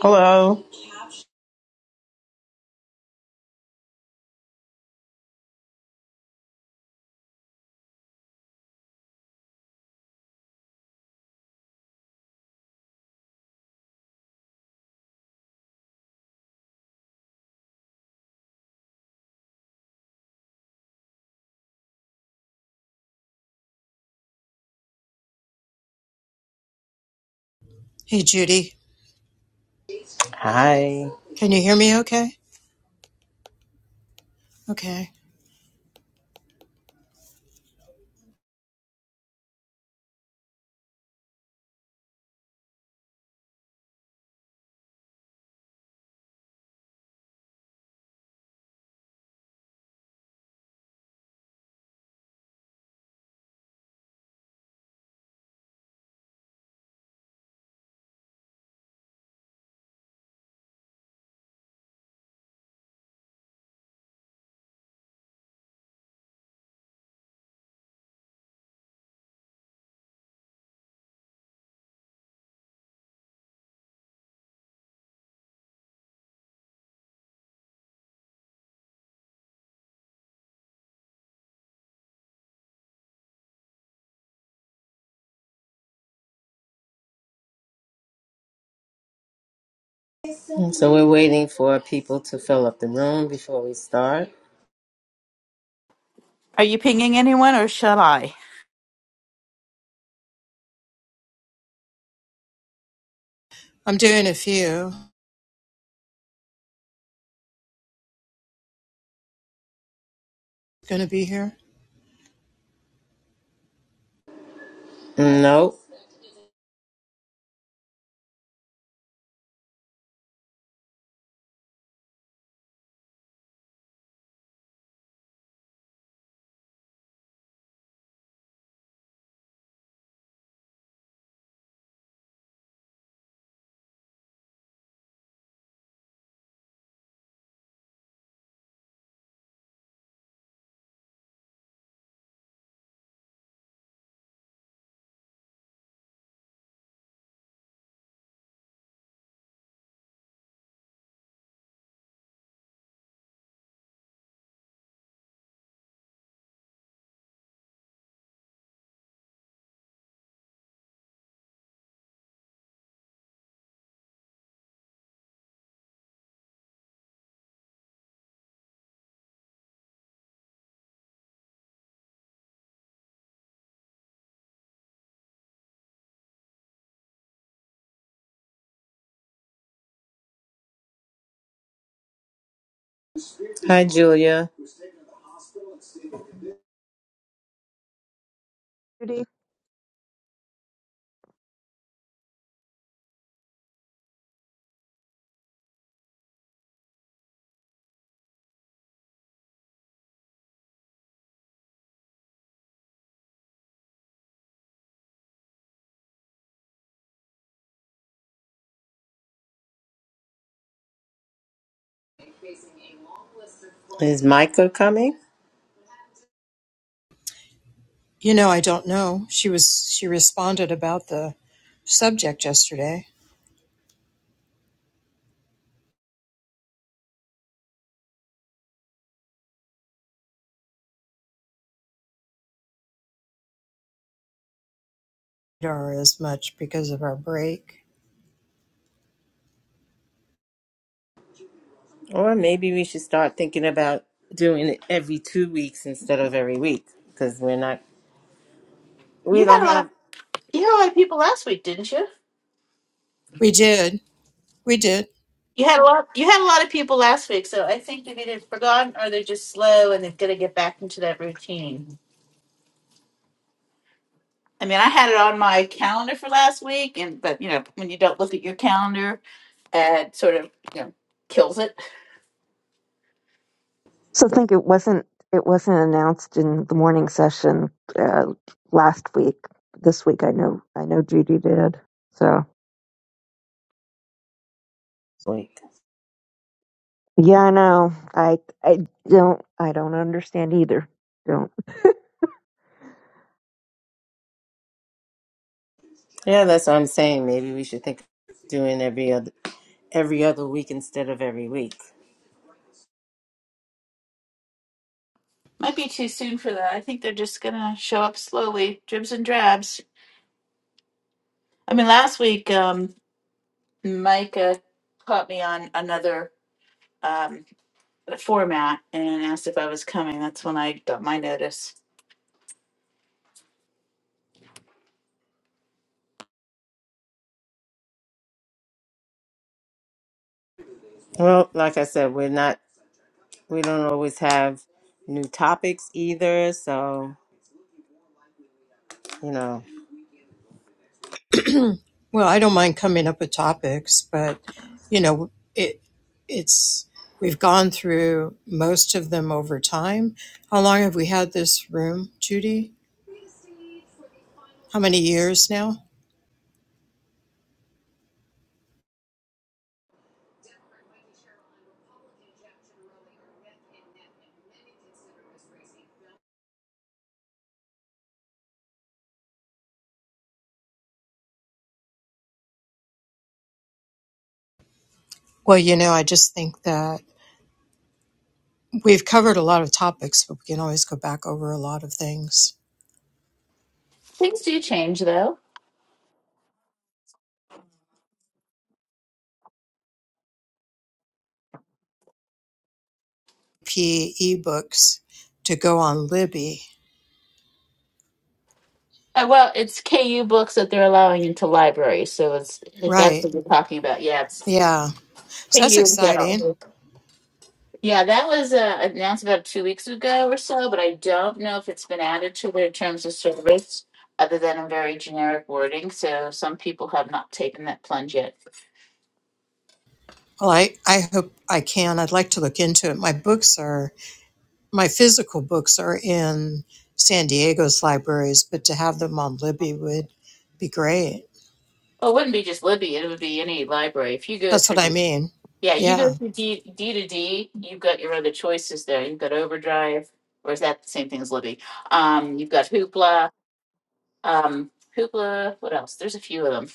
Hello. Hey, Judy. Hi. Can you hear me okay? Okay. So we're waiting for people to fill up the room before we start. Are you pinging anyone or shall I? I'm doing a few. Gonna be here? Nope. Hi, Julia. Judy. Is Micah coming? You know, I don't know. She was, she responded about the subject yesterday. Or as much because of our break. Or maybe we should start thinking about doing it every two weeks instead of every week because we're not, we You had don't a lot. have You had a lot of people last week, didn't you? We did. We did. You had a lot. You had a lot of people last week, so I think they've either forgotten or they're just slow and they've got to get back into that routine. I mean, I had it on my calendar for last week, and but you know, when you don't look at your calendar, it sort of you know kills it. So I think it wasn't it wasn't announced in the morning session uh, last week. This week I know I know Judy did. So week. yeah, I know. I I don't I don't understand either. Don't. Yeah, that's what I'm saying. Maybe we should think of doing every other every other week instead of every week. Might be too soon for that. I think they're just gonna show up slowly, dribs and drabs. I mean, last week, um, Mike uh, caught me on another. Um, format and asked if I was coming. That's when I got my notice. Well, like I said, we're not, we don't always have new topics either. So you know. Well, I don't mind coming up with topics, but, you know, it, it's, we've gone through most of them over time. How long have we had this room, Judy? How many years now? Well, you know, I just think that We've covered a lot of topics, but we can always go back over a lot of things. Things do change though. P. ebooks to go on Libby. Uh, well, it's KU books that they're allowing into libraries. So it's if that's Right. what we're talking about, yeah, it's Yeah. So that's KU in exciting. general. Yeah, that was uh, announced about two weeks ago or so, but I don't know if it's been added to their terms of service, other than in very generic wording. So some people have not taken that plunge yet. Well, I, I hope I can. I'd like to look into it. My books are, my physical books are in San Diego's libraries, but to have them on Libby would be great. Well, it wouldn't be just Libby, it would be any library. If you go That's what through, I mean. yeah, you go Yeah. through D, D to D, you've got your other choices there. You've got Overdrive, or is that the same thing as Libby? Um, you've got Hoopla, um, Hoopla, what else? There's a few of them.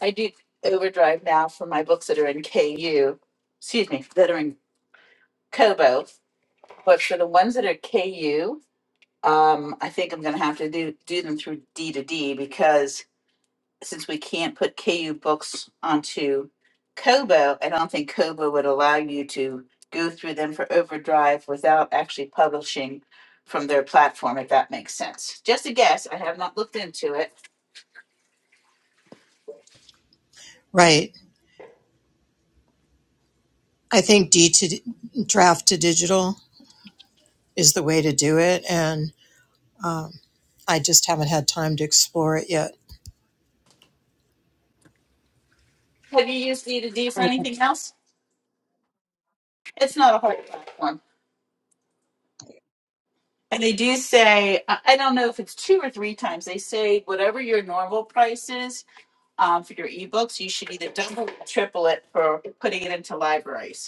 I do Overdrive now for my books that are in KU, excuse me, that are in Kobo. But for the ones that are KU, um, I think I'm going to have to do, do them through D to D because since we can't put KU books onto Kobo, I don't think Kobo would allow you to go through them for overdrive without actually publishing from their platform, if that makes sense. Just a guess. I have not looked into it. Right. I think D to draft to digital is the way to do it. and. I just haven't had time to explore it yet. Have you used e 2 d for anything else? It's not a hard platform. And they do say, I I don't know if it's two or three times, they say whatever your normal price is um, for your ebooks, you should either double or triple it for putting it into libraries.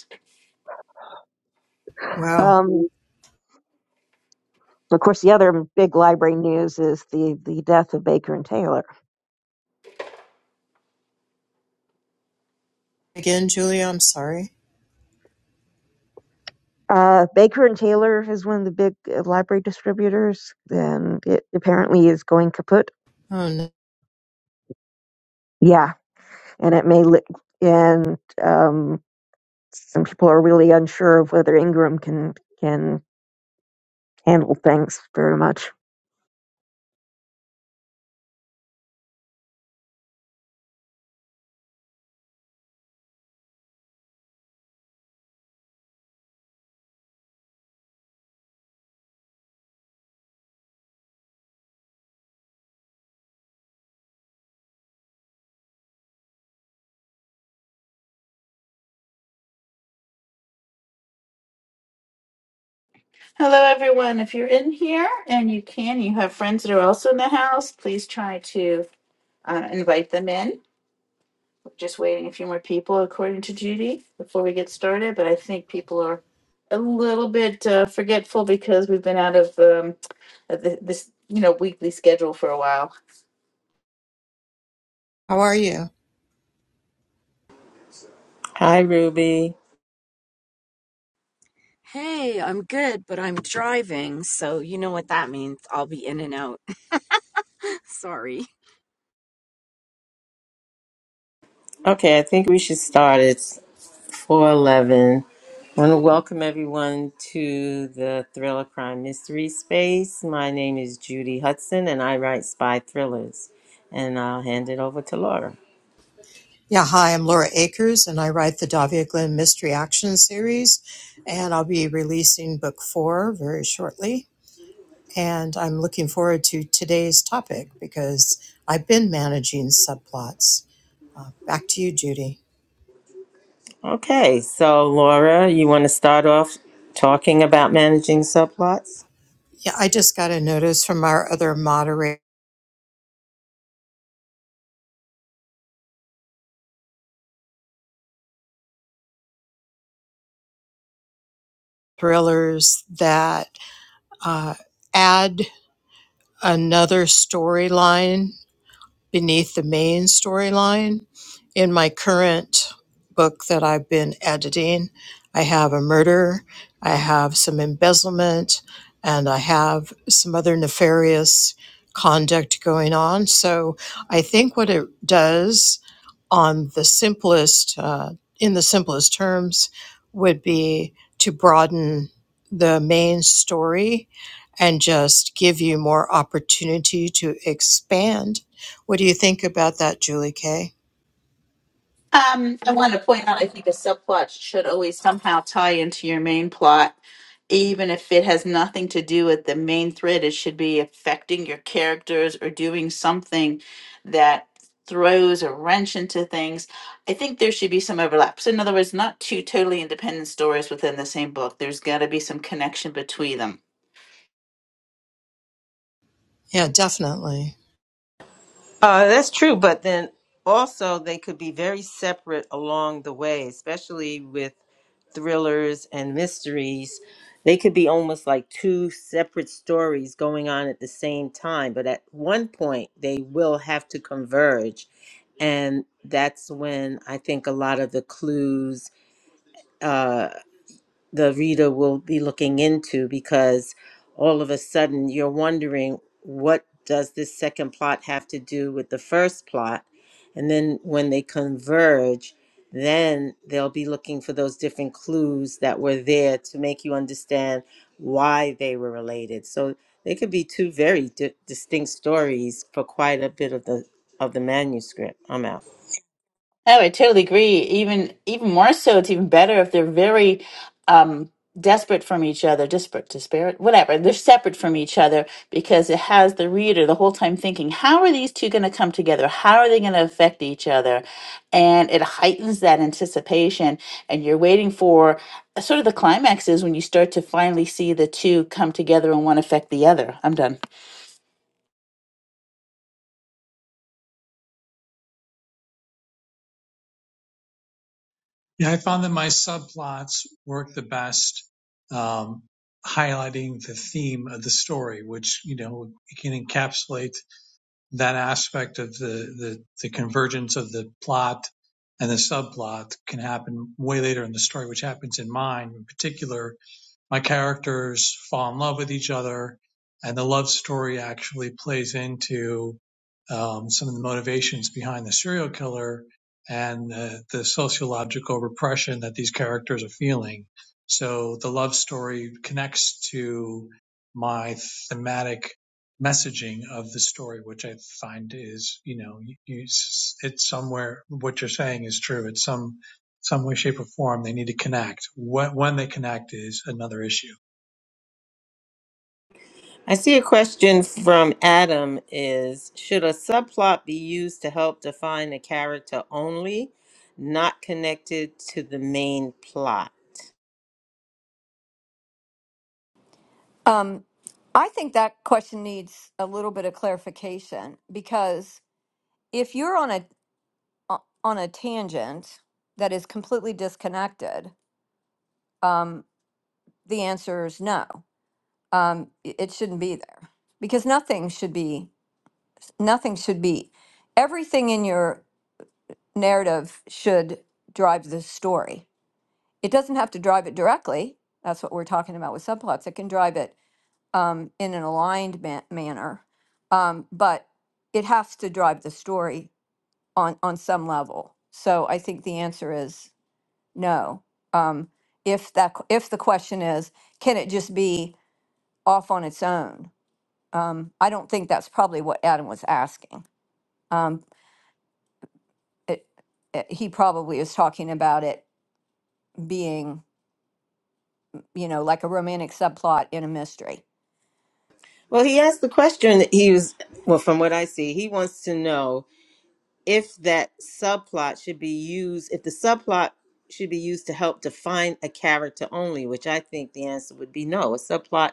Wow. Um. Of course, the other big library news is the the death of Baker and Taylor. Again, Julia, I'm sorry. Uh, Baker and Taylor is one of the big uh, library distributors, and it apparently is going kaput. Oh, no. Yeah, and it may li- and um some people are really unsure of whether Ingram can can handle things very much. Hello, everyone. If you're in here and you can, you have friends that are also in the house, please try to uh, invite them in. We're just waiting a few more people, according to Judy, before we get started. But I think people are a little bit uh, forgetful because we've been out of um, of the, this, you know, weekly schedule for a while. How are you? Hi, Ruby. Hey, I'm good, but I'm driving, so you know what that means. I'll be in and out. sorry. Okay, I think we should start. It's 411. I want to welcome everyone to the Thriller Crime Mystery Space. My name is Judy Hudson, and I write spy thrillers. And I'll hand it over to Laura. Yeah, hi, I'm Laura Akers, and I write the Davia Glenn Mystery Action Series, and I'll be releasing book four very shortly. And I'm looking forward to today's topic because I've been managing subplots. Uh, back to you, Judy. Okay, so Laura, you want to start off talking about managing subplots? Yeah, I just got a notice from our other moderator thrillers that uh, add another storyline beneath the main storyline. In my current book that I've been editing, I have a murder, I have some embezzlement, and I have some other nefarious conduct going on. So I think what it does on the simplest, uh, in the simplest terms, would be to broaden the main story and just give you more opportunity to expand what do you think about that, Julie Kay? Um, I want to point out, I think a subplot should always somehow tie into your main plot, even if it has nothing to do with the main thread. It should be affecting your characters or doing something that throws a wrench into things. I think there should be some overlap. So, in other words, not two totally independent stories within the same book. There's got to be some connection between them. Yeah, definitely. Uh, that's true, but then also they could be very separate along the way, especially with thrillers and mysteries they could be almost like two separate stories going on at the same time but at one point they will have to converge and that's when i think a lot of the clues uh, the reader will be looking into because all of a sudden you're wondering what does this second plot have to do with the first plot and then when they converge then they'll be looking for those different clues that were there to make you understand why they were related so they could be two very di- distinct stories for quite a bit of the of the manuscript i'm out Oh, I totally agree. Even even more so, it's even better if they're very um, desperate from each other, disparate, disparate, whatever. They're separate from each other because it has the reader the whole time thinking, how are these two going to come together? How are they going to affect each other? And it heightens that anticipation, and you're waiting for sort of the climax is when you start to finally see the two come together and one affect the other. I'm done. Yeah, I found that my subplots work the best, um, highlighting the theme of the story, which you know can encapsulate that aspect of the, the the convergence of the plot and the subplot can happen way later in the story, which happens in mine in particular my characters fall in love with each other, and the love story actually plays into um, some of the motivations behind the serial killer and uh, the sociological repression that these characters are feeling. So the love story connects to my thematic messaging of the story, which I find is, you know, you, you, s- it's somewhere, what you're saying is true. It's some some way, shape, or form. They need to connect. When, when they connect is another issue. I see a question from Adam is should a subplot be used to help define a character only, not connected to the main plot? Um, I think that question needs a little bit of clarification because if you're on a o- on a tangent that is completely disconnected, um, the answer is no. Um, i- it shouldn't be there because nothing should be nothing should be everything in your narrative should drive the story. It doesn't have to drive it directly. That's what we're talking about with subplots. It can drive it um, in an aligned ma- manner. Um, but it has to drive the story on, on some level. So I think the answer is no. Um, if that, q- if the question is, can it just be off on its own? Um, I don't think that's probably what Adam was asking. Um, it, it, he probably is talking about it being, you know, like a romantic subplot in a mystery. Well, he asked the question that he was well from what I see, he wants to know if that subplot should be used if the subplot should be used to help define a character only, which I think the answer would be no. A subplot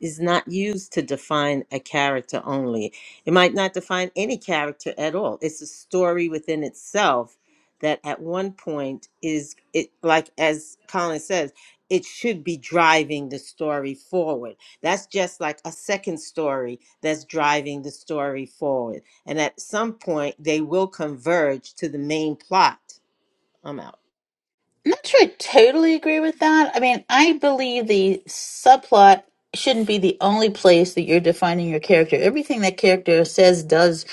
is not used to define a character only. It might not define any character at all. It's a story within itself that at one point is it like as Colin says, it should be driving the story forward. That's just like a second story that's driving the story forward. And at some point they will converge to the main plot. I'm out. I'm not sure I totally agree with that. I mean, I believe the subplot shouldn't be the only place that you're defining your character. Everything that character says, does,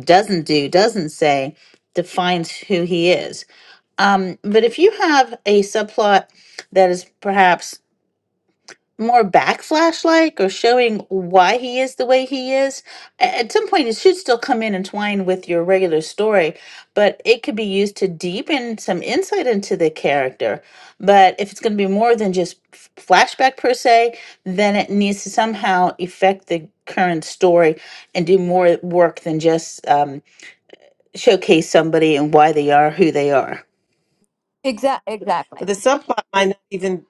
doesn't do, doesn't say defines who he is. Um, but if you have a subplot that is perhaps more backflash like or showing why he is the way he is A- at some point it should still come in and twine with your regular story but it could be used to deepen some insight into the character but if it's going to be more than just f- flashback per se then it needs to somehow affect the current story and do more work than just um, showcase somebody and why they are who they are Exact, exactly. But the subplot might not even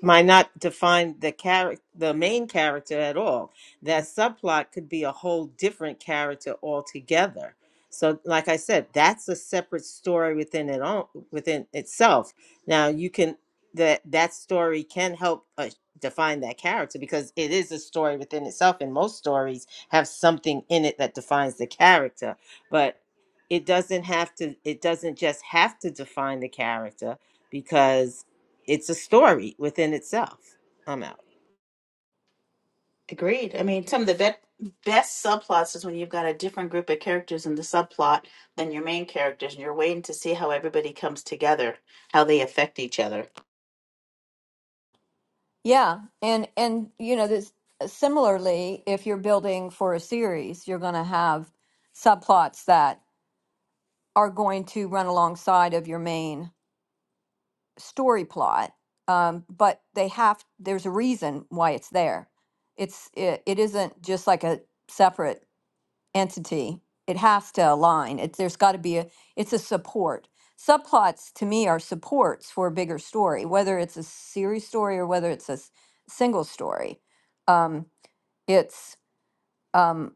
might not define the character, the main character at all. That subplot could be a whole different character altogether. So, like I said, that's a separate story within it own, within itself. Now, you can that that story can help uh, define that character because it is a story within itself, and most stories have something in it that defines the character. But it doesn't have to. It doesn't just have to define the character because it's a story within itself. I'm out. Agreed. I mean, some of the bet best subplots is when you've got a different group of characters in the subplot than your main characters, and you're waiting to see how everybody comes together, how they affect each other. Yeah. And and you know this similarly, if you're building for a series, you're going to have subplots that are going to run alongside of your main story plot. Um, but they have there's a reason why it's there. It's it, it isn't just like a separate entity. It has to align. It, there's got to be a, it's a support. Subplots to me are supports for a bigger story, whether it's a series story or whether it's a s- single story. Um, it's, um,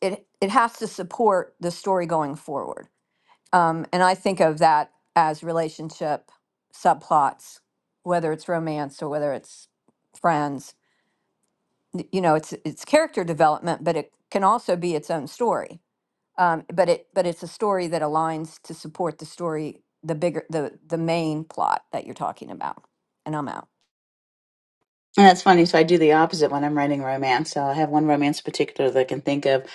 it, it has to support the story going forward. Um, and I think of that as relationship subplots, whether it's romance or whether it's friends. Y- You know, it's, it's character development, but it can also be its own story Um, but it but it's a story that aligns to support the story, the bigger the the main plot that you're talking about. And I'm out. And that's funny. So I do the opposite when I'm writing romance. So I have one romance in particular that I can think of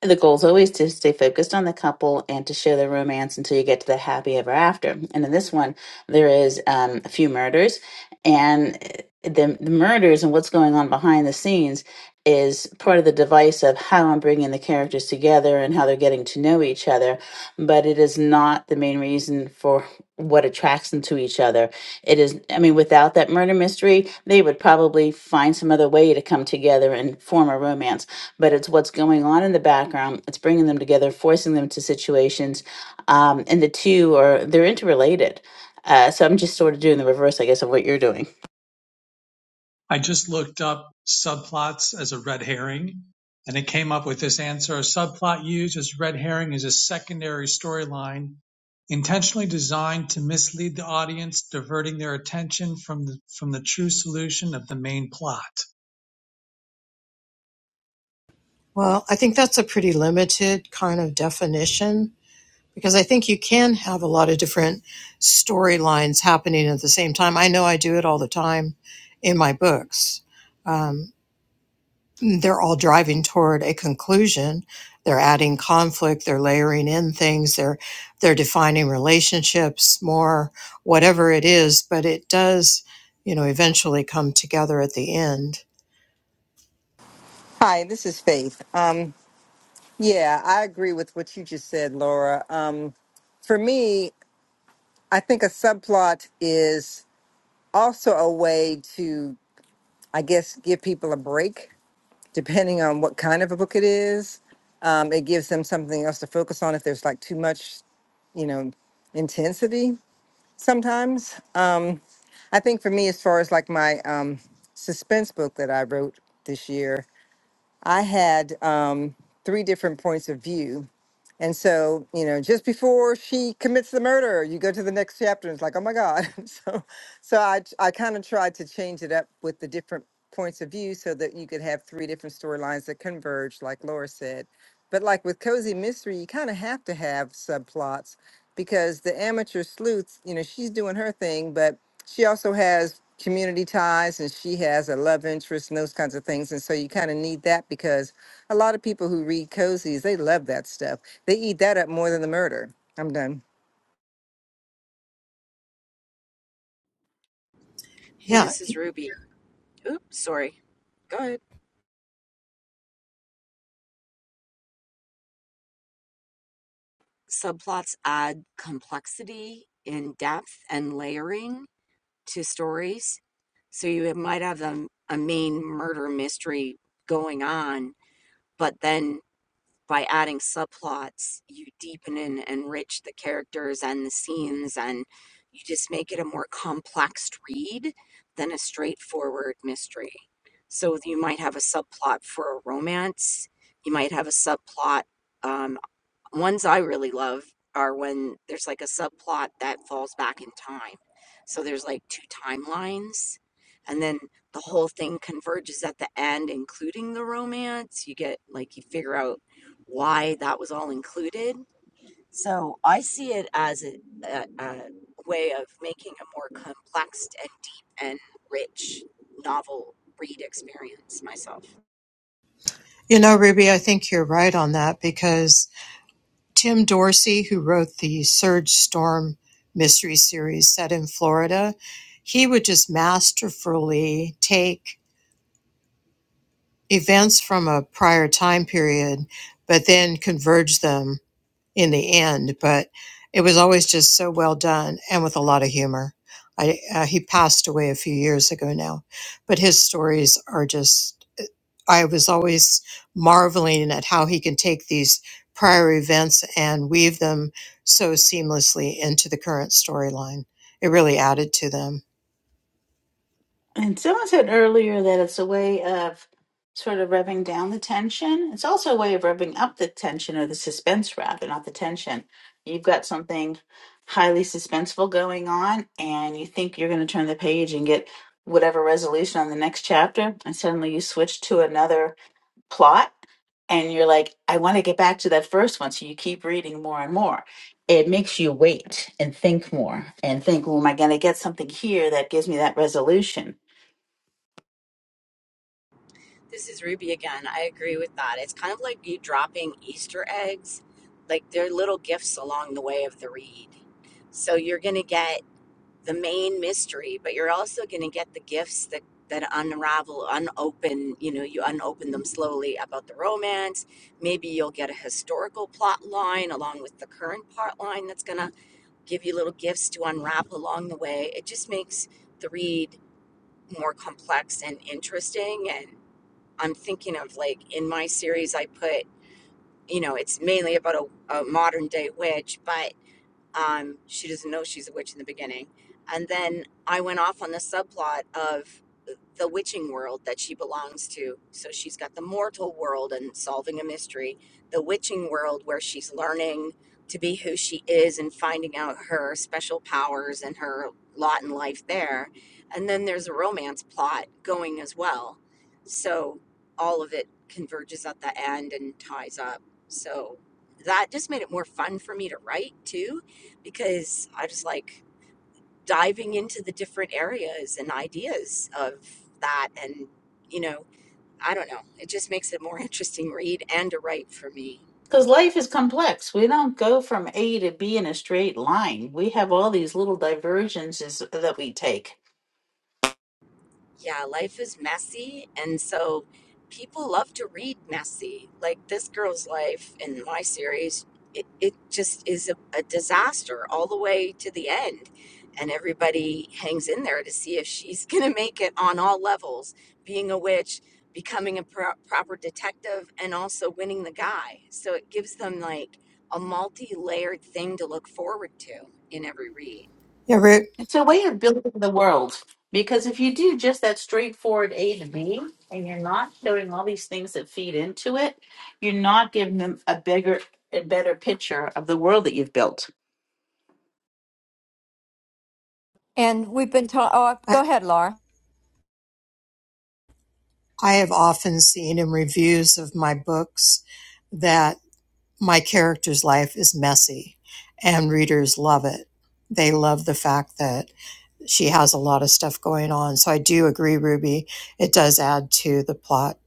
The goal is always to stay focused on the couple and to show the romance until you get to the happy ever after. And in this one, there is um, a few murders, and eh, the, the murders and what's going on behind the scenes is part of the device of how I'm bringing the characters together and how they're getting to know each other. But it is not the main reason for what attracts them to each other. It is, I mean, without that murder mystery, they would probably find some other way to come together and form a romance but it's what's going on in the background. It's bringing them together, forcing them to situations, um, and the two are they're interrelated. Uh, so I'm just sort of doing the reverse, I guess, of what you're doing. I just looked up subplots as a red herring, and it came up with this answer. A subplot used as red herring is a secondary storyline intentionally designed to mislead the audience, diverting their attention from the, from the true solution of the main plot. Well, I think that's a pretty limited kind of definition because I think you can have a lot of different storylines happening at the same time. I know I do it all the time in my books. Um, they're all driving toward a conclusion. They're adding conflict. They're layering in things. They're they're defining relationships more, whatever it is. But it does, you know, eventually come together at the end. Hi, this is Faith. Um, yeah, I agree with what you just said, Laura. Um, for me, I think a subplot is also a way to, I guess, give people a break, depending on what kind of a book it is. Um, it gives them something else to focus on if there's like too much, you know, intensity sometimes. Um, I think for me, as far as like my um, suspense book that I wrote this year, I had um, three different points of view. And so, you know, just before she commits the murder, you go to the next chapter and it's like, oh my God. so, so I, I kind of tried to change it up with the different points of view so that you could have three different storylines that converge, like Laura said. But like with Cozy Mystery, you kind of have to have subplots because the amateur sleuth, you know, she's doing her thing, but she also has community ties and she has a love interest and those kinds of things. And so you kind of need that because a lot of people who read cozies, they love that stuff. They eat that up more than the murder. I'm done. Hey, Yeah, this is Ruby. Oops, sorry. Go ahead. Subplots add complexity in depth and layering to stories. So you might have a, a main murder mystery going on, but then by adding subplots, you deepen and enrich the characters and the scenes, and you just make it a more complex read than a straightforward mystery. So you might have a subplot for a romance, you might have a subplot. um, ones I really love are when there's like a subplot that falls back in time. So there's like two timelines, and then the whole thing converges at the end, including the romance. You get like you figure out why that was all included. So I see it as a, a, a way of making a more complex and deep and rich novel read experience myself. You know, Ruby, I think you're right on that because Tim Dorsey, who wrote the Surge Storm mystery series set in Florida, he would just masterfully take events from a prior time period, but then converge them in the end, but it was always just so well done and with a lot of humor. I, uh, he passed away a few years ago now, but his stories are just, eh, I was always marveling at how he can take these prior events and weave them so seamlessly into the current storyline. It really added to them. And someone said earlier that it's a way of sort of rubbing down the tension. It's also a way of rubbing up the tension or the suspense, rather, not the tension. You've got something highly suspenseful going on, and you think you're going to turn the page and get whatever resolution on the next chapter, and suddenly you switch to another plot and you're like, I want to get back to that first one. So you keep reading more and more. It makes you wait and think more and think, well, am I going to get something here that gives me that resolution? This is Ruby again. I agree with that. It's kind of like you dropping Easter eggs. Like they're little gifts along the way of the read. So you're going to get the main mystery, but you're also going to get the gifts that that unravel, unopen, you know, you unopen them slowly about the romance. Maybe you'll get a historical plot line along with the current plot line that's going to give you little gifts to unravel along the way. It just makes the read more complex and interesting and. I'm thinking of like in my series I put, you know, it's mainly about a, a modern day witch, but um, she doesn't know she's a witch in the beginning. And then I went off on the subplot of the witching world that she belongs to. So she's got the mortal world and solving a mystery, the witching world where she's learning to be who she is and finding out her special powers and her lot in life there. And then there's a romance plot going as well. So all of it converges at the end and ties up. So that just made it more fun for me to write too, because I just like diving into the different areas and ideas of that and you know i don't know it just makes it a more interesting read and a write for me Because life is complex. We don't go from A to B in a straight line. We have all these little divergences that we take. yeah, life is messy. And so people love to read messy. Like this girl's life in my series, it, it just is a, a disaster all the way to the end. And everybody hangs in there to see if she's going to make it on all levels being a witch, becoming a pro- proper detective, and also winning the guy. So it gives them like a multi layered thing to look forward to in every read. Yeah, Rick, It's a way of building the world because if you do just that straightforward A to B and you're not showing all these things that feed into it, you're not giving them a bigger a better picture of the world that you've built. And we've been talking. Oh, go I, ahead, Laura. I have often seen in reviews of my books that. my character's life is messy and readers love it. They love the fact that she has a lot of stuff going on. So I do agree, Ruby. It does add to the plot.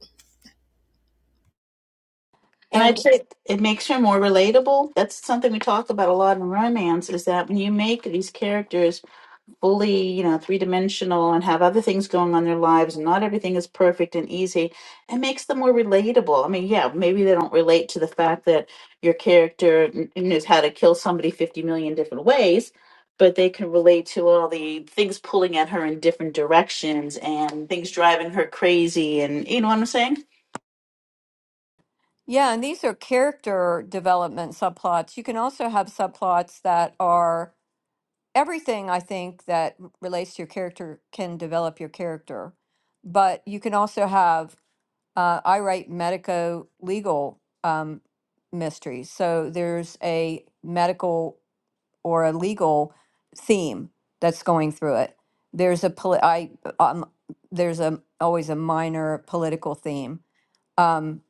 And I'd And say it makes her more relatable. That's something we talk about a lot in romance is that when you make these characters fully, you know, three dimensional and have other things going on in their lives and not everything is perfect and easy, it makes them more relatable. I mean, yeah, maybe they don't relate to the fact that your character kn- knows how to kill somebody 50 million different ways, but they can relate to all the things pulling at her in different directions and things driving her crazy and, you know what I'm saying? yeah, and these are character development subplots. You can also have subplots that are everything. I think that r- relates to your character can develop your character, but you can also have. Uh, I write medico legal um, mysteries. So there's a medical or a legal theme that's going through it. There's a poli- I um, there's a always a minor political theme, um,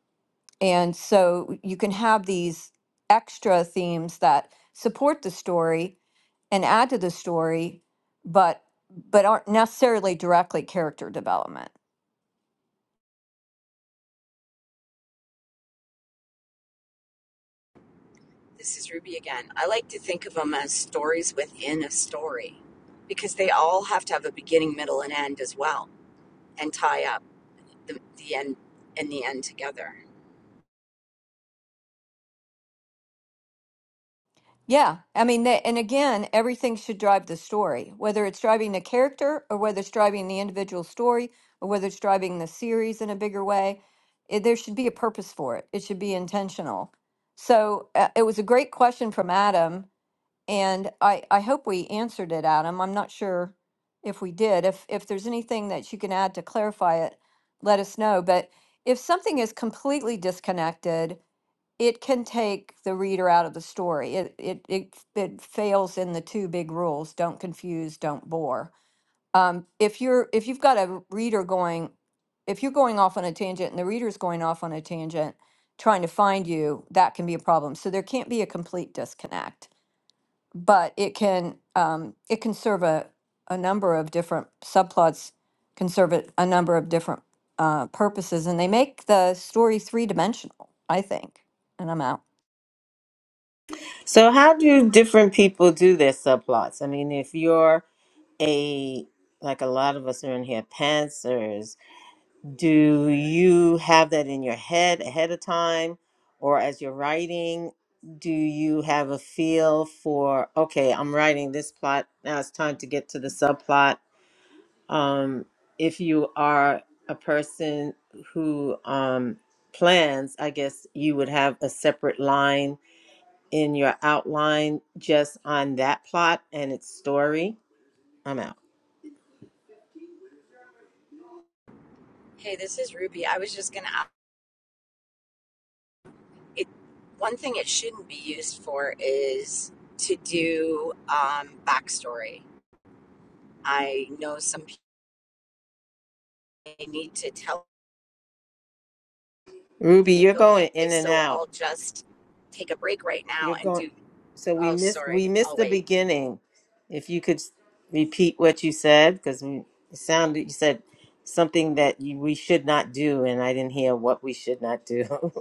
and so you can have these extra themes that support the story and add to the story, but but aren't necessarily directly character development. This is Ruby again. I like to think of them as stories within a story because they all have to have a beginning, middle, and end as well and tie up the, the end and the end together. Yeah, I mean, they, and again, everything should drive the story, whether it's driving the character or whether it's driving the individual story or whether it's driving the series in a bigger way. It, there should be a purpose for it. It should be intentional. So uh, it was a great question from Adam, and I, I hope we answered it, Adam. I'm not sure if we did. If if there's anything that you can add to clarify it, let us know. But if something is completely disconnected, it can take the reader out of the story. It it it, it fails in the two big rules: don't confuse, don't bore. Um, if you're if you've got a reader going, if you're going off on a tangent and the reader's going off on a tangent, trying to find you, that can be a problem. So there can't be a complete disconnect, but it can um, it can serve a a number of different subplots, can serve a, a number of different uh, purposes, and they make the story three dimensional. I think, and I'm out. So how do different people do their subplots? I mean, if you're a like a lot of us are in here pantsers, do you have that in your head ahead of time or as you're writing? Do you have a feel for okay, I'm writing this plot, now it's time to get to the subplot? Um, if you are a person who um, plans, I guess you would have a separate line in your outline just on that plot and its story. I'm out. Hey, this is Ruby. I was just going to it one thing it shouldn't be used for is to do um, backstory. I know some people need to tell Ruby, you're think, okay, going in and so out. I'll just take a break right now You're and going. do So we oh missed sorry, we I'll missed the wait. beginning. If you could s- repeat what you said, because it sounded you said something that you, we should not do, and I didn't hear what we should not do.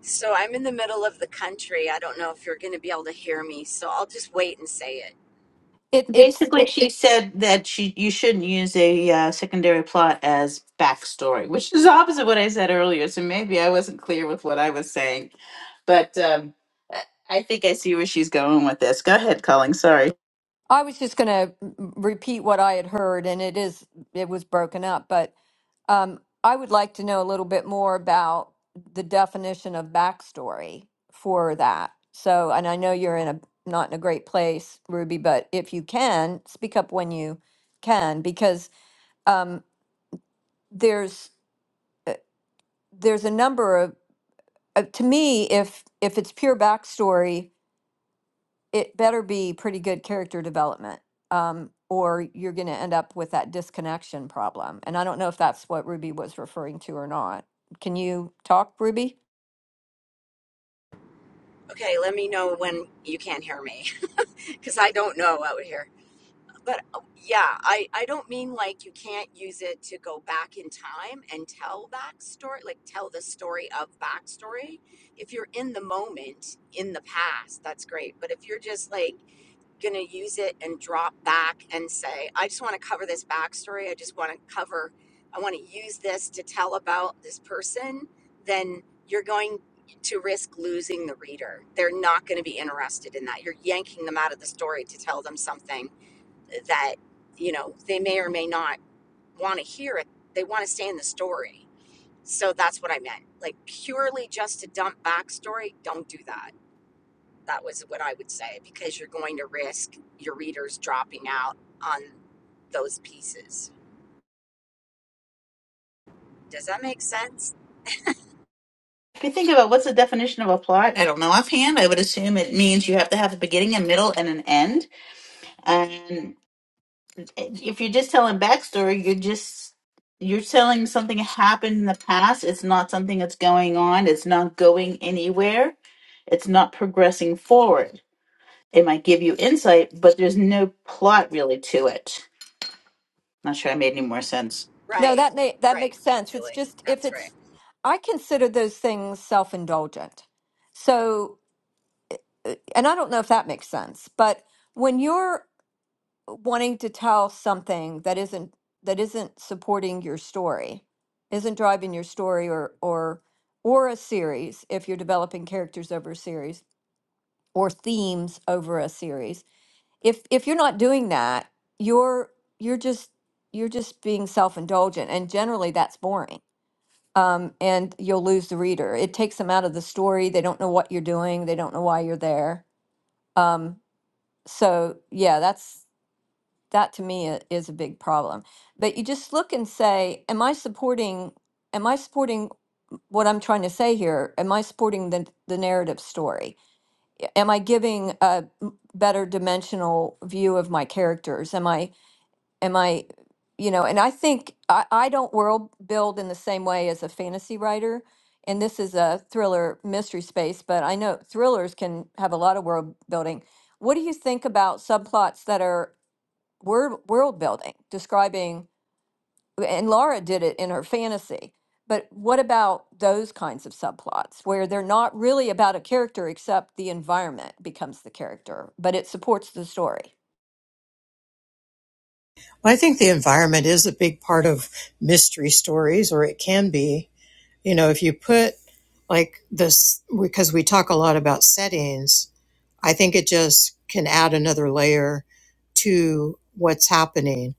So I'm in the middle of the country. I don't know if you're going to be able to hear me, so I'll just wait and say it. It it's it, She said that she, you shouldn't use a uh, secondary plot as backstory, which is opposite what I said earlier. So maybe I wasn't clear with what I was saying, but um, I I think I see where she's going with this. Go ahead, Colleen. Sorry. I was just going to repeat what I had heard, and it is it was broken up, but um, I would like to know a little bit more about the definition of backstory for that. So, and I know you're in a not in a great place, Ruby, but if you can speak up when you can, because um, there's uh, there's a number of uh, to me if if it's pure backstory it better be pretty good character development, um, or you're going to end up with that disconnection problem. And I don't know if that's what Ruby was referring to or not. Can you talk, Ruby? Okay, let me know when you can't hear me because I don't know out here. But uh, yeah, I, I don't mean like you can't use it to go back in time and tell backstory, like tell the story of backstory. If you're in the moment in the past, that's great. But if you're just like going to use it and drop back and say, I just want to cover this backstory. I just want to cover, I want to use this to tell about this person, then you're going to risk losing the reader. They're not going to be interested in that. You're yanking them out of the story to tell them something that, you know, they may or may not want to hear it. They want to stay in the story. So that's what I meant. Like purely just to dump backstory, don't do that that was what I would say because you're going to risk your readers dropping out on those pieces. Does that make sense? If you think about what's the definition of a plot, I don't know offhand. I would assume it means you have to have a beginning, a middle, and an end. if you're just telling backstory, you're just you're telling something happened in the past. It's not something that's going on. It's not going anywhere. It's not progressing forward. It might give you insight, but there's no plot really to it. Not sure I made any more sense. No, Right, that may, that right, makes sense. It's Julie. just if That's right. it's, I consider those things self indulgent. So, uh, and I don't know if that makes sense, but when you're wanting to tell something that isn't that isn't supporting your story isn't driving your story or or or a series if you're developing characters over a series or themes over a series if if you're not doing that you're you're just you're just being self-indulgent and generally that's boring um, and you'll lose the reader it takes them out of the story they don't know what you're doing they don't know why you're there um, so yeah that's that to me i- is a big problem. But you just look and say, am I supporting am I supporting what I'm trying to say here? Am I supporting the the narrative story? Yeah, Am I giving a m- better dimensional view of my characters? Am I am I you know, and I think I, I don't world build in the same way as a fantasy writer. And this is a thriller mystery space, but I know thrillers can have a lot of world building. What do you think about subplots that are word world building describing and Laura did it in her fantasy but what about those kinds of subplots where they're not really about a character except the environment becomes the character but it supports the story Well, I think the environment is a big part of mystery stories, or it can be. You know, if you put like this, because we talk a lot about settings, I think it just can add another layer to what's happening.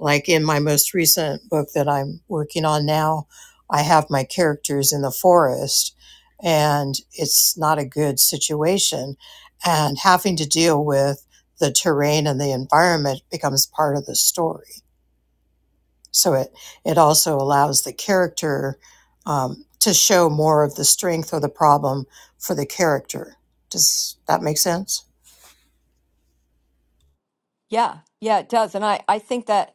Like in my most recent book that I'm working on now, I have my characters in the forest and it's not a good situation. And having to deal with the terrain and the environment becomes part of the story. So it it also allows the character um, to show more of the strength or the problem for the character. Does that make sense? yeah yeah it does and i i think that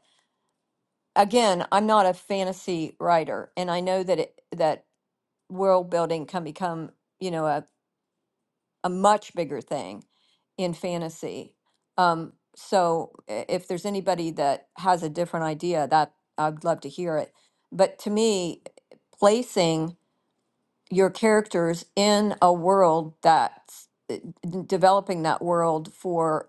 again i'm not a fantasy writer and i know that it that world building can become you know a. a much bigger thing in fantasy. Um, so i- if there's anybody that has a different idea, that I'd love to hear it. But to me, placing your characters in a world that's uh, d- developing that world for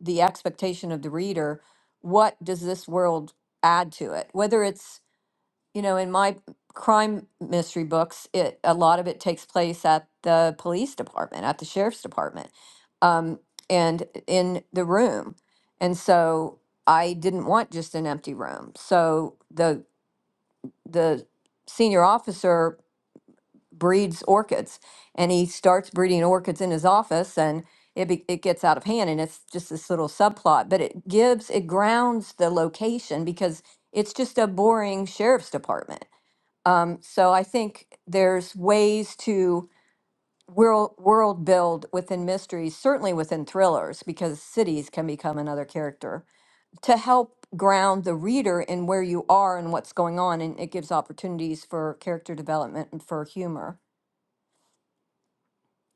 the expectation of the reader, what does this world add to it? Whether it's you know, in my crime mystery books, it a lot of it takes place at the police department, at the sheriff's department, um, and in the room. And so I didn't want just an empty room. So the the senior officer breeds orchids, and he starts breeding orchids in his office, and it be, it gets out of hand, and it's just this little subplot. But it gives it grounds the location because it's just a boring sheriff's department um, so I think there's ways to world world build within mysteries, certainly within thrillers, because cities can become another character to help ground the reader in where you are and what's going on, and it gives opportunities for character development and for humor.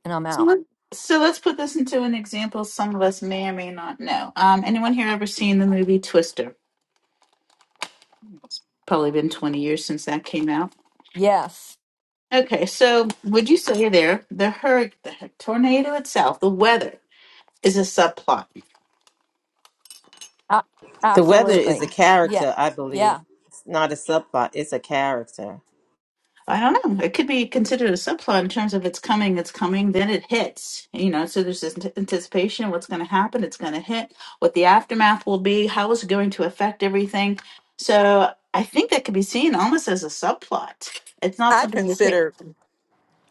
And I'm So out. let- so let's put this into an example some of us may or may not know. Um, anyone here ever seen the movie Twister? Probably been 20 years since that came out. Yes, Okay, so would you say there, the hurricane, the tornado itself, the weather, is a subplot. a- The weather is a absolutely. Yeah, character, I believe. yeah, It's not a subplot, it's a character. I don't know. It could be considered a subplot in terms of it's coming, it's coming, then it hits. You know, so there's this ant- anticipation what's going to happen, it's going to hit, what the aftermath will be, how is it going to affect everything. So I think that could be seen almost as a subplot. It's not I something that hit consider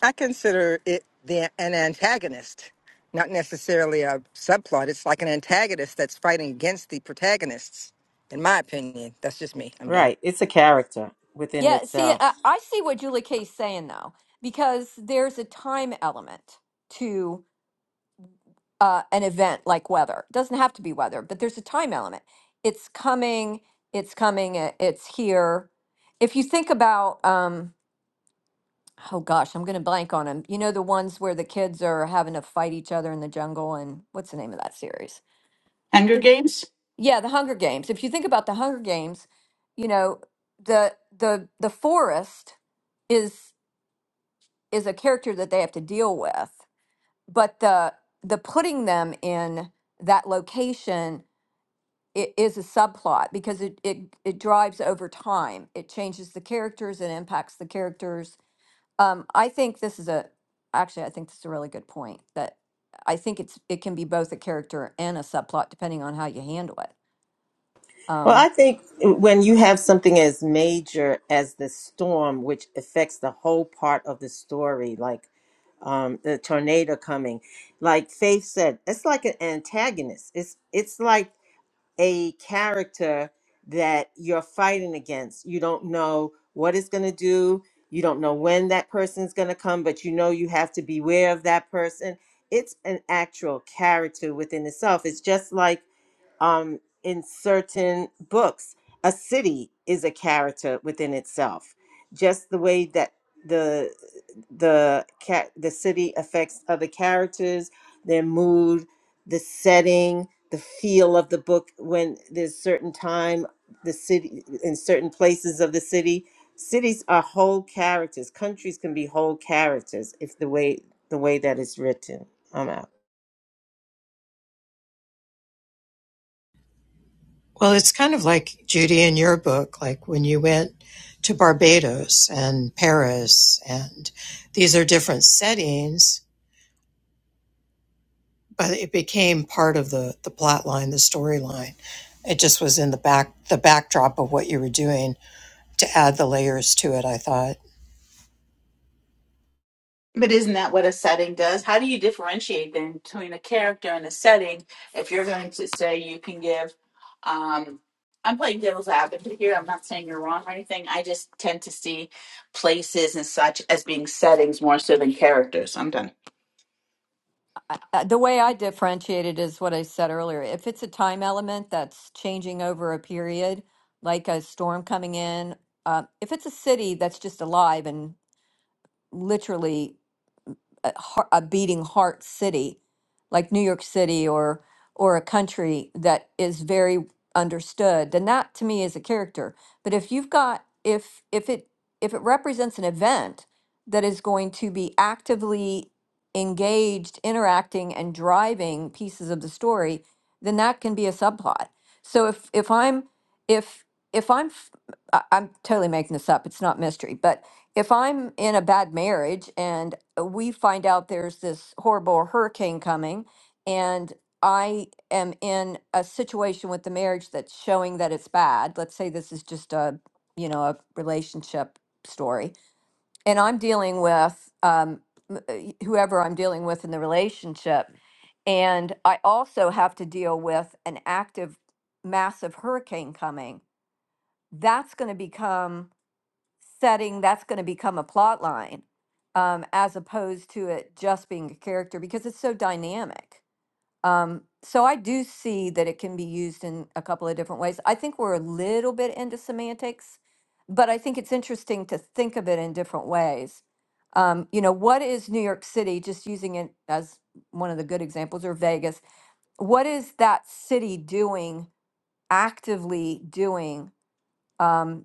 I consider it the an antagonist, not necessarily a subplot. It's like an antagonist that's fighting against the protagonists. In my opinion, that's just me. I'm done. Right, it's a character within yeah. See, itself. I, I see what Julie Kay's saying though, because there's a time element to. uh, an event like weather. It doesn't have to be weather, but there's a time element. It's coming, it's coming, it- it's here. If you think about, um, oh gosh, I'm going to blank on them. You know, the ones where the kids are having to fight each other in the jungle, and what's the name of that series? Hunger The- Games. Yeah, The Hunger Games. If you think about The Hunger Games, you know, the the the forest is is a character that they have to deal with, but the the putting them in that location it is a subplot because it, it it drives over time. It changes the characters and impacts the characters. Um, I think this is a actually I think this is a really good point that I think it's it can be both a character and a subplot depending on how you handle it. Well, I Um, think when you have something as major as the storm, which affects the whole part of the story, like um, the tornado coming, like Faith said, it's like an antagonist. It's it's like a character that you're fighting against. You don't know what it's going to do. You don't know when that person's going to come, but you know you have to beware of that person. It's an actual character within itself. It's just like um, in certain books. A city is a character within itself, just the way that the the cat the city affects other characters, their mood, the setting, the feel of the book. When there's certain time, the city in certain places of the city, cities are whole characters. Countries can be whole characters if the way the way that it's written. I'm out. Well, it's kind of like Judy in your book, like when you went to Barbados and Paris, and these are different settings, but it became part of the the plot line, the storyline. It just was in the back the backdrop of what you were doing to add the layers to it. I thought. But isn't that what a setting does? How do you differentiate then between a character and a setting if you're going to say you can give um I'm playing devil's advocate here. I'm not saying you're wrong or anything. I just tend to see places and such as being settings more so than characters. I'm done. I, I- the way I differentiate it is what I said earlier. If it's a time element that's changing over a period, like a storm coming in, uh, if it's a city that's just alive and literally a, heart, a beating heart city like New York City or or a country that is very understood then that to me is a character but if you've got if if it if it represents an event that is going to be actively engaged interacting and driving pieces of the story then that can be a subplot so if if I'm if if I'm f- I- I'm totally making this up it's not mystery but if I'm in a bad marriage and uh, we find out there's this horrible hurricane coming and I am in a situation with the marriage that's showing that it's bad. Let's say this is just a, you know, a relationship story. And I'm dealing with um, m- uh, y- whoever I'm dealing with in the relationship. And I also have to deal with an active, massive hurricane coming. That's going to become setting that's going to become a plot line um, as opposed to it just being a character because it's so dynamic. Um, so I do see that it can be used in a couple of different ways. I think we're a little bit into semantics, but I think it's interesting to think of it in different ways. Um, you know, what is New York City, just using it as one of the good examples, or Vegas, what is that city doing, actively doing? um,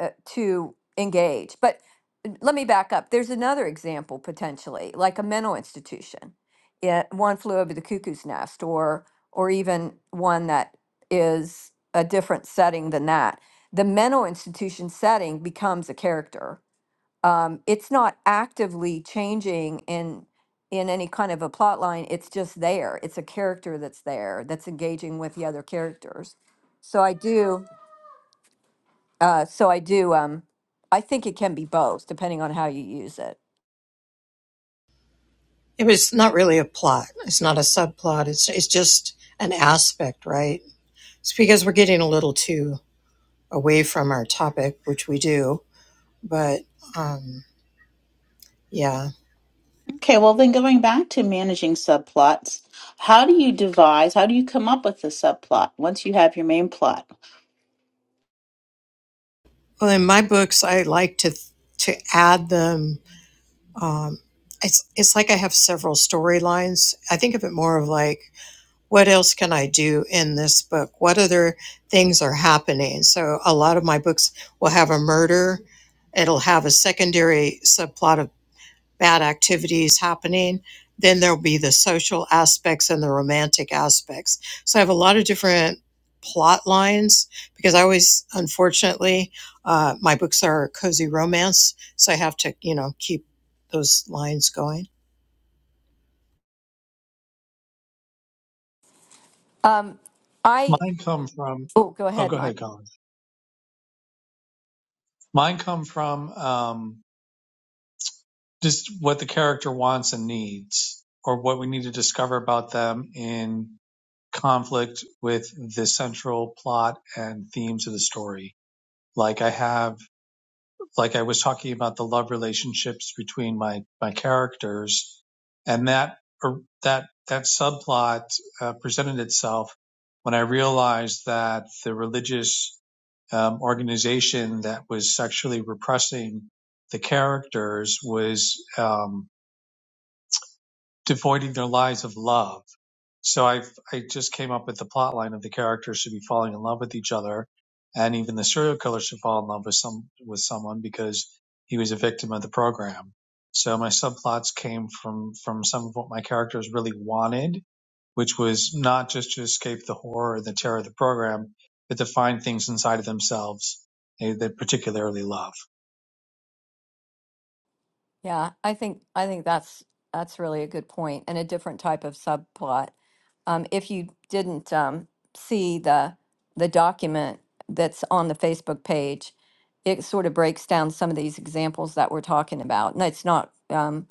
uh, to engage. But uh, let me back up. There's another example potentially, like a mental institution. It, one flew over the cuckoo's nest, or or even one that is a different setting than that. The mental institution setting becomes a character. Um, it's not actively changing in in any kind of a plot line. It's just there. It's a character that's there that's engaging with the other characters. So I do. Uh, so I do. Um, I think it can be both, depending on how you use it. It was not really a plot. It's not a subplot. It's it's just an aspect, right? It's because we're getting a little too away from our topic, which we do. But um, yeah, Okay, well, then going back to managing subplots, how do you devise, how do you come up with the subplot once you have your main plot? well, in my books, I like to to add them. Um, it's it's like I have several storylines. I think of it more of like, what else can I do in this book? What other things are happening? So a lot of my books will have a murder. It'll have a secondary subplot of bad activities happening. Then there'll be the social aspects and the romantic aspects. So I have a lot of different plot lines because I always, unfortunately, uh, my books are cozy romance. So I have to, you know, keep those lines going. Um, I Mine come from, oh, go oh, ahead, go Mike. ahead, Colin. Mine come from, um, just what the character wants and needs, or what we need to discover about them in conflict with the central plot and themes of the story. Like I have, like I was talking about the love relationships between my my characters, and that or that that subplot uh, presented itself when I realized that the religious um, organization that was sexually repressing the characters was um, devoiding their lives of love. So I I just came up with the plot line of the characters should be falling in love with each other, and even the serial killer should fall in love with some with someone because he was a victim of the program. So my subplots came from from some of what my characters really wanted, which was not just to escape the horror and the terror of the program, but to find things inside of themselves they, they particularly love. Yeah, I think I think that's that's really a good point and a different type of subplot. Um, if you didn't um, see the the document that's on the Facebook page, it sort of breaks down some of these examples that we're talking about, and it's not um,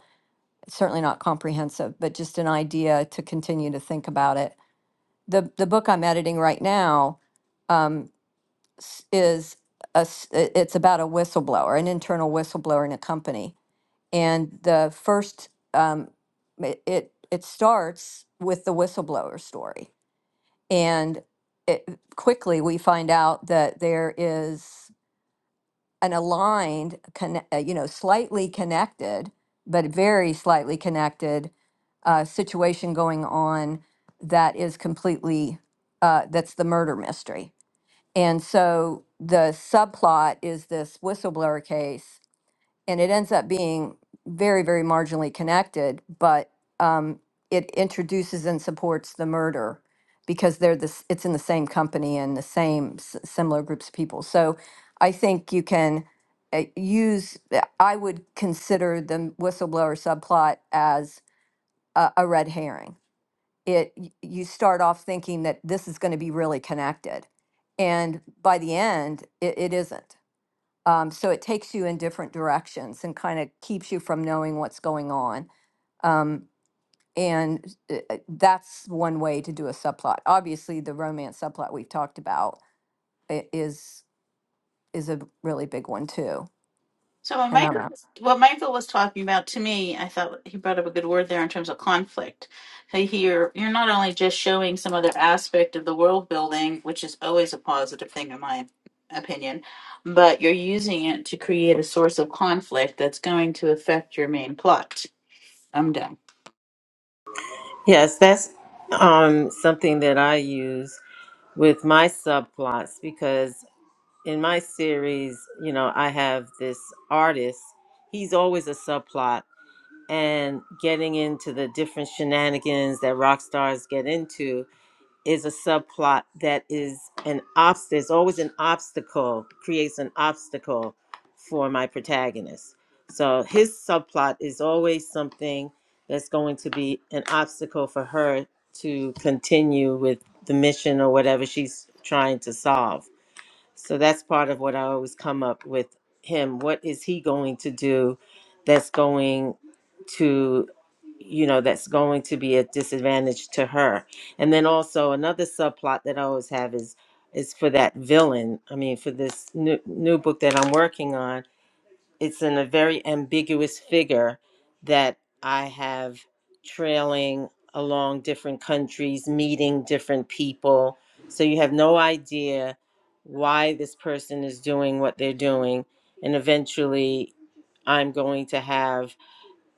it's certainly not comprehensive, but just an idea to continue to think about it. the The book I'm editing right now um, s- is a, s- i- it's about a whistleblower, an internal whistleblower in a company. And the first, um, it, it it starts with the whistleblower story. And it, quickly we find out that there is an aligned, conne- uh, you know, slightly connected, but very slightly connected uh, situation going on that is completely, uh, that's the murder mystery and so the subplot is this whistleblower case, and it ends up being very, very marginally connected, but um, it introduces and supports the murder because they're this. It's in the same company and the same s- similar groups of people. So I think you can uh, use. eh, I would consider the whistleblower subplot as a, a red herring it y- you start off thinking that this is going to be really connected and by the end it, it isn't um, so it takes you in different directions and kind of keeps you from knowing what's going on um, and uh, uh, that's one way to do a subplot obviously the romance subplot we've talked about i- is is a really big one too So, what and i'm Michael, out what Michael was talking about to me, I thought he brought up a good word there in terms of conflict. So here, you're not only just showing some other aspect of the world building, which is always a positive thing, in my opinion, but you're using it to create a source of conflict that's going to affect your main plot. I'm done. Yes, that's um, something that I use with my subplots because in my series, you know, I have this artist, he's always a subplot, and getting into the different shenanigans that rock stars get into is a subplot that is an obstacle. There's always an obstacle, creates an obstacle for my protagonist. So his subplot is always something that's going to be an obstacle for her to continue with the mission or whatever she's trying to solve. So that's part of what I always come up with him. What is he going to do that's going to, you know, that's going to be a disadvantage to her? And then also another subplot that I always have is is for that villain. I mean, for this new, new book that I'm working on it's in a very ambiguous figure that I have trailing along different countries, meeting different people. So you have no idea why this person is doing what they're doing. And eventually, I'm going to have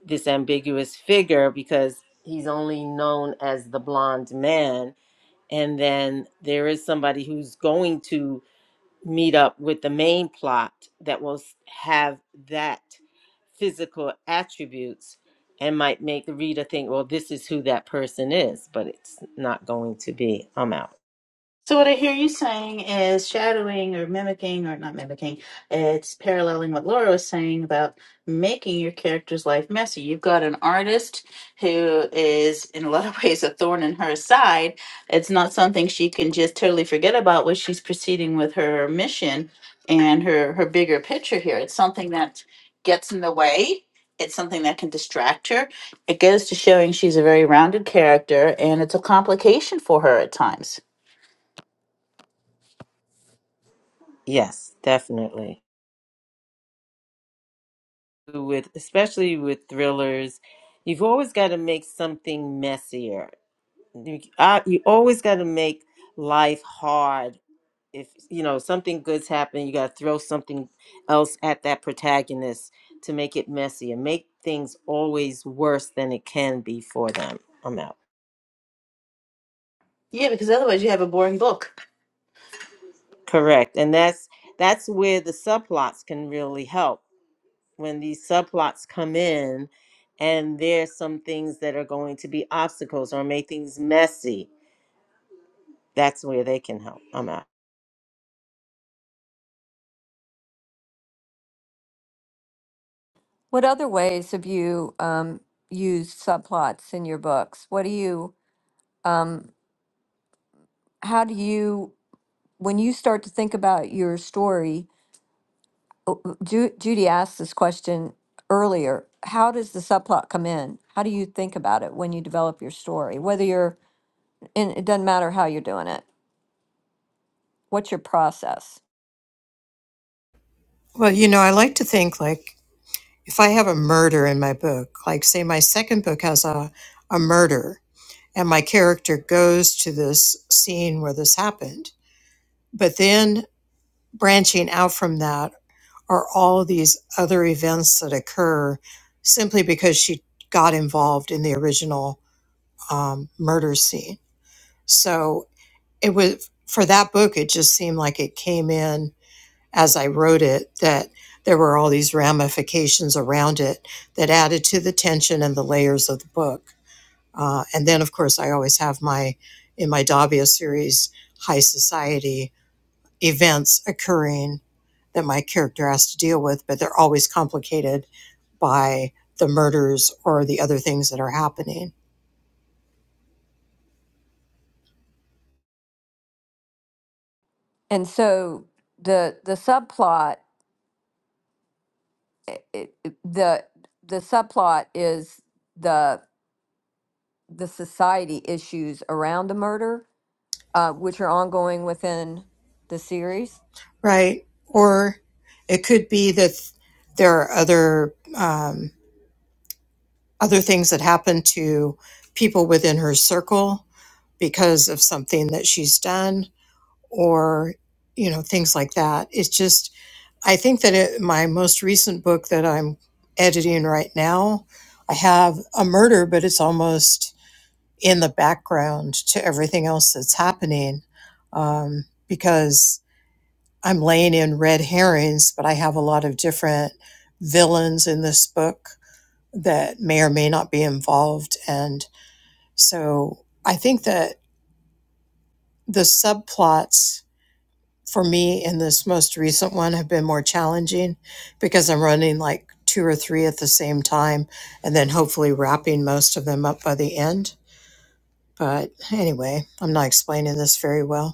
this ambiguous figure because he's only known as the blonde man. And then there is somebody who's going to meet up with the main plot that will s- have that physical attributes and might make the reader think, well, this is who that person is, but it's not going to be. I'm out. So what I hear you saying is shadowing or mimicking or not mimicking. It's paralleling what Laura was saying about making your character's life messy. You've got an artist who is in a lot of ways a thorn in her side. It's not something she can just totally forget about when she's proceeding with her mission and her her bigger picture here. It's something that gets in the way. It's something that can distract her. It goes to showing she's a very rounded character and it's a complication for her at times. Yes, definitely. With especially with thrillers, you've always got to make something messier. You, I, you always got to make life hard if you know something good's happening you got to throw something else at that protagonist to make it messy and make things always worse than it can be for them i'm out Yeah, because otherwise you have a boring book. correct and that's that's where the subplots can really help when these subplots come in and there's some things that are going to be obstacles or make things messy that's where they can help i'm out what other ways have you um, used subplots in your books what do you um, how do you when you start to think about your story, oh, oh, Ju- Judy asked this question earlier. How does the subplot come in? How do you think about it when you develop your story? Whether you're, and it doesn't matter how you're doing it. What's your process? Well, you know, I like to think like if I have a murder in my book, like say my second book has a, a murder and my character goes to this scene where this happened, but then branching out from that Are all these other events that occur simply because she got involved in the original um, murder scene. So it was for that book, it just seemed like it came in as I wrote it that there were all these ramifications around it that added to the tension and the layers of the book. Uh, and then, of course, I always have my in my Davia series high society events occurring that my character has to deal with, but they're always complicated by the murders or the other things that are happening, And so the the subplot, i- i- i- the the subplot is the the society issues around the murder, uh, which are ongoing within the series right? Or it could be that there are other um, other things that happen to people within her circle because of something that she's done, or you know things like that. It's just I think that it, my most recent book that I'm editing right now, I have a murder, but it's almost in the background to everything else that's happening um, because I'm laying in red herrings, but I have a lot of different villains in this book that may or may not be involved. And so I think that the subplots for me in this most recent one have been more challenging because I'm running like two or three at the same time and then hopefully wrapping most of them up by the end. But anyway, I'm not explaining this very well.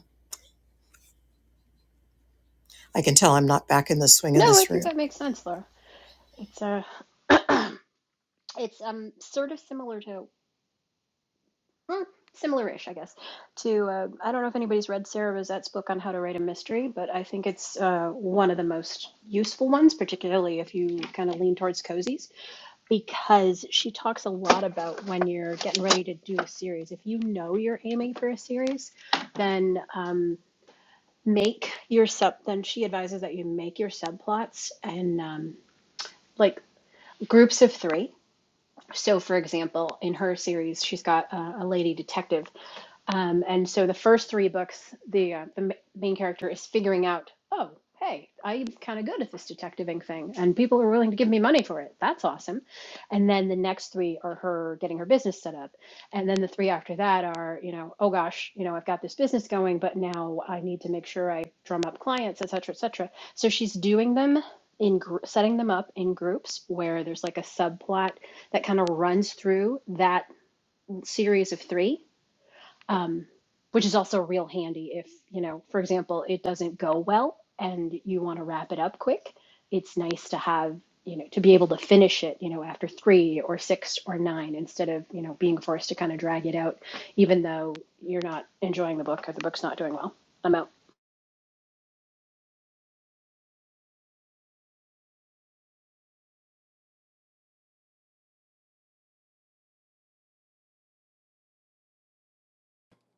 I can tell I'm not back in the swing of No, I this think room. that makes sense, Laura. It's uh, it's um, sort of similar to, hmm, similar-ish, I guess, to uh, I don't know if anybody's read Sarah Rosette's book on how to write a mystery, but I think it's uh, one of the most useful ones, particularly if you kind of lean towards cozies, because she talks a lot about when you're getting ready to do a series. If you know you're aiming for a series, then um, make your sub. Then she advises that you make your subplots and um, like groups of three So, for example, in her series, she's got a, a lady detective um, and so the first three books, the uh, the ma- main character is figuring out, oh, hey, I'm kind of good at this detective ink thing, and people are willing to give me money for it. That's awesome. And then the next three are her getting her business set up, and then the three after that are, you know, oh gosh, you know, I've got this business going, but now I need to make sure I drum up clients, et cetera, et cetera. So she's doing them in gr- setting them up in groups where there's like a subplot that kind of runs through that series of three um, which is also real handy if, you know, for example, it doesn't go well and you want to wrap it up quick. It's nice to have, you know, to be able to finish it, you know, after three or six or nine instead of, you know, being forced to kind of drag it out, even though you're not enjoying the book or the book's not doing well. I'm out.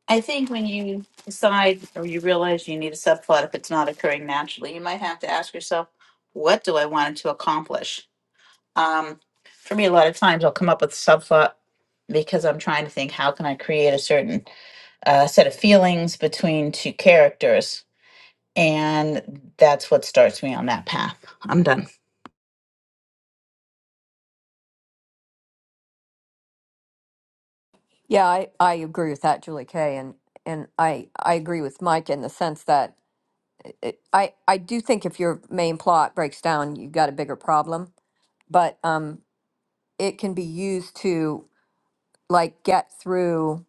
I think when you decide or you realize you need a subplot, if it's not occurring naturally, you might have to ask yourself, what do I want it to accomplish? Um, for me, a lot of times I'll come up with a subplot because I'm trying to think, how can I create a certain uh, set of feelings between two characters? And that's what starts me on that path. I'm done. Yeah, I, I agree with that, Julie Kay, and and I I agree with Mike in the sense that it, I I do think if your main plot breaks down, you've got a bigger problem. But um, it can be used to like get through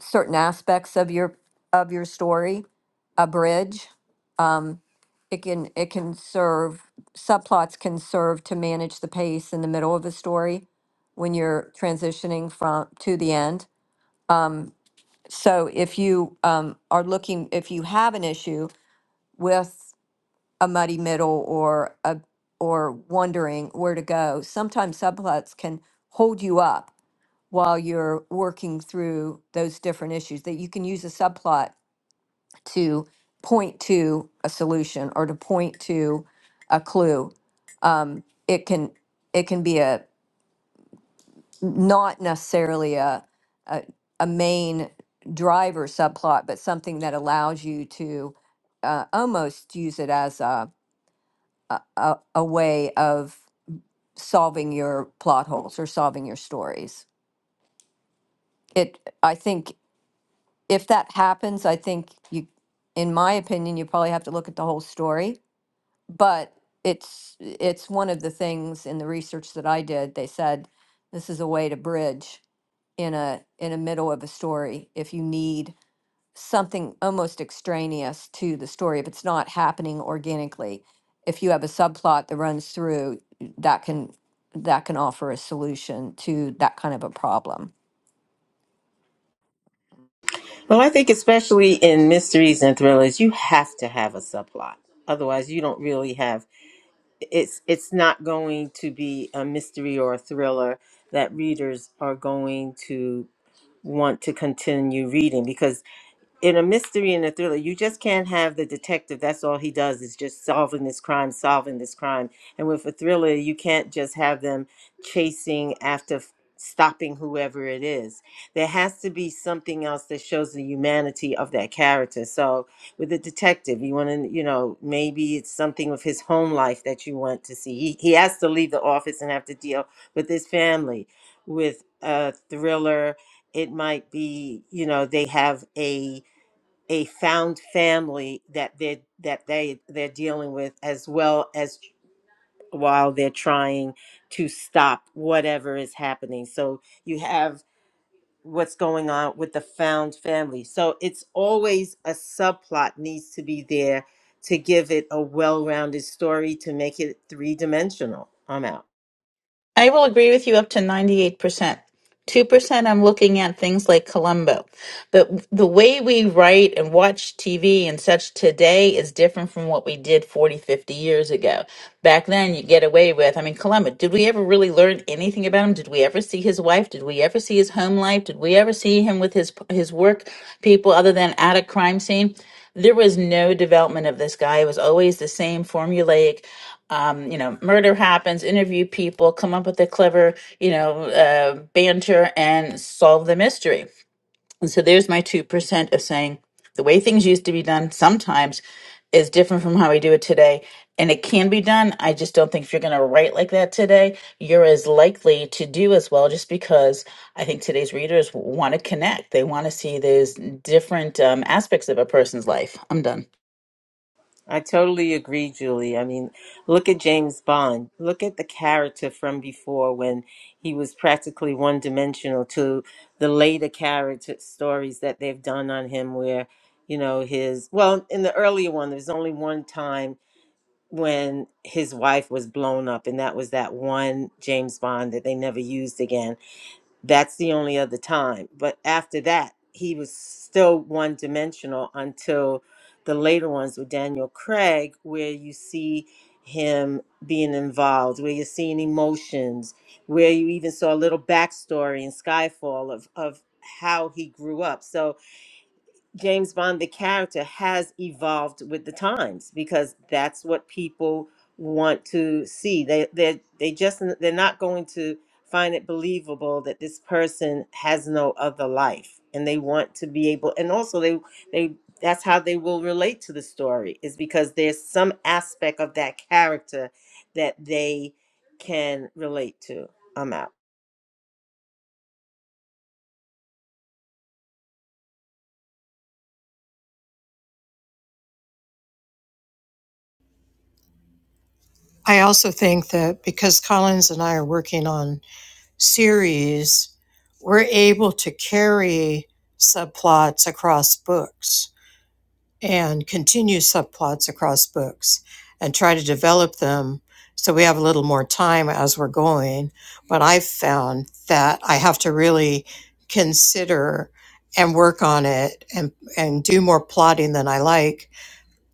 certain aspects of your of your story, a bridge. Um, it can it can serve subplots can serve to manage the pace in the middle of the story when you're transitioning from to the end. um, So if you um, are looking, if you have an issue with a muddy middle or a or wondering where to go, sometimes subplots can hold you up while you're working through those different issues. That you can use a subplot to point to a solution or to point to a clue. Um, it can it can be a not necessarily a, a, a main driver subplot, but something that allows you to uh, almost use it as a, a, a a way of solving your plot holes or solving your stories. It, I think if that happens, I think you, in my opinion, you probably have to look at the whole story, but it's, it's one of the things in the research that I did, they said, this is a way to bridge in a in a middle of a story if you need something almost extraneous to the story if it's not happening organically if you have a subplot that runs through that can that can offer a solution to that kind of a problem well i think especially in mysteries and thrillers you have to have a subplot otherwise you don't really have it's it's not going to be a mystery or a thriller that readers are going to want to continue reading because in a mystery and a thriller, you just can't have the detective. That's all he does is just solving this crime, solving this crime. And with a thriller, you can't just have them chasing after f- stopping whoever it is. There has to be something else that shows the humanity of that character. So with a detective, you want to, you know, maybe it's something with his home life that you want to see. He, he has to leave the office and have to deal with his family. With a thriller, it might be, you know, they have a a found family that they that they they're dealing with as well as while they're trying to stop whatever is happening so you have what's going on with the found family so it's always a subplot needs to be there to give it a well-rounded story to make it three-dimensional i'm out I will agree with you up to 98%. 2% I'm looking at things like Columbo. But the way we write and watch TV and such today is different from what we did 40, 50 years ago. Back then, you get away with, I mean, Columbo, did we ever really learn anything about him? Did we ever see his wife? Did we ever see his home life? Did we ever see him with his his work people other than at a crime scene? there was no development of this guy. It was always the same formulaic. Um, you know, murder happens, interview people, come up with a clever, you know, uh, banter, and solve the mystery and so there's my 2% of saying the way things used to be done sometimes is different from how we do it today. And it can be done. I just don't think if you're going to write like that today, you're as likely to do as well, just because I think today's readers want to connect. They want to see those different um, aspects of a person's life. I'm done. I totally agree, Julie. I mean, look at James Bond. Look at the character from before when he was practically one dimensional to the later character stories that they've done on him, where, you know, his, well, in the earlier one, there's only one time when his wife was blown up, and that was that one James Bond that they never used again. That's the only other time. But after that, he was still one dimensional until the later ones with Daniel Craig, where you see him being involved, where you're seeing emotions, where you even saw a little backstory in Skyfall of, of how he grew up. So James Bond, the character, has evolved with the times because that's what people want to see. They they they just they're not going to find it believable that this person has no other life, and they want to be able. And also, they they that's how they will relate to the story is because there's some aspect of that character that they can relate to. I'm out, I also think that because Collins and I are working on series, we're able to carry subplots across books and continue subplots across books and try to develop them so we have a little more time as we're going. But I've found that I have to really consider and work on it and, and do more plotting than I like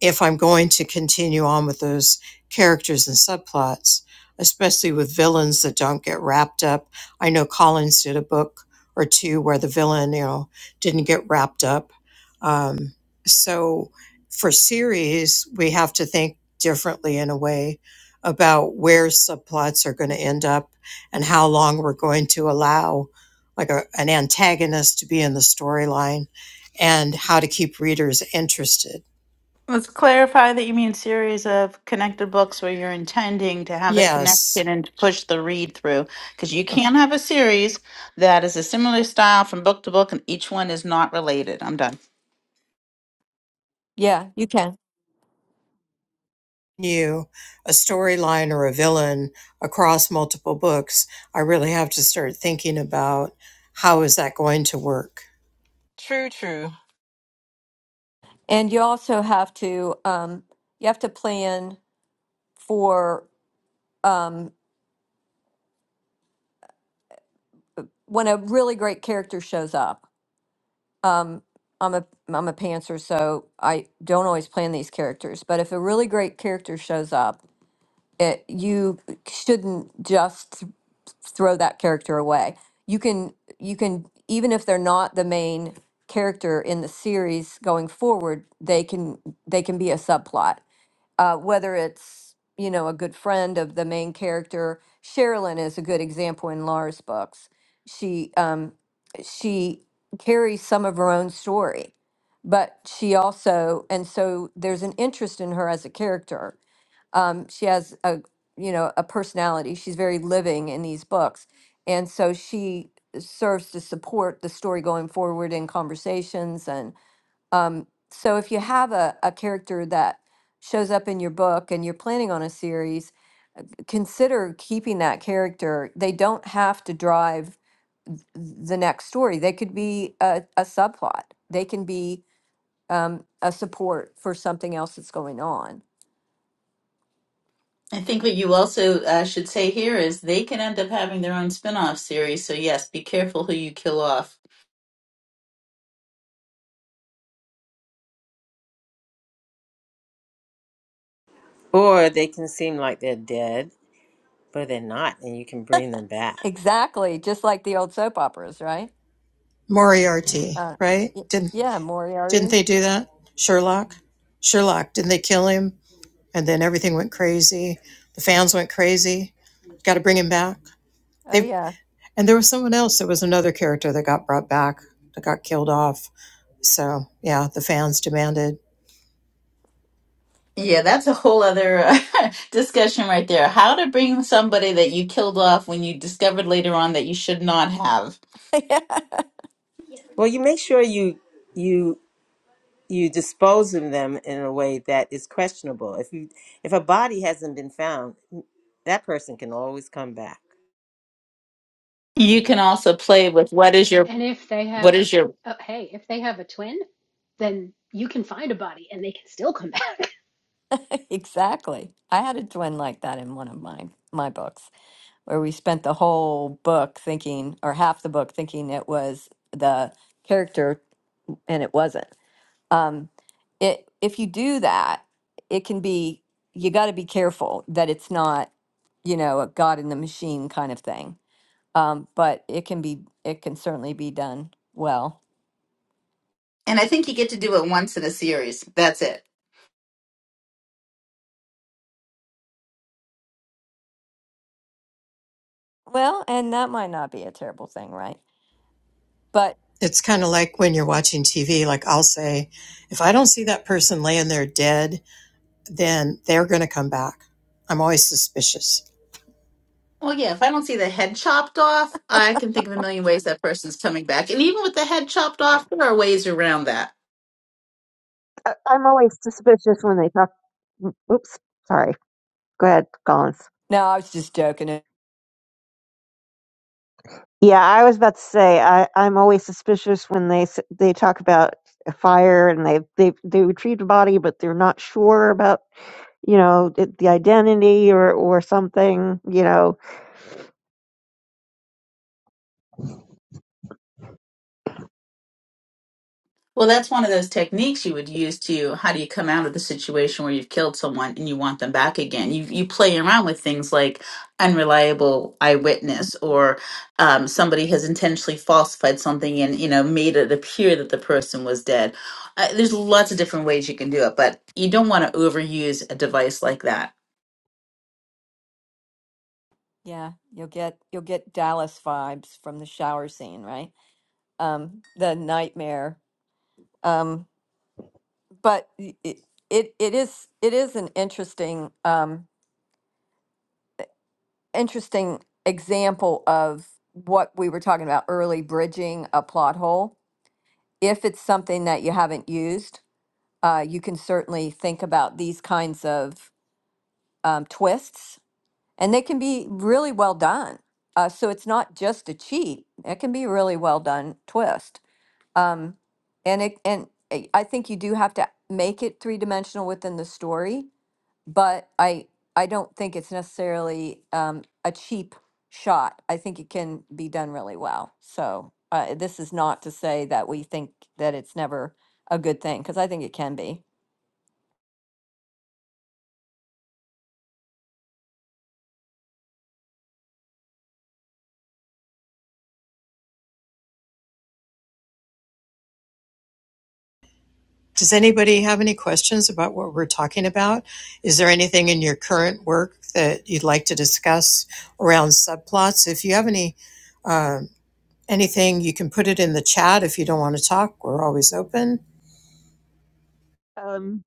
if I'm going to continue on with those characters and subplots, especially with villains that don't get wrapped up. I know Collins did a book or two where the villain, you know, didn't get wrapped up. Um, so for series, we have to think differently in a way about where subplots are going to end up and how long we're going to allow like a, an antagonist to be in the storyline and how to keep readers interested Let's clarify that you mean series of connected books where you're intending to have the connection Yes, and to push the read through. Because you can have a series that is a similar style from book to book and each one is not related. I'm done. yeah you can you, a storyline or a villain across multiple books, I really have to start thinking about how is that going to work. True, true. and you also have to um, you have to plan for um, when a really great character shows up um, I'm a I'm a pantser, so I don't always plan these characters. But if a really great character shows up, it, you shouldn't just throw that character away. You can you can even if they're not the main character in the series going forward, they can they can be a subplot uh, whether it's you know a good friend of the main character sherilyn is a good example in lara's books she um, she carries some of her own story but she also and so there's an interest in her as a character um, she has a you know a personality she's very living in these books and so she serves to support the story going forward in conversations um, so if you have a, a character that shows up in your book and you're planning on a series, consider keeping that character. They don't have to drive th- the next story. They could be a, a subplot. They can be um, a support for something else that's going on. I think what you also uh, should say here is they can end up having their own spin-off series. So yes, be careful who you kill off. or they can seem like they're dead, but they're not, and you can bring them back. Exactly, just like the old soap operas, right? Moriarty, Uh, right? y- Didn't yeah, didn't Moriarty. they do that? Sherlock? Sherlock, didn't they kill him? And then everything went crazy. The fans went crazy. Got to bring him back. Oh They yeah, and there was someone else. There was another character that got brought back, that got killed off. So yeah, the fans demanded. Yeah, that's a whole other uh, discussion right there. How to bring somebody that you killed off when you discovered later on that you should not have. yeah. Well, you make sure you you you dispose of them in a way that is questionable. If you if a body hasn't been found, that person can always come back. You can also play with what is your And if they What have, is your uh, hey, if they have a twin, then you can find a body and they can still come back. Exactly. I had a twin like that in one of my my books, where we spent the whole book thinking, or half the book thinking it was the character, and it wasn't. Um, it if you do that, it can be you got to be careful that it's not, you know, a God in the machine kind of thing. Um, but it can be, it can certainly be done well. And I think you get to do it once in a series. That's it. Well, and that might not be a terrible thing, right? But it's kind of like when you're watching TV, like I'll say, if I don't see that person laying there dead, then they're going to come back. I'm always suspicious. Well, yeah, if I don't see the head chopped off, I can think of a million ways that person's coming back. And even with the head chopped off, there are ways around that. I, I'm always suspicious when they talk. Oops, sorry. Go ahead, Collins. no, I was just joking. Yeah, I was about to say I, I'm always suspicious when they s- they talk about a fire and they they they retrieved a body, but they're not sure about you know the the identity or or something. You know, Well, that's one of those techniques you would use to how do you come out of the situation where you've killed someone and you want them back again? You you play around with things like unreliable eyewitness or um, somebody has intentionally falsified something and you know made it appear that the person was dead. Uh, there's lots of different ways you can do it, but you don't want to overuse a device like that. Yeah, you'll get you'll get Dallas vibes from the shower scene, right? Um, the nightmare. Um, but y- it, it it is it is an interesting um, interesting example of what we were talking about early bridging a plot hole. If it's something that you haven't used, uh, you can certainly think about these kinds of um, twists, and they can be really well done. Uh, so it's not just a cheat; it can be a really well done twist Um, and it, and I I think you do have to make it three dimensional within the story, but I, I don't think it's necessarily, um, a cheap shot. I think it can be done really well. So, uh, this is not to say that we think that it's never a good thing, because I think it can be. Does anybody have any questions about what we're talking about? Is there anything in your current work that you'd like to discuss around subplots? If you have any, um, anything, you can put it in the chat. If you don't want to talk, we're always open. Um,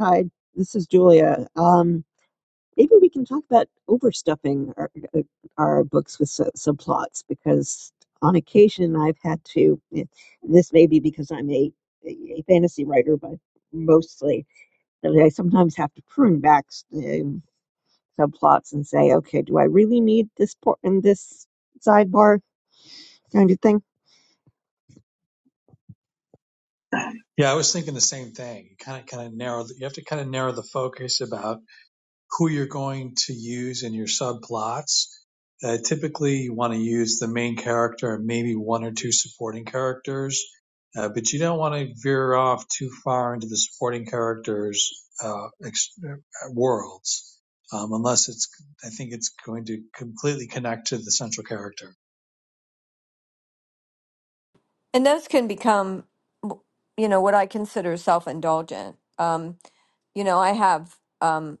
hi, this is Julia. Um, maybe we can talk about overstuffing our, uh, our books with sub- subplots because on occasion I've had to, eh, this may be because I'm a, a fantasy writer, but mostly that I sometimes have to prune back subplots and say, okay, do I really need this port in this sidebar kind of thing? Yeah, I was thinking the same thing. Kind of kind of narrow. You have to kind of narrow the focus about who you're going to use in your subplots. Uh, typically, you want to use the main character and maybe one or two supporting characters, uh, but you don't want to veer off too far into the supporting characters' uh, ex- uh, worlds, um, unless it's. I think it's going to completely connect to the central character. And those can become, w- you know, what I consider self-indulgent. Um, you know, I have, Um,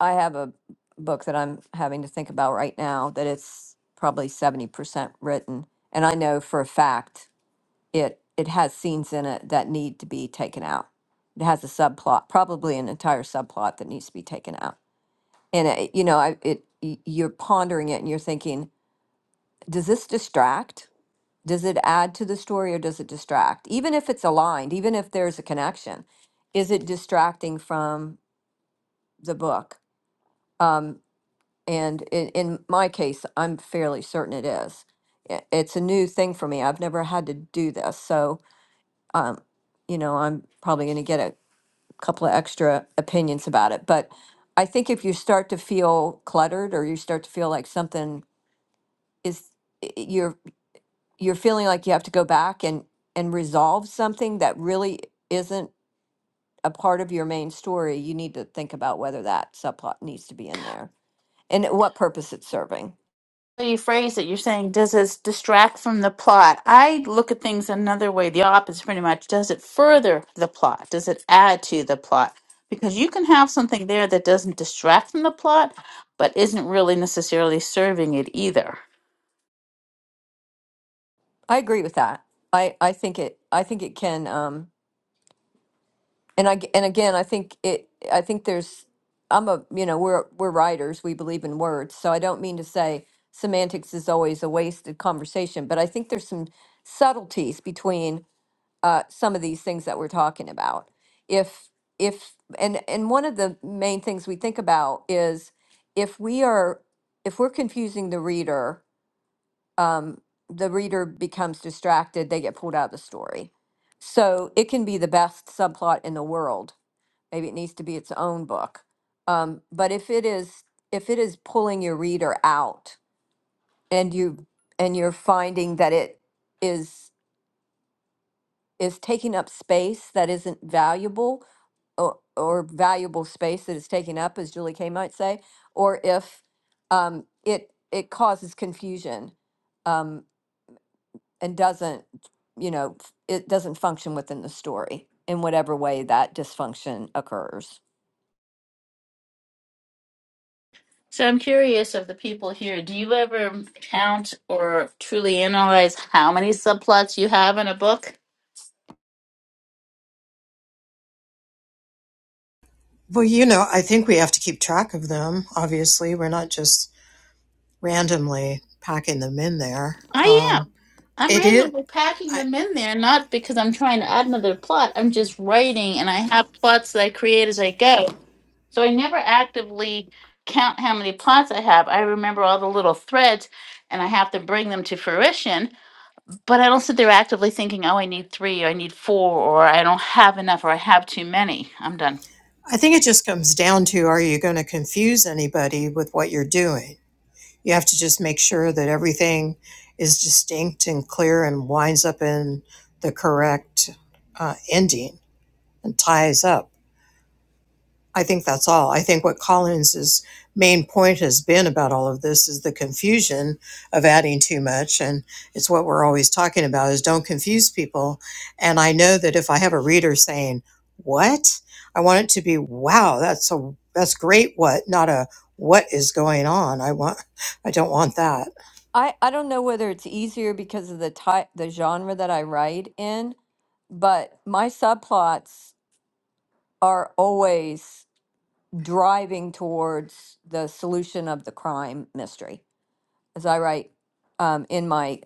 I have a book that I'm having to think about right now that it's probably 70% written. And I know for a fact it it has scenes in it that need to be taken out. It has a subplot, probably an entire subplot that needs to be taken out. And it, you know, I, it y- you're pondering it and you're thinking, does this distract? Does it add to the story or does it distract? Even if it's aligned, even if there's a connection, is it distracting from the book? Um, And in, in my case, I'm fairly certain it is. I- It's a new thing for me. I've never had to do this. So, um, you know, I'm probably going to get a couple of extra opinions about it. But I think if you start to feel cluttered or you start to feel like something is, i- i- you're, you're feeling like you have to go back and, and resolve something that really isn't a part of your main story, you need to think about whether that subplot needs to be in there and what purpose it's serving. way you phrase it, you're saying, does this distract from the plot? I look at things another way, the opposite pretty much. Does it further the plot? Does it add to the plot? Because you can have something there that doesn't distract from the plot, but isn't really necessarily serving it either. I agree with that. I I think it I think it can um and I and again I think it I think there's I'm a you know we're we're writers we believe in words so I don't mean to say semantics is always a wasted conversation but I think there's some subtleties between uh some of these things that we're talking about. If if and and one of the main things we think about is if we are if we're confusing the reader um, the reader becomes distracted, they get pulled out of the story. So it can be the best subplot in the world. Maybe it needs to be its own book. Um, but if it is if it is pulling your reader out and you and you're finding that it is is taking up space that isn't valuable or, or valuable space that is taking up, as Julie Kay might say, or if um, it it causes confusion um, and doesn't, you know, f- it doesn't function within the story in whatever way that dysfunction occurs. So I'm curious of the people here, do you ever count or truly analyze how many subplots you have in a book? Well, you know, I think we have to keep track of them. Obviously, we're not just randomly packing them in there. I Um, am. I'm It is. randomly packing I, them in there, not because I'm trying to add another plot. I'm just writing, and I have plots that I create as I go. So I never actively count how many plots I have. I remember all the little threads, and I have to bring them to fruition. But I don't sit there actively thinking, "Oh, I need three, or I need four, or I don't have enough, or I have too many." I'm done. I think it just comes down to are you going to confuse anybody with what you're doing? You have to just make sure that everything is distinct and clear and winds up in the correct uh, ending and ties up. I think that's all. I think what Collins's main point has been about all of this is the confusion of adding too much. And it's what we're always talking about is don't confuse people. And I know that if I have a reader saying, what? I want it to be, wow, that's a, that's great. What? Not a, what is going on? I want, I don't want that. I, I don't know whether it's easier because of the type, the genre that I write in, but my subplots are always driving towards the solution of the crime mystery as I write um, in my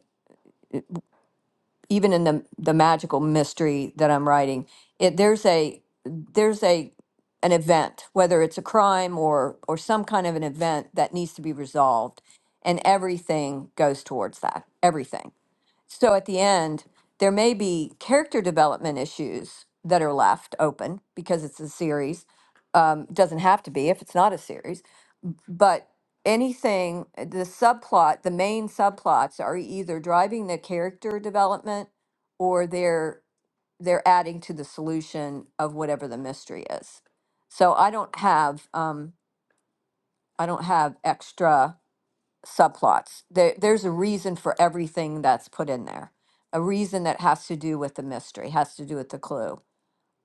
even in the the magical mystery that I'm writing, it there's a there's a an event, whether it's a crime or or some kind of an event that needs to be resolved, and everything goes towards that. Everything. So at the end, there may be character development issues that are left open because it's a series. Um, doesn't have to be if it's not a series, but anything, the subplot, the main subplots are either driving the character development or they're they're adding to the solution of whatever the mystery is. So I don't have um I don't have extra subplots. There there's a reason for everything that's put in there. A reason that has to do with the mystery, has to do with the clue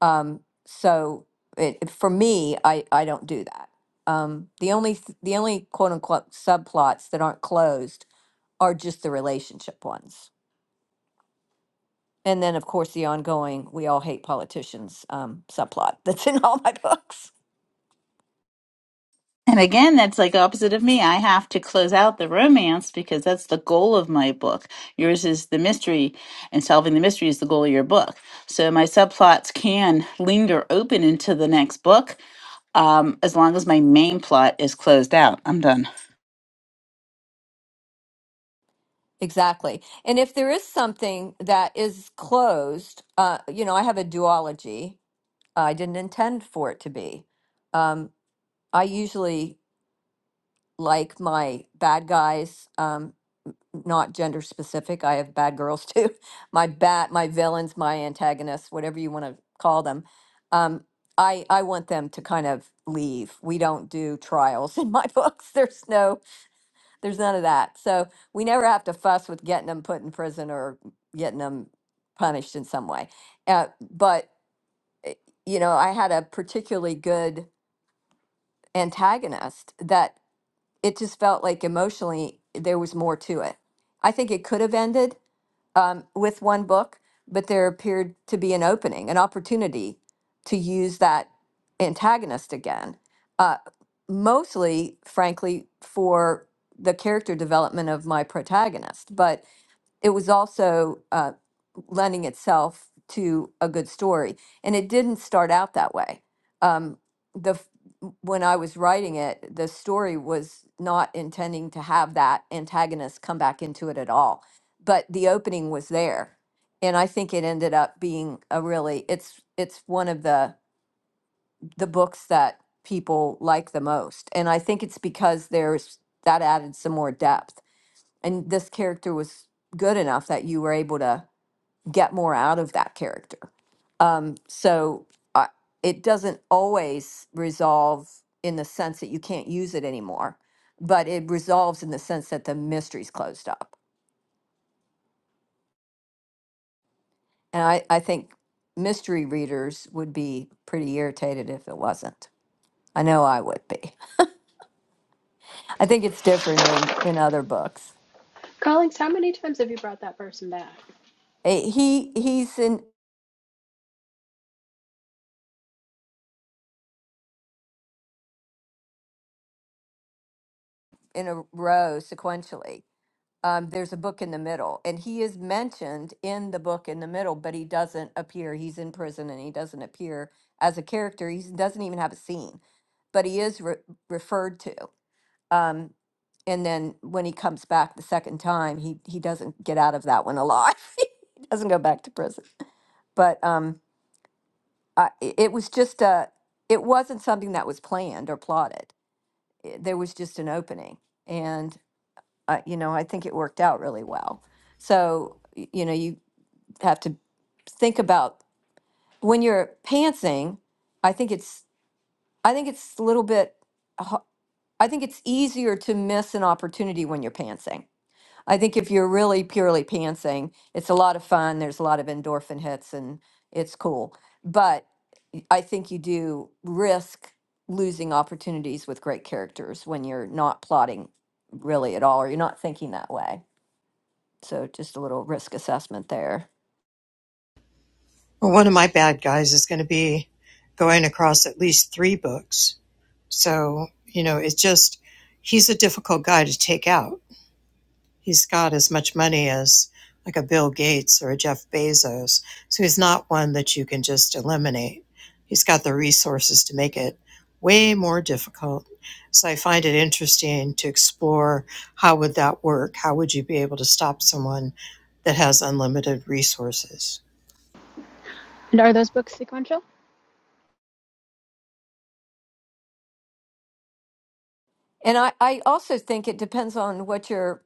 um, so it, for me, I, I don't do that. Um, the only th- the only quote unquote subplots that aren't closed are just the relationship ones. And then, of course, the ongoing "we all hate politicians" um, subplot that's in all my books. And again, that's like opposite of me. I have to close out the romance because that's the goal of my book. Yours is the mystery, and solving the mystery is the goal of your book. So my subplots can linger open into the next book um, as long as my main plot is closed out. I'm done. Exactly. And if there is something that is closed, uh, you know, I have a duology. uh, I didn't intend for it to be. Um, I usually like my bad guys. Um, not gender specific. I have bad girls too. My bat, my villains, my antagonists, whatever you want to call them. Um, I I want them to kind of leave. We don't do trials in my books. There's no, there's none of that. So we never have to fuss with getting them put in prison or getting them punished in some way. Uh, but eh, you know, I had a particularly good antagonist that it just felt like emotionally there was more to it. I think it could have ended um, with one book, but there appeared to be an opening, an opportunity to use that antagonist again, uh, mostly, frankly, for the character development of my protagonist. But it was also uh, lending itself to a good story. And it didn't start out that way. Um, the f- w- when I was writing it, the story was not intending to have that antagonist come back into it at all. But the opening was there, and I think it ended up being a really it's it's one of the the books that people like the most. And I think it's because there's that added some more depth and this character was good enough that you were able to get more out of that character. Um, so uh, it doesn't always resolve in the sense that you can't use it anymore, but it resolves in the sense that the mystery's closed up. And I, I think mystery readers would be pretty irritated if it wasn't. I know I would be. I think it's different in, in other books. Collins, how many times have you brought that person back? Eh, He he's in in a row sequentially um, there's a book in the middle, and he is mentioned in the book in the middle, but he doesn't appear. He's in prison and he doesn't appear as a character. He doesn't even have a scene, but he is re- referred to. Um, and then when he comes back the second time, he he doesn't get out of that one alive. He doesn't go back to prison. But um, I, i- it was just a. It wasn't something that was planned or plotted. I- There was just an opening, and uh, you know I think it worked out really well. So y- you know, you have to think about when you're pantsing i think it's i think it's a little bit ho- i think it's easier to miss an opportunity when you're pantsing i think if you're really purely pantsing it's a lot of fun there's a lot of endorphin hits and it's cool but y- i think you do risk losing opportunities with great characters when you're not plotting really at all or you're not thinking that way so just a little risk assessment there Well, one of my bad guys is going to be going across at least three books. So, you know, it's just, he's a difficult guy to take out he's got as much money as like a Bill Gates or a Jeff Bezos. So he's not one that you can just eliminate. He's got the resources to make it way more difficult. So I find it interesting to explore how would that work? How would you be able to stop someone that has unlimited resources? And are those books sequential? And I, I also think it depends on what your,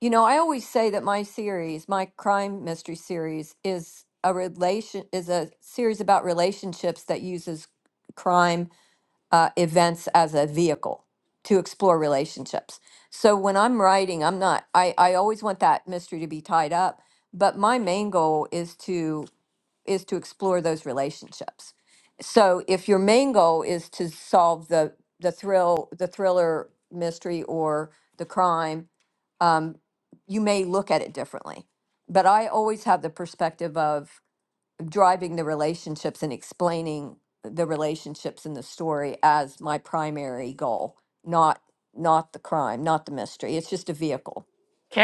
you know, I always say that my series, my crime mystery series is a relation, is a series about relationships that uses crime uh, events as a vehicle to explore relationships. So when I'm writing, I'm not, I, I always want that mystery to be tied up, but my main goal is to is to explore those relationships. So if your main goal is to solve the the thrill, the thriller mystery or the crime, um, you may look at it differently. But I always have the perspective of driving the relationships and explaining the relationships in the story as my primary goal, not not the crime, not the mystery. It's just a vehicle,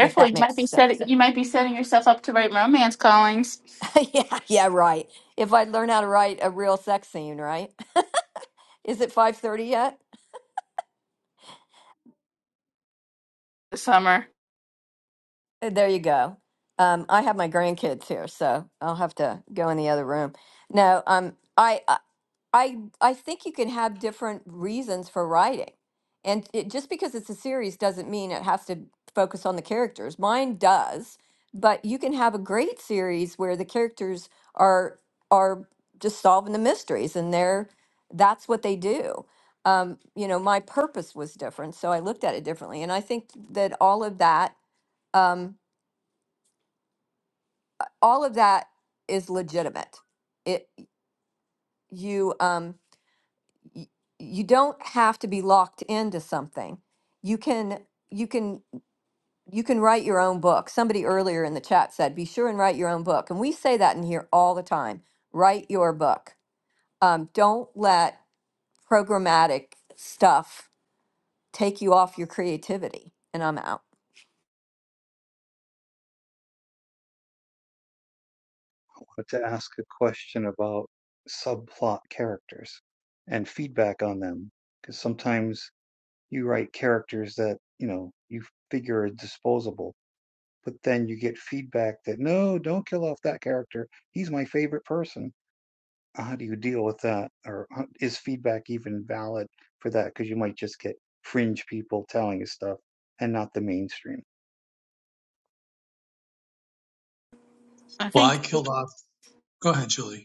if that you makes might be setting sense. you might be setting yourself up to write romance callings yeah, yeah, right. If I learn how to write a real sex scene, right? Is it 5:30 yet? this summer. Uh, There you go. Um, I have my grandkids here, so I'll have to go in the other room. No, um, I, I I I think you can have different reasons for writing. And it, just because it's a series doesn't mean it has to focus on the characters. Mine does, but you can have a great series where the characters are are just solving the mysteries and they're that's what they do. Um, you know, my purpose was different, so I looked at it differently. And I think that all of that um, all of that is legitimate. It you um y- you don't have to be locked into something. You can you can you can write your own book. Somebody earlier in the chat said, "Be sure and write your own book." And we say that in here all the time. Write your book. Um, don't let programmatic stuff take you off your creativity. And I'm out. but to ask a question about subplot characters and feedback on them. Because sometimes you write characters that, you know, you figure are disposable, but then you get feedback that, no, don't kill off that character. He's my favorite person. How do you deal with that? Or how- is feedback even valid for that? Because you might just get fringe people telling you stuff and not the mainstream. I Well, I think. killed off. Go ahead, Julie.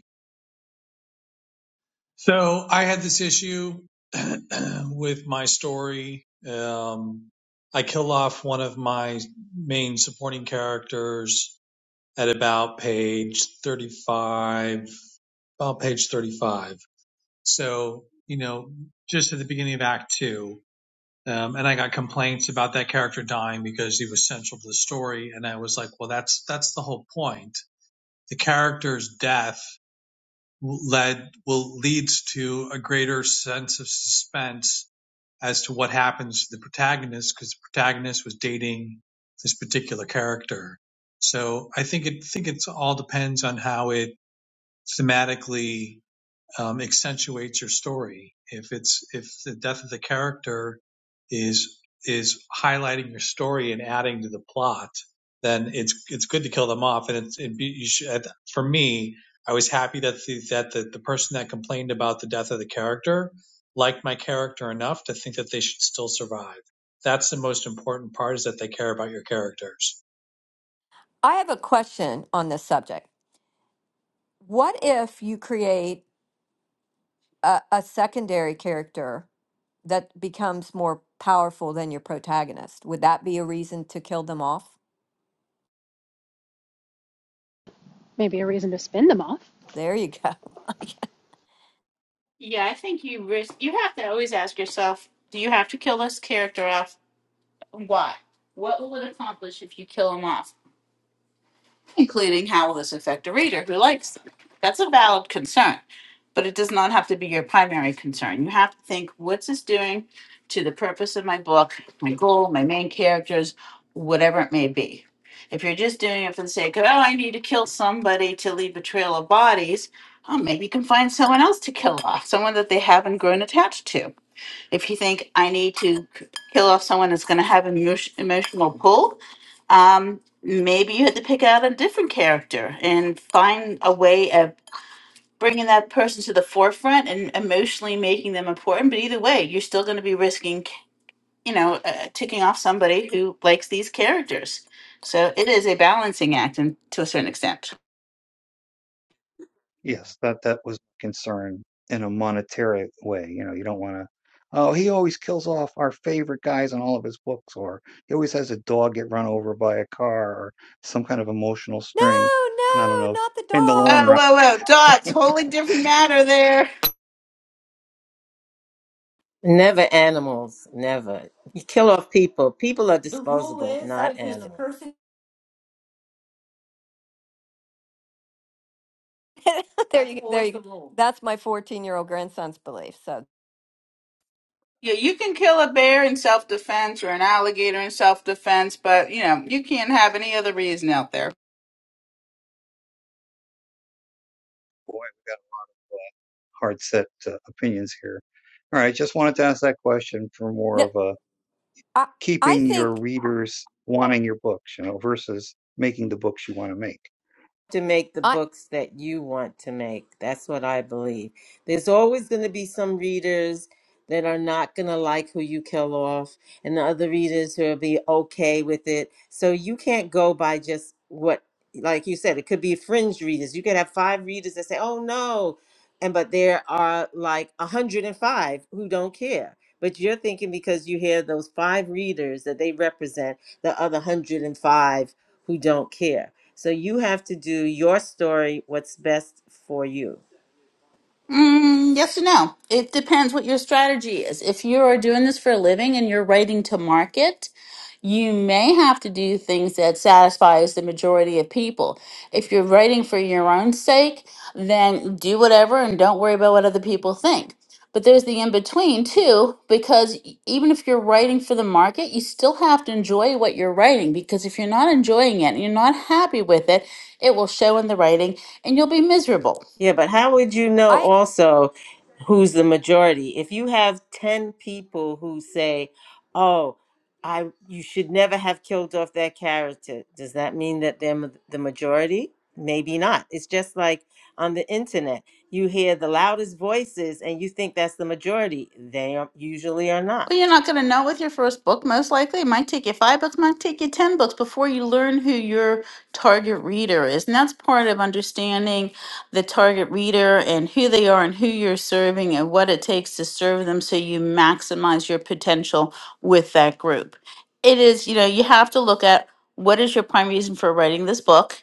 So I had this issue with my story. Um, I kill off one of my main supporting characters at about page 35, about page 35. So, you know, just at the beginning of act two. Um, and I got complaints about that character dying because he was central to the story. And I was like, well, that's, that's the whole point. The character's death led will leads to a greater sense of suspense as to what happens to the protagonist because the protagonist was dating this particular character. So I think it think it's all depends on how it thematically um, accentuates your story. If it's if the death of the character is is highlighting your story and adding to the plot, then it's it's good to kill them off. And it's it'd be, you should, for me, I was happy that the that the, the person that complained about the death of the character liked my character enough to think that they should still survive. That's the most important part is that they care about your characters. I have a question on this subject. What if you create a, a secondary character that becomes more powerful than your protagonist? Would that be a reason to kill them off? Maybe a reason to spin them off. There you go. Like, Yeah, I think you risk. You have to always ask yourself: Do you have to kill this character off? Why? What will it accomplish if you kill him off? including how will this affect a reader who likes them? That's a valid concern, but it does not have to be your primary concern. You have to think what's this doing to the purpose of my book, my goal, my main characters, whatever it may be. If you're just doing it for the sake of, oh, I need to kill somebody to leave a trail of bodies, oh, maybe you can find someone else to kill off, someone that they haven't grown attached to. If you think, I need to kill off someone that's going to have an emotion- emotional pull, um, maybe you had to pick out a different character and find a way of bringing that person to the forefront and emotionally making them important. But either way, you're still going to be risking, you know, uh, ticking off somebody who likes these characters. So it is a balancing act, and to a certain extent. Yes, that that was my concern in a monetary way, you know, you don't wanna, "Oh, he always kills off our favorite guys in all of his books," or, "He always has a dog get run over by a car," or some kind of emotional no, string, and I don't no, know if not the in the dog. long Oh, run whoa, whoa, dots, wholly different matter there. Never animals, never. You kill off people. People are The rule disposable, is Uh, not if it's animals. person, there that's you go. There always you go. the rule. That's my 14-year-old grandson's belief. So Yeah, you can kill a bear in self defense or an alligator in self defense, but you know, you can't have any other reason out there. boy, we got hard set, uh, opinions here. Alright, just wanted to ask that question for more no, of a I I keeping your think readers wanting your books, you know, versus making the books you wanna make. to make the I books that you want to make. That's what I believe. There's always going to be some readers that are not going to like who you kill off, and the other readers who will be okay with it. So you can't go by just what, like you said, it could be fringe readers. You could have five readers that say, oh no. And but there are like 105 who don't care. But you're thinking because you hear those five readers that they represent the other 105 who don't care. So you have to do your story, what's best for you. Mm, yes or no? It depends what your strategy is. If you are doing this for a living and you're writing to market, you may have to do things that satisfies the majority of people. If you're writing for your own sake, then do whatever and don't worry about what other people think. But there's the in between too, because e- even if you're writing for the market, you still have to enjoy what you're writing. Because if you're not enjoying it and you're not happy with it, it will show in the writing and you'll be miserable. Yeah, but how would you know I also who's the majority? If you have 10 people who say, "Oh, I you should never have killed off that character." Does that mean that they're ma- the majority? Maybe not. It's just like on the internet. You hear the loudest voices and you think that's the majority. They are, usually are Well, not. you're not going to know with your first book, most likely. It might take you five books, might take you 10 books before you learn who your target reader is. And that's part of understanding the target reader and who they are and who you're serving and what it takes to serve them so you maximize your potential with that group. It is, you know, you have to look at what is your prime reason for writing this book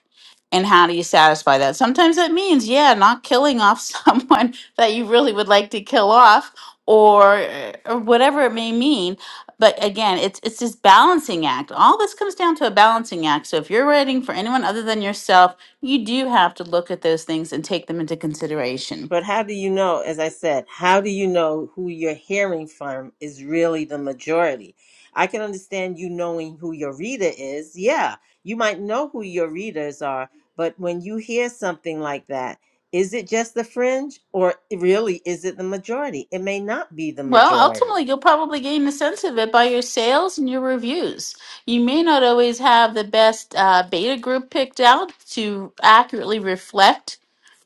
and how do you satisfy that. Sometimes that means, yeah, not killing off someone that you really would like to kill off or uh, or whatever it may mean but again it's it's this balancing act all this comes down to a balancing act so if you're writing for anyone other than yourself you do have to look at those things and take them into consideration But how do you know, as I said, how do you know who you're hearing from is really the majority? I can understand you knowing who your reader is. Yeah, you might know who your readers are, but when you hear something like that, is it just the fringe or really is it the majority? It may not be the Well, majority. ultimately, you'll probably gain a sense of it by your sales and your reviews. You may not always have the best uh, beta group picked out to accurately reflect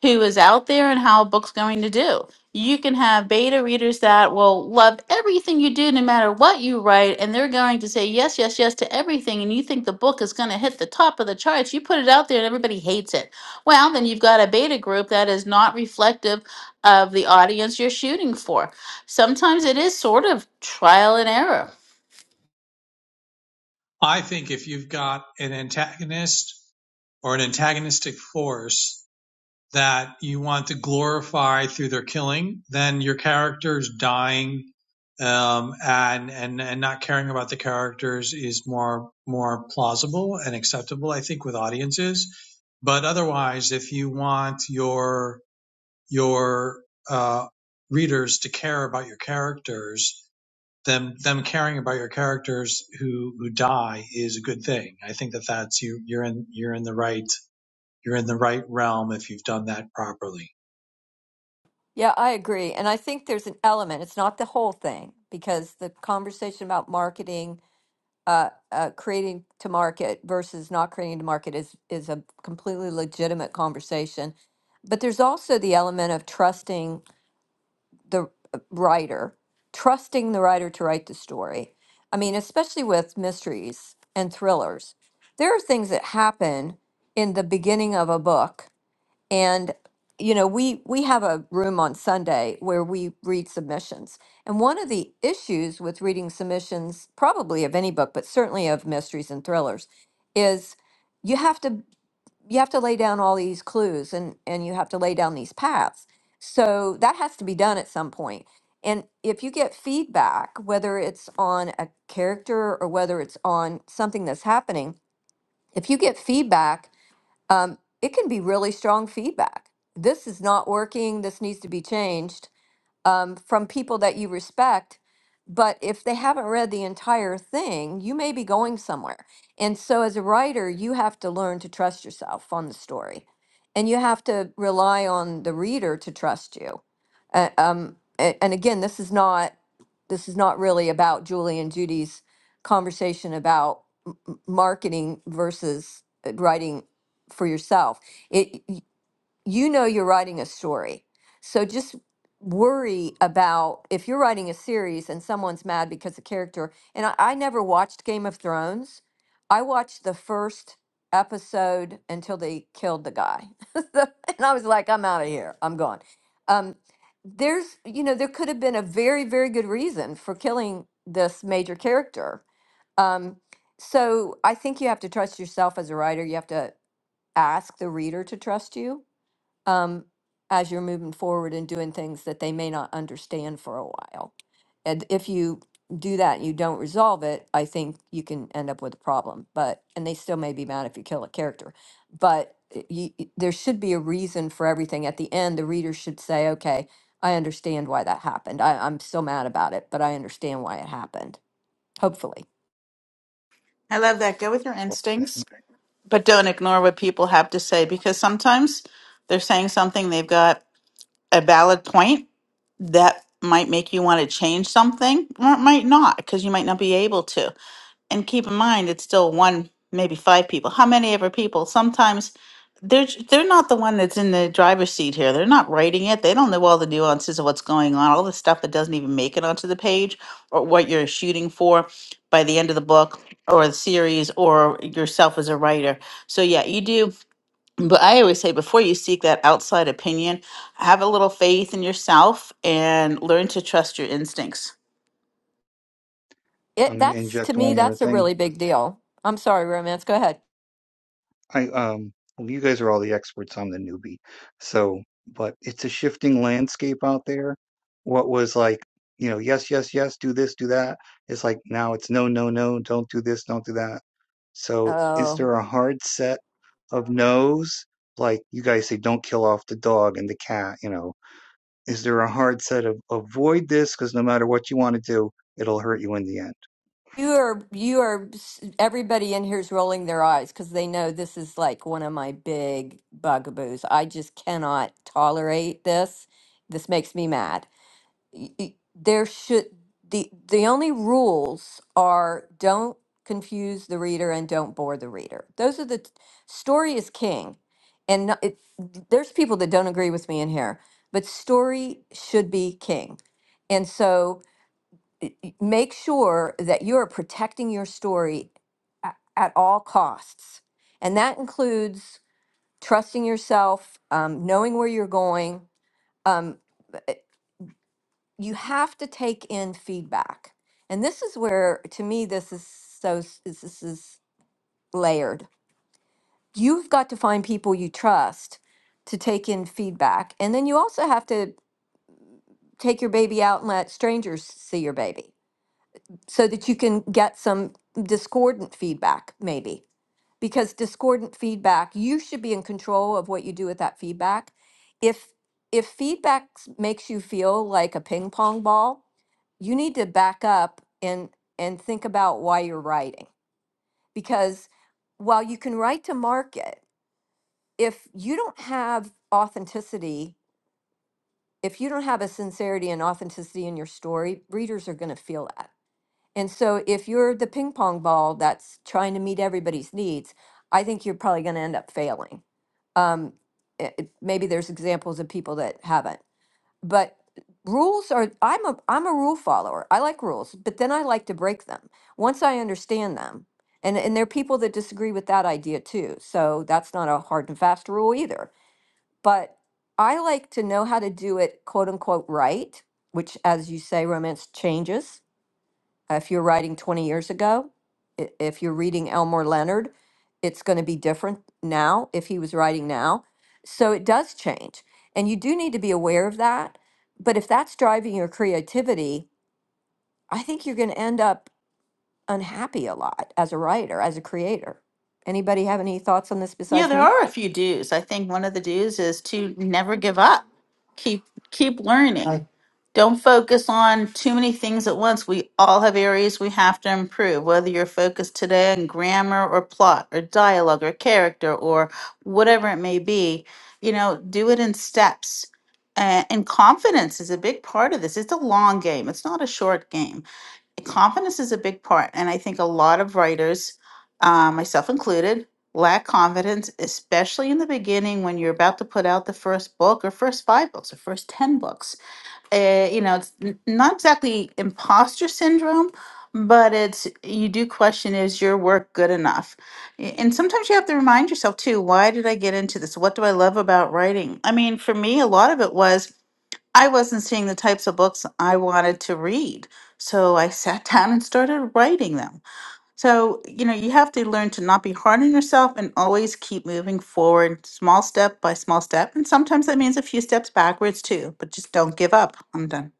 who is out there and how a book's going to do. You can have beta readers that will love everything you do, no matter what you write, and they're going to say yes, yes, yes to everything, and you think the book is going to hit the top of the charts. You put it out there and everybody hates it. Well, then you've got a beta group that is not reflective of the audience you're shooting for Sometimes it is sort of trial and error. I think if you've got an antagonist or an antagonistic force that you want to glorify through their killing, then your characters dying um, and and and not caring about the characters is more more plausible and acceptable, I think, with audiences. But otherwise, if you want your your uh, readers to care about your characters, them them caring about your characters who who die is a good thing. I think that that's you you're in you're in the right you're in the right realm if you've done that properly. yeah, I agree. And I think there's an element. It's not the whole thing because the conversation about marketing uh, uh, creating to market versus not creating to market is is a completely legitimate conversation. But there's also the element of trusting. the uh, writer, trusting the writer to write the story. I mean, especially with mysteries and thrillers, there are things that happen in the beginning of a book. And, you know, we, we have a room on Sunday where we read submissions. And one of the issues with reading submissions, probably of any book, but certainly of mysteries and thrillers, is you have to you have to lay down all these clues and and you have to lay down these paths so that has to be done at some point point. and if you get feedback whether it's on a character or whether it's on something that's happening if you get feedback um, it can be really strong feedback this is not working this needs to be changed um, from people that you respect. But if they haven't read the entire thing, you may be going somewhere. And so, as a writer, you have to learn to trust yourself on the story, and you have to rely on the reader to trust you. Uh, um, a- and again, this is not this is not really about Julie and Judy's conversation about m- m- marketing versus uh, writing for yourself. It. y- you know you're writing a story. So just worry about if you're writing a series and someone's mad because the character, and I, I never watched Game of Thrones. I watched the first episode until they killed the guy. The- and I was like, I'm out of here. I'm gone. Um, there's, you know, there could have been a very, very good reason for killing this major character. Um, so I think you have to trust yourself as a writer. You have to ask the reader to trust you um, as you're moving forward and doing things that they may not understand for a while. And if you do that and you don't resolve it, I think you can end up with a problem. But and they still may be mad if you kill a character. But you, there should be a reason for everything. At the end, the reader should say, "Okay, I understand why that happened. I, I'm still mad about it, but I understand why it happened." Hopefully, I love that. Go with your instincts, but don't ignore what people have to say because sometimes they're saying something, they've got a valid point that might make you want to change something or it might not because you might not be able to. and keep in mind it's still one maybe five people how many ever people sometimes they're j- they're not the one that's in the driver's seat here they're not writing it they don't know all the nuances of what's going on all the stuff that doesn't even make it onto the page or what you're shooting for by the end of the book or the series or yourself as a writer so yeah you do but i always say before you seek that outside opinion have a little faith in yourself and learn to trust your instincts it I'm gonna that's to inject me one more that's a thing. really big deal. I'm sorry, romance. Go ahead. I um well, you guys are all the experts. I'm the newbie. So, but it's a shifting landscape out there. What was like, you know, yes, yes, yes, do this, do that. It's like now it's no, no, no, don't do this, don't do that. So, is Oh. there a hard set of no's? Like you guys say, don't kill off the dog and the cat, you know, is there a hard set of avoid this because no matter what you want to do it'll hurt you in the end You are, you are, everybody in here is rolling their eyes because they know this is like one of my big bugaboos. I just cannot tolerate this. This makes me mad. Y- y- There should, the, the only rules are don't confuse the reader and don't bore the reader. Those are the, t- story is king. And no- it, there's people that don't agree with me in here, but story should be king. And so, y- y- make sure that you are protecting your story a- at all costs. And that includes trusting yourself, um, knowing where you're going. Um, eh, you have to take in feedback. And this is where, to me, this is so, s- is- this is layered. You've got to find people you trust to take in feedback. And then you also have to take your baby out and let strangers see your baby so that you can get some discordant feedback, maybe. Because discordant feedback, you should be in control of what you do with that feedback. If if feedback s- makes you feel like a ping pong ball, you need to back up and and think about why you're writing. Because while you can write to market, if you don't have authenticity, if you don't have a sincerity and authenticity in your story, readers are going to feel that And so if you're the ping pong ball that's trying to meet everybody's needs, I think you're probably going to end up failing. Um, it, it- maybe there's examples of people that haven't, but rules are I'm a I'm a rule follower. I like rules, but then I like to break them once I understand them. And and there are people that disagree with that idea too. So that's not a hard and fast rule either. But I like to know how to do it quote unquote right, which as you say romance changes if you're writing 20 years ago, i- if you're reading Elmore Leonard, it's going to be different now if he was writing now. So it does change. And you do need to be aware of that. But if that's driving your creativity, I think you're going to end up unhappy a lot as a writer, as a creator. Anybody have any thoughts on this Yeah, besides there me? are a few do's. I think one of the do's is to never give up. Keep keep learning. Don't focus on too many things at once. We all have areas we have to improve, whether you're focused today on grammar or plot or dialogue or character or whatever it may be. You know, do it in steps. Uh, and confidence is a big part of this. It's a long game. It's not a short game confidence is a big part and i think a lot of writers uh, myself included lack confidence especially in the beginning when you're about to put out the first book or first five books or first 10 books uh, you know it's n- not exactly imposter syndrome but it's you do question is your work good enough A- and sometimes you have to remind yourself too why did i get into this what do i love about writing i mean for me a lot of it was I wasn't seeing the types of books I wanted to read. So I sat down and started writing them. So, you know, you have to learn to not be hard on yourself and always keep moving forward, small step by small step. And sometimes that means a few steps backwards too, but just don't give up. I'm done.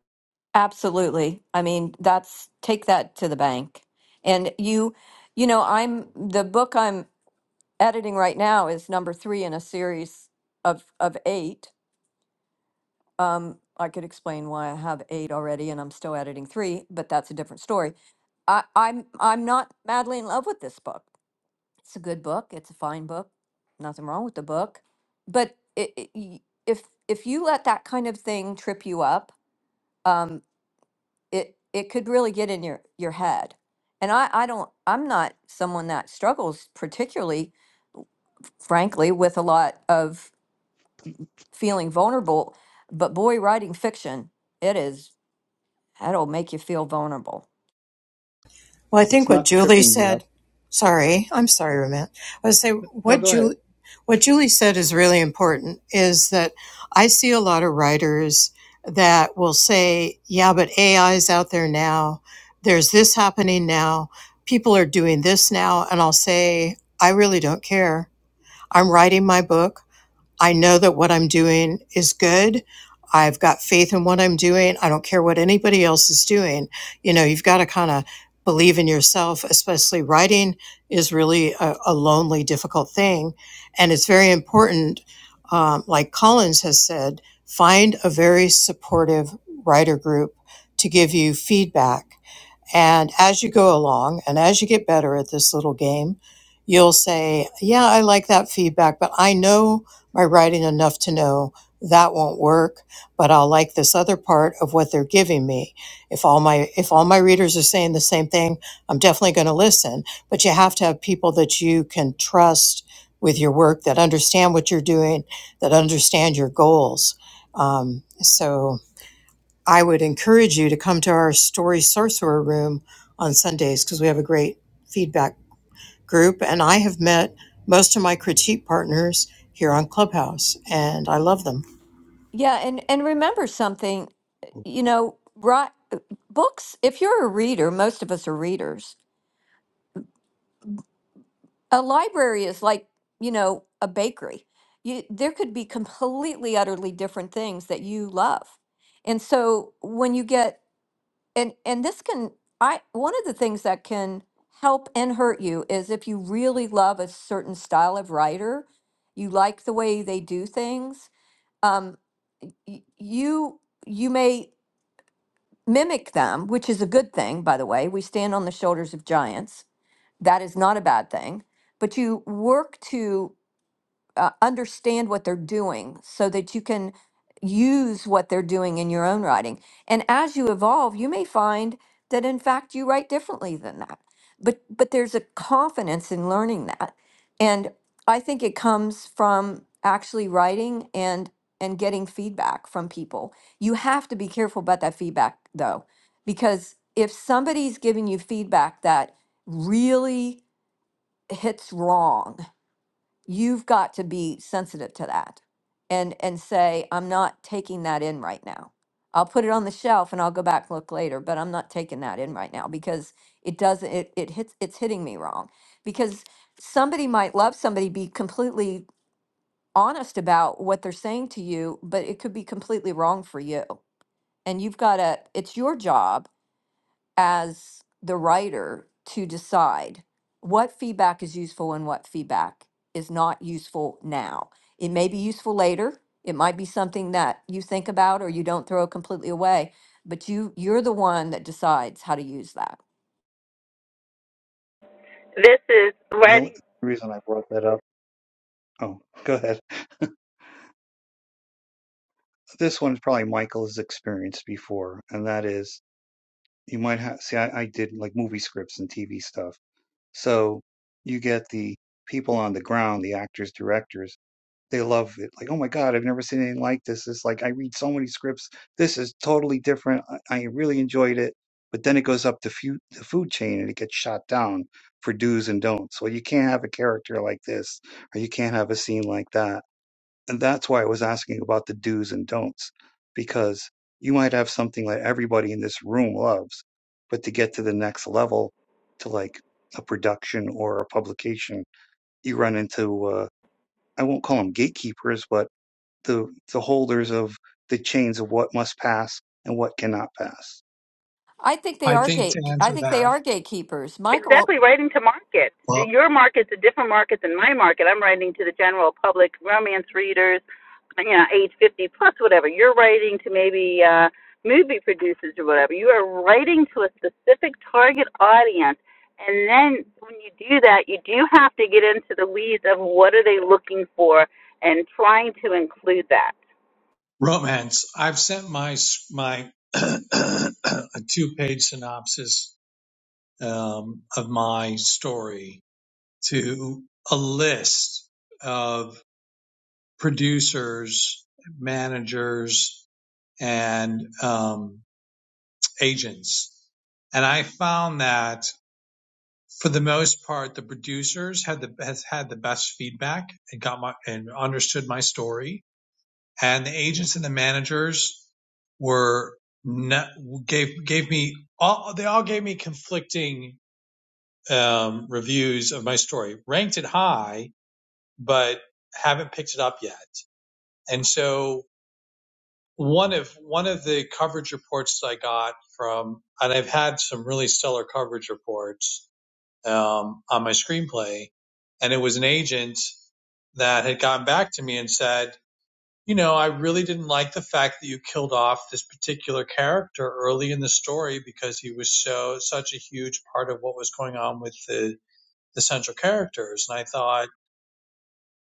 Absolutely. I mean, that's take that to the bank. And you, you know, I'm the book I'm editing right now is number three in a series of of eight. Um, I could explain why I have eight already, and I'm still editing three, but that's a different story. I, I'm I'm not madly in love with this book. It's a good book. It's a fine book. Nothing wrong with the book, but it, it, y- if if you let that kind of thing trip you up, um, it it could really get in your your head. And I, I don't I'm not someone that struggles particularly frankly, with a lot of feeling vulnerable. But boy, writing fiction, it is, that'll make you feel vulnerable. Well, I well, think it's what not Julie tripping me up said, sorry, I'm sorry, Ramit. I would say no what go ahead Julie, what Julie said is really important is that I see a lot of writers that will say, yeah, but AI is out there now. There's this happening now. People are doing this now. And I'll say, I really don't care. I'm writing my book. I know that what I'm doing is good. I've got faith in what I'm doing. I don't care what anybody else is doing. You know, you've got to kind of believe in yourself, especially writing is really a, a lonely, difficult thing. And it's very important, um, like Collins has said, find a very supportive writer group to give you feedback and as you go along and as you get better at this little game, you'll say, Yeah, I like that feedback, but I know my writing enough to know that won't work, but I'll like this other part of what they're giving me. If all my if all my readers are saying the same thing, I'm definitely going to listen, but you have to have people that you can trust with your work that understand what you're doing, that understand your goals. Um, so I would encourage you to come to our story sorcerer room on Sundays because we have a great feedback group. And I have met most of my critique partners here on Clubhouse, and I love them. Yeah, and, and remember something, you know, right, books, if you're a reader, most of us are readers. A library is like, you know, a bakery. You, there could be completely, utterly different things that you love. And so when you get and and this can i one of the things that can help and hurt you is if you really love a certain style of writer you like the way they do things um y- you you may mimic them which is a good thing by the way we stand on the shoulders of giants that is not a bad thing but you work to uh, understand what they're doing so that you can use what they're doing in your own writing. And as you evolve, you may find that in fact you write differently than that. But but there's a confidence in learning that. And I think it comes from actually writing and and getting feedback from people. You have to be careful about that feedback though because if somebody's giving you feedback that really hits wrong you've got to be sensitive to that and and say i'm not taking that in right now i'll put it on the shelf and i'll go back and look later but i'm not taking that in right now because it doesn't it, it hits it's hitting me wrong because somebody might love somebody be completely honest about what they're saying to you but it could be completely wrong for you and you've got to it's your job as the writer to decide what feedback is useful and what feedback is not useful now. It may be useful later. It might be something that you think about or you don't throw completely away, but you you're the one that decides how to use that. This is the writing. only reason i brought that up oh go ahead this one's probably michael has experienced before and that is you might have see I, I did like movie scripts and tv stuff so you get the people on the ground the actors directors they love it like oh my god i've never seen anything like this it's like i read so many scripts this is totally different i, I really enjoyed it but then it goes up the, fu- the food chain and it gets shot down for do's and don'ts well you can't have a character like this or you can't have a scene like that and that's why I was asking about the do's and don'ts because you might have something that everybody in this room loves, but to get to the next level, to like a production or a publication, you run into uh, I won't call them gatekeepers, but the the holders of the chains of what must pass and what cannot pass. I think they I are think to gate I answer think they that, are gatekeepers, Michael. Exactly, writing to market. well, Your market's a different market than my market. I'm writing to the general public, romance readers, you know, age 50 plus, whatever. You're writing to maybe uh, movie producers or whatever. You are writing to a specific target audience. And then when you do that, you do have to get into the weeds of what are they looking for and trying to include that. romance. I've sent my s- my a two page synopsis um, of my story to a list of producers, managers, and um, agents, and I found that for the most part, the producers had the has had the best feedback and got my and understood my story and the agents and the managers were not, gave gave me all they all gave me conflicting um, reviews of my story. Ranked it high, but haven't picked it up yet. And so one of one of the coverage reports I got from, and I've had some really stellar coverage reports um, on my screenplay, and it was an agent that had gotten back to me and said you know, I really didn't like the fact that you killed off this particular character early in the story because he was so such a huge part of what was going on with the the central characters. And I thought,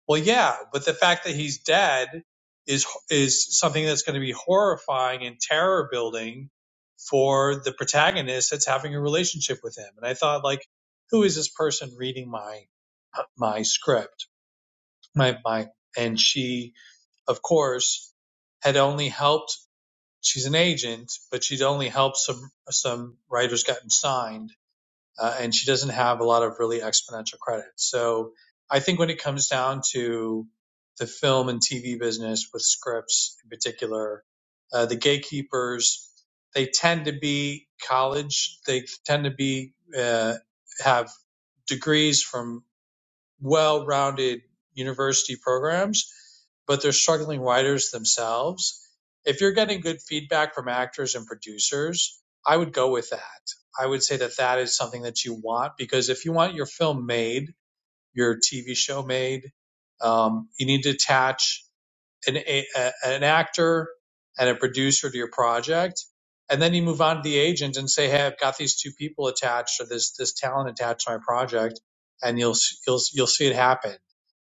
well, yeah, but the fact that he's dead is is something that's going to be horrifying and terror building for the protagonist that's having a relationship with him. And I thought, like, who is this person reading my my script? My my and she, of course, had only helped she's an agent, but she'd only helped some some writers gotten signed, uh, and she doesn't have a lot of really exponential credit. So I think when it comes down to the film and TV business with scripts in particular, uh, the gatekeepers they tend to be college, they tend to be uh, have degrees from well-rounded university programs, but they're struggling writers themselves. If you're getting good feedback from actors and producers, I would go with that. I would say that that is something that you want because if you want your film made, your TV show made, um, you need to attach an a, an actor and a producer to your project, and then you move on to the agent and say, "Hey, I've got these two people attached or this this talent attached to my project," and you'll you'll you'll see it happen.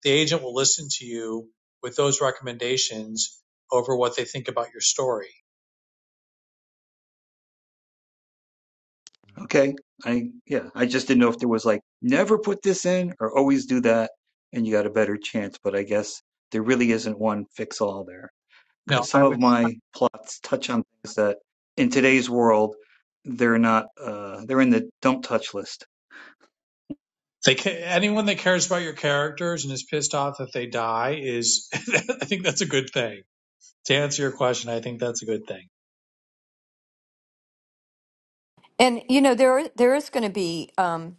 The agent will listen to you with those recommendations over what they think about your story. Okay. I yeah, I just didn't know if there was like never put this in or always do that and you got a better chance, but I guess there really isn't one fix all there. No, because I some would. of my plots touch on things that in today's world they're not uh, they're in the don't touch list. They ca- anyone that cares about your characters and is pissed off that they die is. I think that's a good thing. To answer your question, I think that's a good thing. And you know there there is going to be um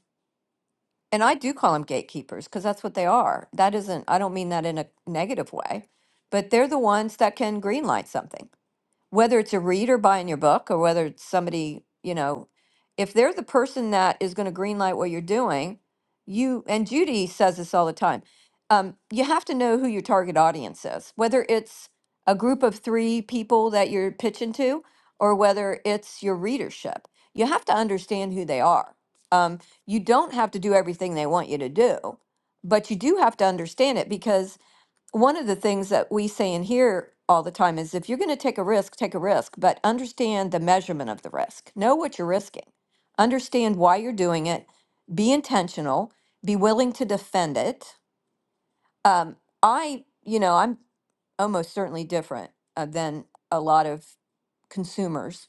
and I do call them gatekeepers because that's what they are. That isn't I don't mean that in a negative way, but they're the ones that can greenlight something whether it's a reader buying your book or whether it's somebody, you know, if they're the person that is going to greenlight what you're doing, you and Judy says this all the time. Um, you have to know who your target audience is, whether it's a group of three people that you're pitching to, or whether it's your readership. You have to understand who they are. Um, you don't have to do everything they want you to do, but you do have to understand it because one of the things that we say in here all the time is if you're going to take a risk, take a risk, but understand the measurement of the risk. Know what you're risking. Understand why you're doing it. Be intentional. Be willing to defend it. Um, I, you know, I'm almost certainly different uh, than a lot of consumers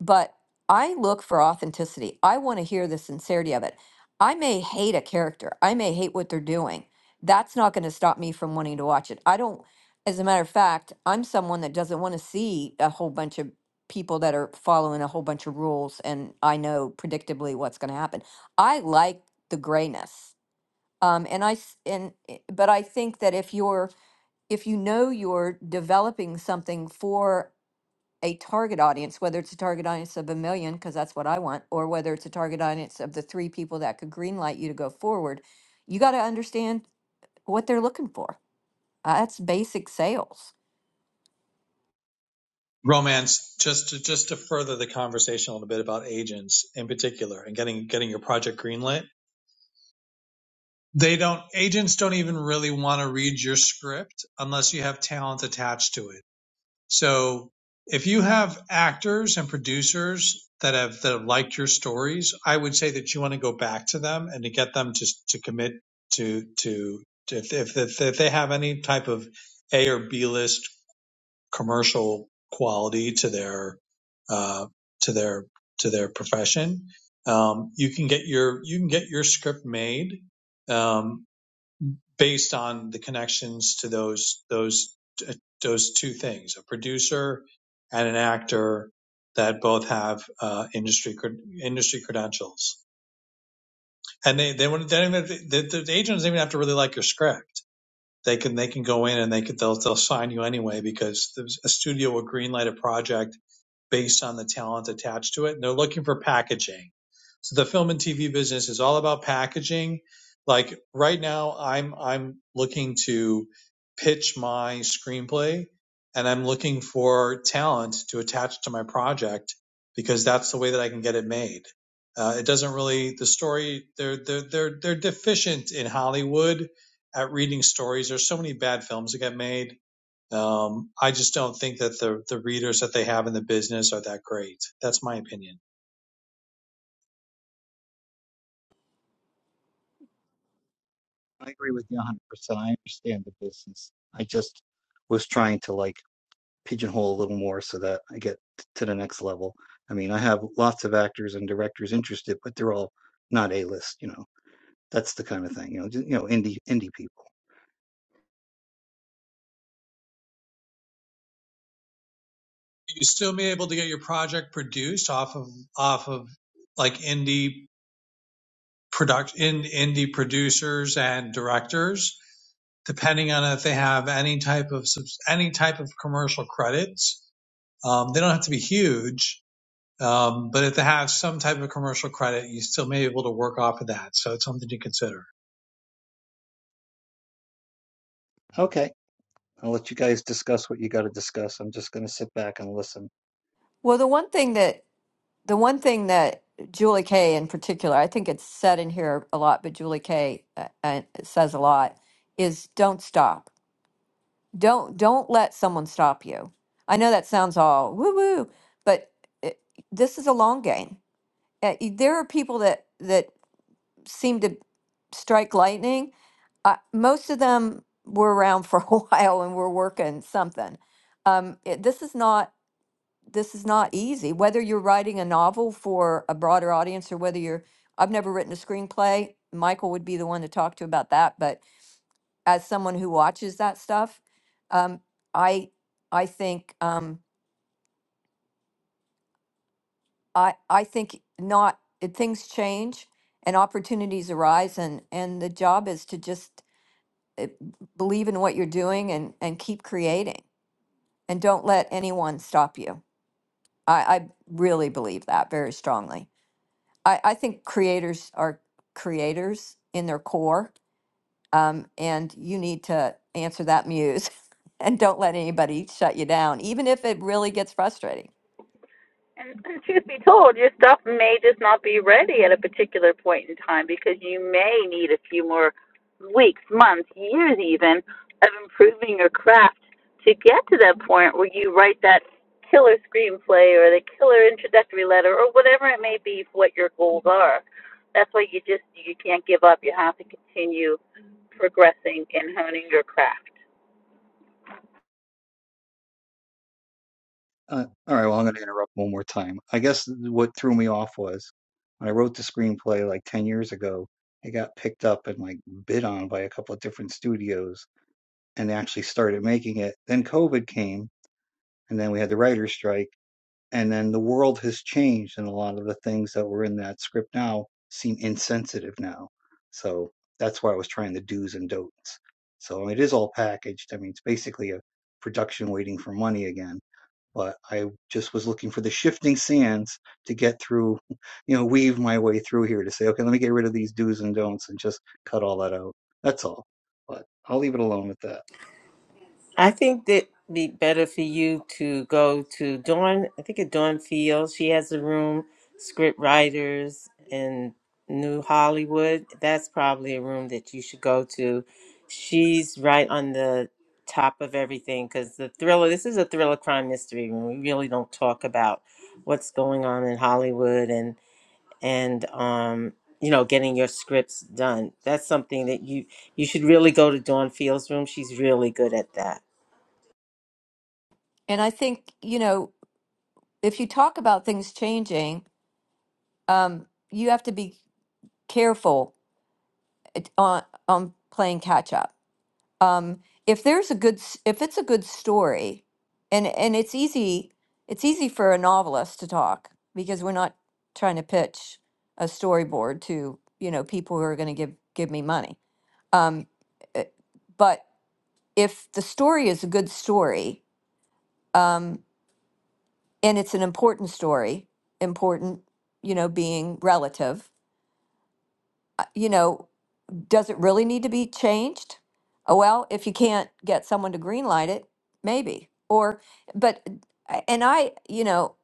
but I look for authenticity. I want to hear the sincerity of it. I may hate a character. I may hate what they're doing. That's not going to stop me from wanting to watch it. I don't, as a matter of fact, I'm someone that doesn't want to see a whole bunch of people that are following a whole bunch of rules and I know predictably what's going to happen. I like the grayness. Um, and I s- and i- but I think that if you're if you know you're developing something for a target audience, whether it's a target audience of a million, because that's what I want, or whether it's a target audience of the three people that could greenlight you to go forward, you got to understand what they're looking for. Uh, That's basic sales. romance just to just to further the conversation a little bit about agents in particular and getting getting your project greenlit they don't agents don't even really want to read your script unless you have talent attached to it so if you have actors and producers that have that have liked your stories i would say that you want to go back to them and to get them to to commit to to to- if if, if they have any type of a or b list commercial quality to their uh, to their to their profession. Um, you can get your you can get your script made um, based on the connections to those those uh, those two things: a producer and an actor that both have uh, industry industry credentials. And they they, wouldn't- they don't even, the, the agent doesn't even have to really like your script. They can they can go in and they could they'll they'll sign you anyway because there's a studio will greenlight a project based on the talent attached to it. And they're looking for packaging. So the film and TV business is all about packaging. Like right now, I'm I'm looking to pitch my screenplay, and I'm looking for talent to attach to my project because that's the way that I can get it made. Uh, it doesn't really the story. They're they're they're they're deficient in Hollywood at reading stories. There's so many bad films that get made um, I just don't think that the the readers that they have in the business are that great. That's my opinion. I agree with you 100%. I understand the business. I just was trying to like pigeonhole a little more so that I get t- to the next level. I mean, I have lots of actors and directors interested, but they're all not A-list, you know. That's the kind of thing, you know, just, you know, indie indie people. You still be able to get your project produced off of off of like indie product in indie producers and directors, depending on if they have any type of subs- any type of commercial credits. Um, they don't have to be huge, um, but if they have some type of commercial credit, you still may be able to work off of that. So it's something to consider. Okay, I'll let you guys discuss what you got to discuss. I'm just going to sit back and listen. Well, the one thing that the one thing that Julie Kay in particular, I think it's said in here a lot, but Julie Kay uh, uh, says a lot is don't stop. Don't don't let someone stop you. I know that sounds all woo woo, but it, this is a long game uh, y- there are people that that seem to strike lightning. Uh, most of them were around for a while and were working something. Um, it, this is not this is not easy. Whether you're writing a novel for a broader audience or whether you're I've never written a screenplay. Michael would be the one to talk to about that. But as someone who watches that stuff, um, I I think um, I I think not. It, things change and opportunities arise, and and the job is to just eh, believe in what you're doing and and keep creating and don't let anyone stop you i i really believe that very strongly i i think creators are creators in their core um and you need to answer that muse and don't let anybody shut you down even if it really gets frustrating And, and truth be told, your stuff may just not be ready at a particular point in time because you may need a few more weeks, months, years even of improving your craft to get to that point where you write that killer screenplay or the killer introductory letter or whatever it may be for what your goals are. That's why you just you can't give up. You have to continue progressing and honing your craft. Uh, all right, well, I'm going to interrupt one more time. I guess what threw me off was when I wrote the screenplay like 10 years ago, it got picked up and like bid on by a couple of different studios and they actually started making it. Then COVID came and then we had the writer's strike. And then the world has changed and a lot of the things that were in that script now seem insensitive now. So that's why I was trying the do's and don'ts. So it is all packaged. I mean, it's basically a production waiting for money again but I just was looking for the shifting sands to get through, you know, weave my way through here to say, okay, let me get rid of these do's and don'ts and just cut all that out. That's all. But I'll leave it alone with that. I think that be better for you to go to Dawn. I think it's Dawn Field. She has a room, script writers in New Hollywood. That's probably a room that you should go to. She's right on the top of everything because the thriller. This is a thriller crime mystery room. We really don't talk about what's going on in Hollywood and and um you know getting your scripts done. That's something that you you should really go to Dawn Field's room. She's really good at that. and i think you know if you talk about things changing um you have to be careful it- on on playing catch up um, if there's a good s- if it's a good story and and it's easy it's easy for a novelist to talk because we're not trying to pitch a storyboard to you know people who are going to give give me money um, uh, but if the story is a good story um, and it's an important story important you know being relative uh, you know Does it really need to be changed? Oh, well, if you can't get someone to greenlight it, maybe. Or, but, uh, and I, you know,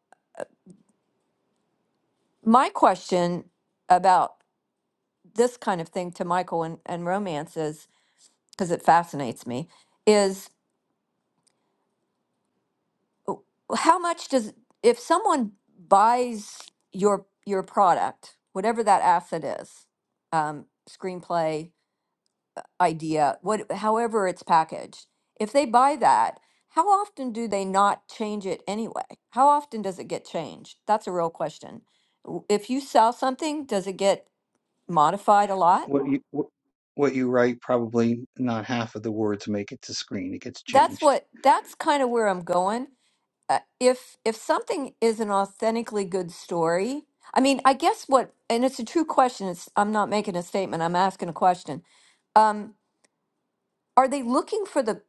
my question about this kind of thing to Michael and, and romance is, because it fascinates me, is uh, how much does, if someone buys your, your product, whatever that asset is, um, screenplay, idea, what, however it's packaged. If they buy that, how often do they not change it anyway? How often does it get changed? That's a real question. W- If you sell something, does it get modified a lot? What you what, what you write, probably not half of the words make it to screen. It gets That's changed. what that's kind of where I'm going. Uh, if if something is an authentically good story, I mean, I guess what and it's a true question. It's I'm not making a statement. I'm asking a question. Um, are they looking for the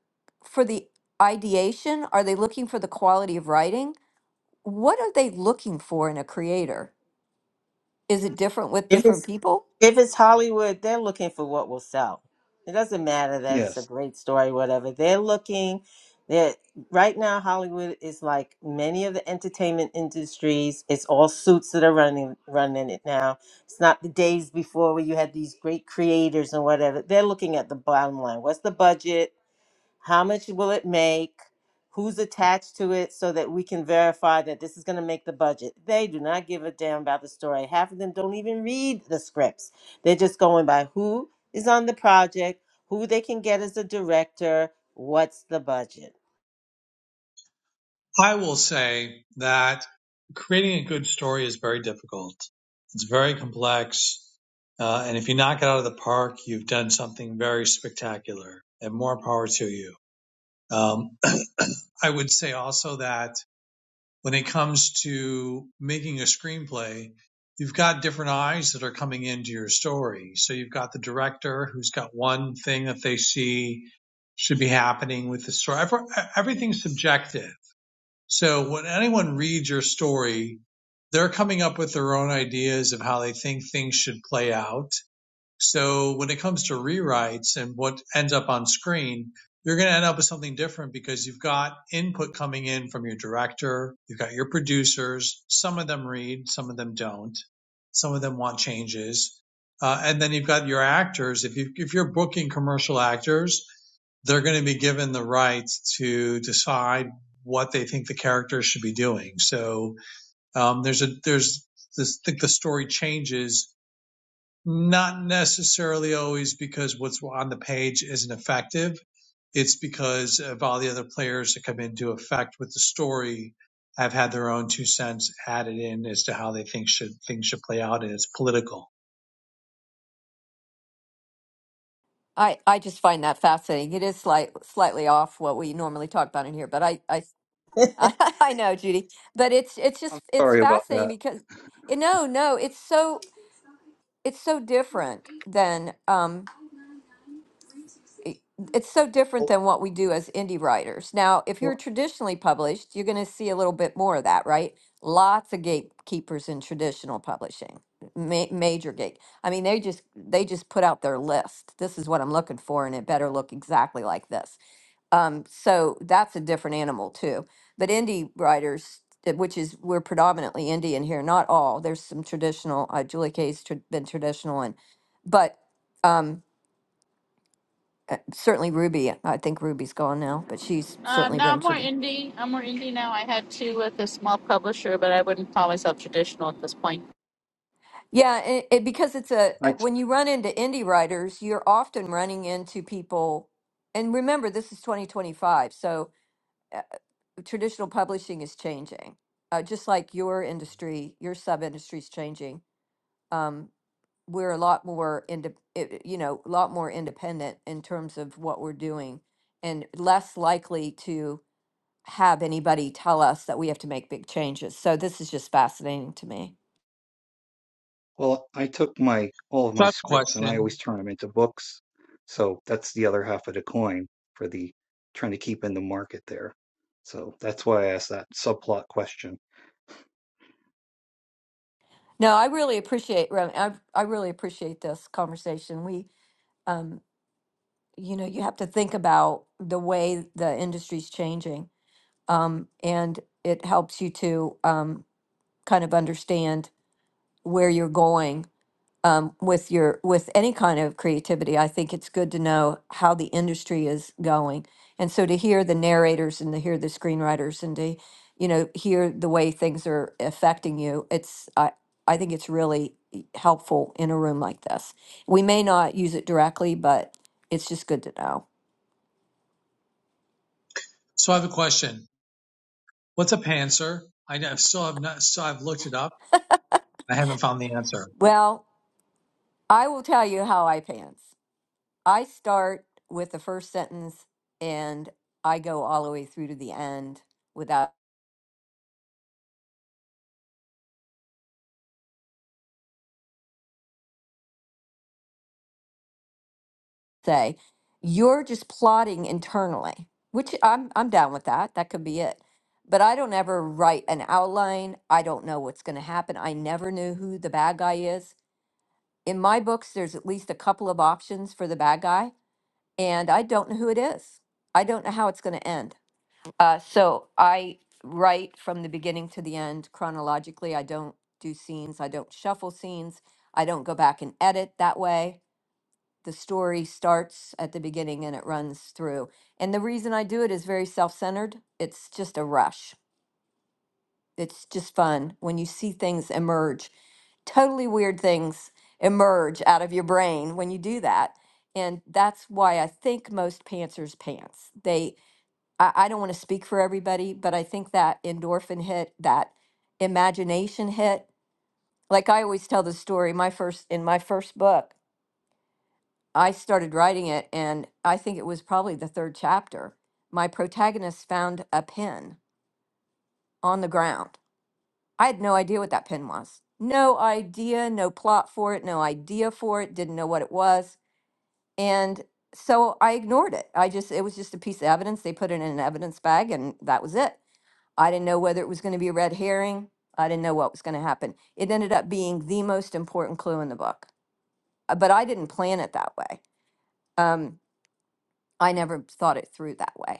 for the ideation are they looking for the quality of writing what are they looking for in a creator is it different with If different it's people if it's Hollywood, they're looking for what will sell. It doesn't matter that it's a Yes, great story, whatever. They're looking that right now Hollywood is like many of the entertainment industries. It's all suits that are running running it now. It's not the days before where you had these great creators and whatever. They're looking at the bottom line. What's the budget? how much will it make, who's attached to it, so that we can verify that this is going to make the budget. They do not give a damn about the story. Half of them don't even read the scripts. They're just going by who is on the project, who they can get as a director, what's the budget. I will say that creating a good story is very difficult. It's very complex. Uh, and if you knock it out of the park, you've done something very spectacular and more power to you. Um, I would say also that when it comes to making a screenplay, you've got different eyes that are coming into your story. So you've got the director who's got one thing that they see should be happening with the story. Everything's subjective. So when anyone reads your story, they're coming up with their own ideas of how they think things should play out. So when it comes to rewrites and what ends up on screen, you're going to end up with something different because you've got input coming in from your director, you've got your producers. Some of them read, some of them don't. Some of them want changes. Uh, and then you've got your actors. If, you, if you're booking commercial actors, they're going to be given the rights to decide what they think the characters should be doing. So um, there's a there's this, I think the story changes not necessarily always because what's on the page isn't effective. It's because of all the other players that come into effect with the story have had their own two cents added in as to how they think should things should play out, and it's political. i i just find that fascinating it is slight, slightly off what we normally talk about in here but i i i know judy but it's it's I'm just it's sorry about fascinating that. because you know no it's so it's so different than um i- it's so different Well, than what we do as indie writers. Now, if you're well, traditionally published, you're going to see a little bit more of that, right? Lots of gatekeepers in traditional publishing, ma- major gate. I mean, they just they just put out their list. This is what I'm looking for, and it better look exactly like this. Um, so that's a different animal too. But indie writers, uh, which is we're predominantly Indian here, not all. There's some traditional. Uh, Julie Kay's tr- been traditional, and but. Um, uh, certainly Ruby. I think Ruby's gone now, but she's Uh, certainly no, been I'm to more the. indie. I'm more indie now. I had two with a small publisher, but I wouldn't call myself traditional at this point. Yeah, it, it, because it's a uh, I when you run into indie writers, you're often running into people, and remember this is 2025, so uh, traditional publishing is changing, uh, just like your industry, your sub industry is changing. Um, we're a lot more into you know a lot more independent in terms of what we're doing, and less likely to have anybody tell us that we have to make big changes. So this is just fascinating to me. Well, I took my all of So I my have a scripts and I question. always turn them into books. So that's the other half of the coin for the trying to keep in the market there. So that's why I asked that subplot question. No, I really appreciate Ro- I I really appreciate this conversation. We um you know, you have to think about the way the industry's changing. Um and it helps you to um kind of understand where you're going um, with your with any kind of creativity i think it's good to know how the industry is going and so to hear the narrators and to hear the screenwriters and to you know hear the way things are affecting you it's i i think it's really e- helpful in a room like this we may not use it directly but it's just good to know So I have a question. What's a panzer? I, I've still have not. So I've looked it up. I haven't found the answer. well i will tell you how i pants i start with the first sentence and i go all the way through to the end without say you're just plotting internally which i'm i'm down with that that could be it but i don't ever write an outline i don't know what's going to happen i never knew who the bad guy is in my books there's at least a couple of options for the bad guy and i don't know who it is i don't know how it's going to end uh, so i write from the beginning to the end chronologically i don't do scenes i don't shuffle scenes i don't go back and edit that way the story starts at the beginning and it runs through. And the reason I do it is very self centered. It's just a rush. It's just fun when you see things emerge, totally weird things emerge out of your brain when you do that. And that's why I think most pantsers pants. They, I, I don't want to speak for everybody, but I think that endorphin hit, that imagination hit, like I always tell the story, my first, in my first book, I started writing it, and I think it was probably the third chapter. My protagonist found a pin on the ground. I had no idea what that pin was. No idea, no plot for it, no idea for it, didn't know what it was. And so I ignored it. I just, it was just a piece of evidence. They put it in an evidence bag, and that was it. I didn't know whether it was going to be a red herring. I didn't know what was going to happen. It ended up being the most important clue in the book, Uh, but I didn't plan it that way. Um, I never thought it through that way.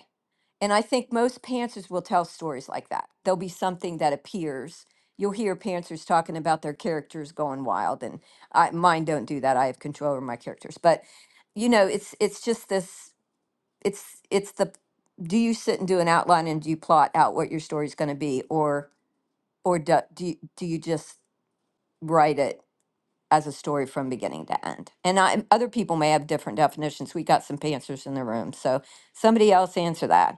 And I think most pantsers will tell stories like that. There'll be something that appears. You'll hear pantsers talking about their characters going wild, and I, mine don't do that. I have control over my characters, but you know, it's it's just this. It's it's the do you sit and do an outline and do you plot out what your story's going to be, or or do, do you, do you just write it as a story from beginning to end? And I, other people may have different definitions. We got some pantsers in the room, so somebody else answer that.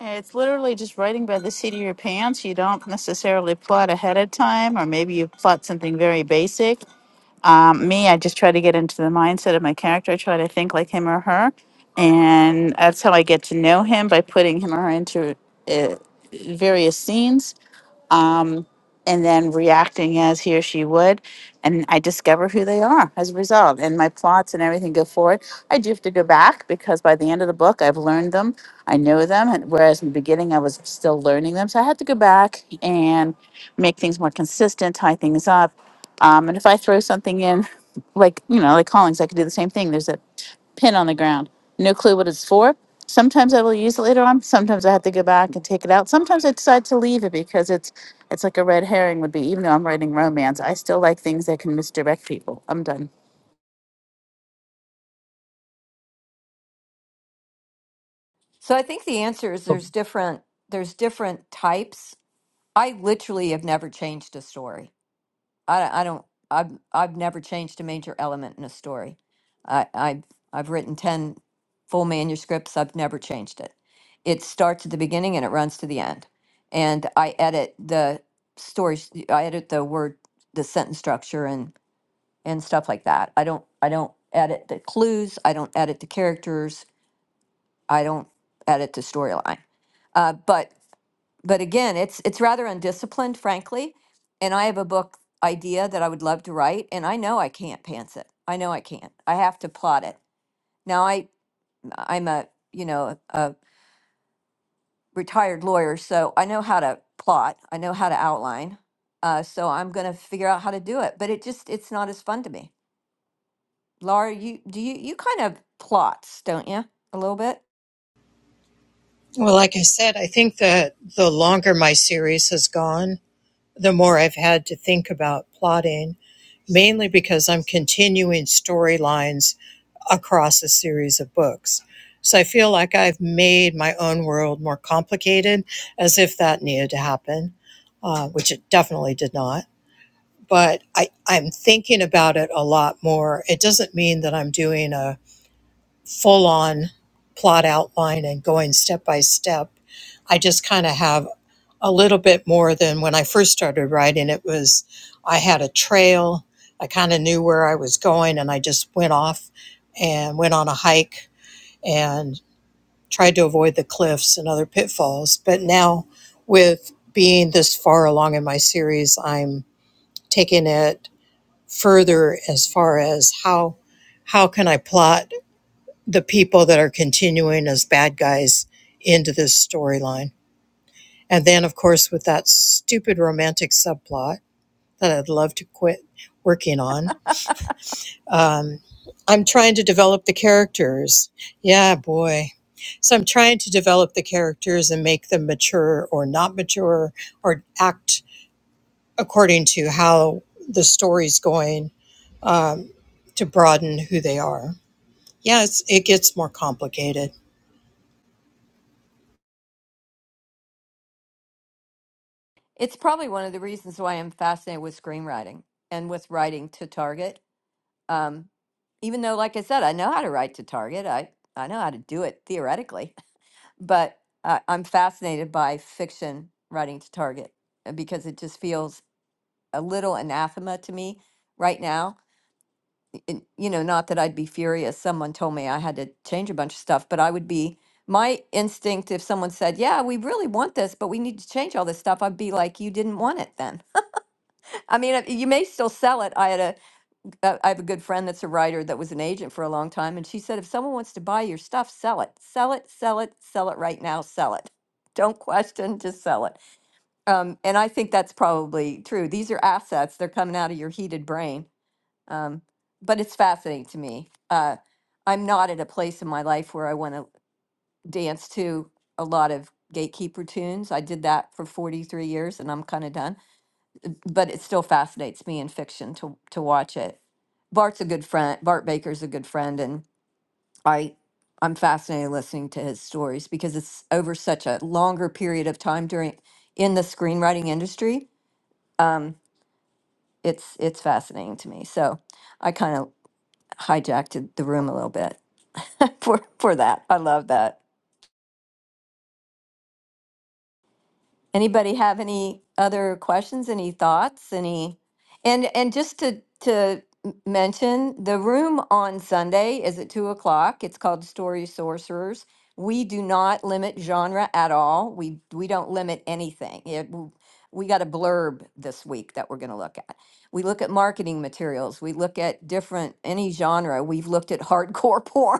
It's literally just writing by the seat of your pants. You don't necessarily plot ahead of time, or maybe you plot something very basic. Um, me, I just try to get into the mindset of my character. I try to think like him or her, and that's how I get to know him by putting him or her into uh, various scenes um, and then reacting as he or she would. And I discover who they are as a result. And my plots and everything go forward. I do have to go back because by the end of the book, I've learned them, I know them. And whereas in the beginning, I was still learning them. So I had to go back and make things more consistent, tie things up. Um, and if I throw something in, like, you know, like callings, I could do the same thing. There's a pin on the ground. No clue what it's for. Sometimes I will use it later on. Sometimes I have to go back and take it out. Sometimes I decide to leave it because it's it's like a red herring would be. Even though I'm writing romance, I still like things that can misdirect people. I'm done. So I think the answer is there's different there's different types. I literally have never changed a story. I, I don't I've I've never changed a major element in a story. I I've I've written 10 full manuscripts. I've never changed it. It starts at the beginning and it runs to the end. And I edit the stories I edit the word the sentence structure and and stuff like that. I don't I don't edit the clues, I don't edit the characters, I don't edit the storyline. Uh, but but again, it's it's rather undisciplined, frankly. And I have a book idea that I would love to write, and I know I can't pants it. I know I can't. I have to plot it. Now I I'm a you know a retired lawyer, so I know how to plot. I know how to outline. Uh, so I'm going to figure out how to do it. But it just it's not as fun to me. Laura, you do you you kind of plots, don't you? A little bit. Well, like I said, I think that the longer my series has gone, the more I've had to think about plotting, mainly because I'm continuing storylines across a series of books. So I feel like I've made my own world more complicated, as if that needed to happen, uh, which it definitely did not. But I, I'm thinking about it a lot more. It doesn't mean that I'm doing a full on plot outline and going step by step. I just kind of have a little bit more than when I first started writing. It was, I had a trail, I kind of knew where I was going, and I just went off and went on a hike and tried to avoid the cliffs and other pitfalls. But now, with being this far along in my series, I'm taking it further as far as how how can I plot the people that are continuing as bad guys into this storyline. And then, of course, with that stupid romantic subplot that I'd love to quit working on, um, I'm trying to develop the characters. Yeah, boy. So I'm trying to develop the characters and make them mature or not mature or act according to how the story's going to broaden who they are. Yeah, it's, it gets more complicated. It's probably one of the reasons why I'm fascinated with screenwriting and with writing to target Um, even though, like I said, I know how to write to target, I, I know how to do it theoretically, but I, I'm fascinated by fiction writing to target uh, because it just feels a little anathema to me right now. and, you know, not that I'd be furious. Someone told me I had to change a bunch of stuff, but I would be. My instinct, if someone said, Yeah, we really want this, but we need to change all this stuff, I'd be like, You didn't want it then. I mean, uh, you may still sell it. I had a uh, I have a good friend that's a writer that was an agent for a long time, and she said, if someone wants to buy your stuff, sell it, sell it, sell it, sell it right now, sell it. Don't question, just sell it. Um, and I think that's probably true. These are assets; they're coming out of your heated brain. Um, but it's fascinating to me. Uh, I'm not at a place in my life where I want to dance to a lot of gatekeeper tunes. I did that for 43 years, and I'm kind of done but it still fascinates me in fiction to to watch it. Bart's a good friend. Bart Baker's a good friend, and I I'm fascinated listening to his stories because it's over such a longer period of time during in the screenwriting industry. Um, it's it's fascinating to me. So I kind of hijacked the room a little bit for for that. I love that. Anybody have any other questions, any thoughts, any? And and just to to m- mention, the room on Sunday is at two o'clock. It's called Story Sorcerers. We do not limit genre at all. We we don't limit anything. It, w- we got a blurb this week that we're going to look at. We look at marketing materials. We look at different any genre. We've looked at hardcore porn.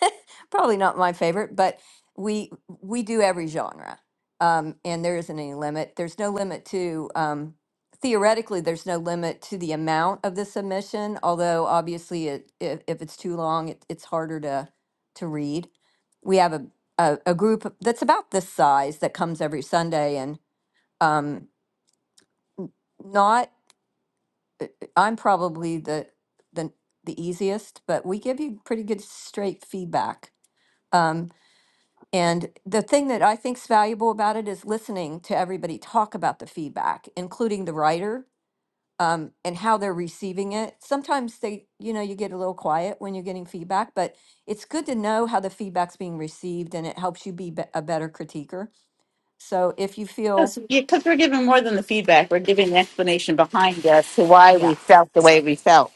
probably not my favorite, but we we do every genre, um, and there isn't any limit. There's no limit to um, theoretically. There's no limit to the amount of the submission, although obviously, it, if, if it's too long, it, it's harder to to read. We have a, a a group that's about this size that comes every Sunday, and um, n- not uh, I'm probably the the the easiest, but we give you pretty good straight feedback. Um, And the thing that I think is valuable about it is listening to everybody talk about the feedback, including the writer, um, and how they're receiving it. Sometimes they, you know, you get a little quiet when you're getting feedback, but it's good to know how the feedback's being received and it helps you be be- a better critiquer. So if you feel, Yes, yeah, because we're giving more than the feedback. We're giving the explanation behind us to why yeah, we felt the way we felt.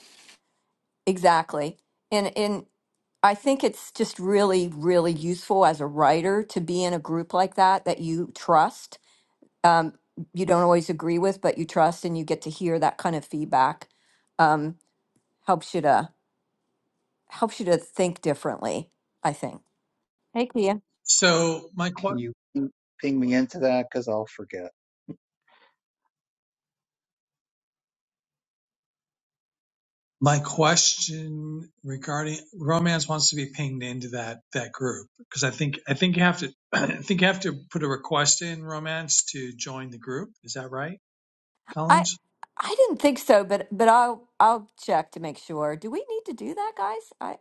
exactly. And, and I think it's just really, really useful as a writer to be in a group like that that you trust um, you don't always agree with, but you trust, and you get to hear that kind of feedback. Um, helps you to helps you to think differently. I think. Hey, Kia. So my que- Can you ping ping me into that? Because I'll forget. my question regarding romance wants to be pinged into that that group because I think I think you have to I think you have to put a request in romance to join the group. Is that right, I Collins? I didn't think so, but but I'll I'll check to make sure. Do we need to do that, guys? I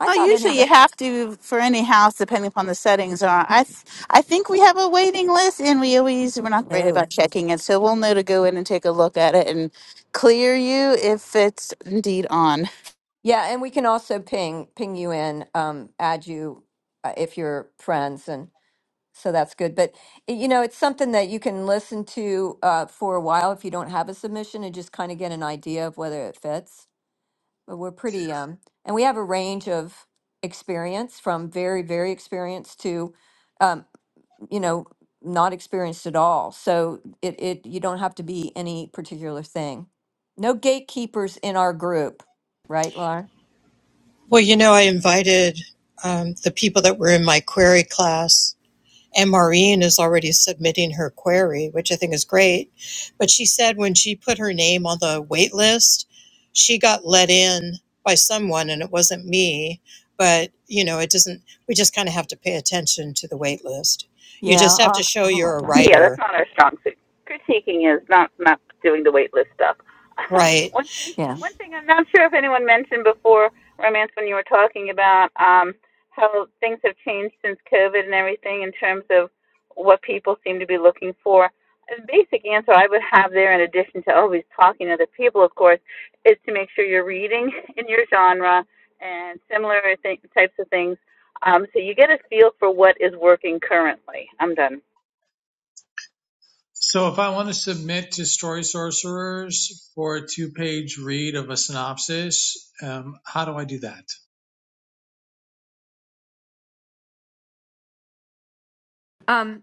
I Well, thought usually you anybody. have to for any house, depending upon the settings. Are I? Th- I think we have a waiting list, and we always we're not great Oh, about checking it, so we'll know to go in and take a look at it and clear you if it's indeed on. yeah, and we can also ping ping you in, um, add you uh, if you're friends, and So that's good. But y- you know, it's something that you can listen to uh, for a while if you don't have a submission and just kind of get an idea of whether it fits. But we're pretty, um, and we have a range of experience from very, very experienced to, um, you know, not experienced at all. So it, it, you don't have to be any particular thing. No gatekeepers in our group, right, Laura? Well, you know, I invited um, the people that were in my query class, and Maureen is already submitting her query, which I think is great. But she said when she put her name on the wait list, she got let in by someone, and it wasn't me. But, you know, it doesn't, we just kind of have to pay attention to the wait list. You Yeah. just all have to show you're right. a Yeah, that's writer, not our strong suit. Critiquing is not not doing the wait list stuff. Um, right? one thing, Yeah. one thing I'm not sure if anyone mentioned before, romance, when you were talking about um, how things have changed since COVID and everything in terms of what people seem to be looking for. The basic answer I would have there, in addition to always talking to other people, of course, is to make sure you're reading in your genre and similar th- types of things, um, so you get a feel for what is working currently. I'm done. So if I want to submit to Story Sorcerers for a two page read of a synopsis, um, how do I do that? Um,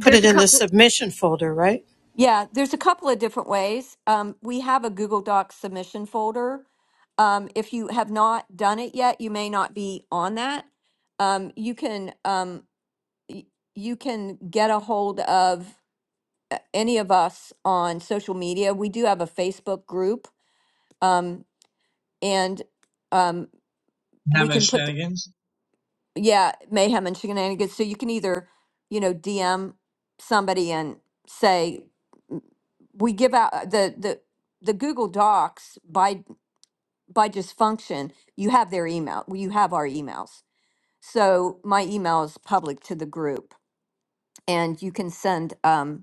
Put it a in the couple. submission folder, right? Yeah, there's a couple of different ways. Um, we have a Google Docs submission folder. Um, if you have not done it yet, you may not be on that. Um, you can um, y- you can get a hold of uh, any of us on social media. We do have a Facebook group, um, and um, we Hammond can put Shenanigans. yeah, mayhem and shenanigans. So you can either, you know, DM somebody and say, "M- we give out uh, the the the Google Docs by by just function. You have their email. well, You have our emails. So my email is public to the group, and you can send. Um,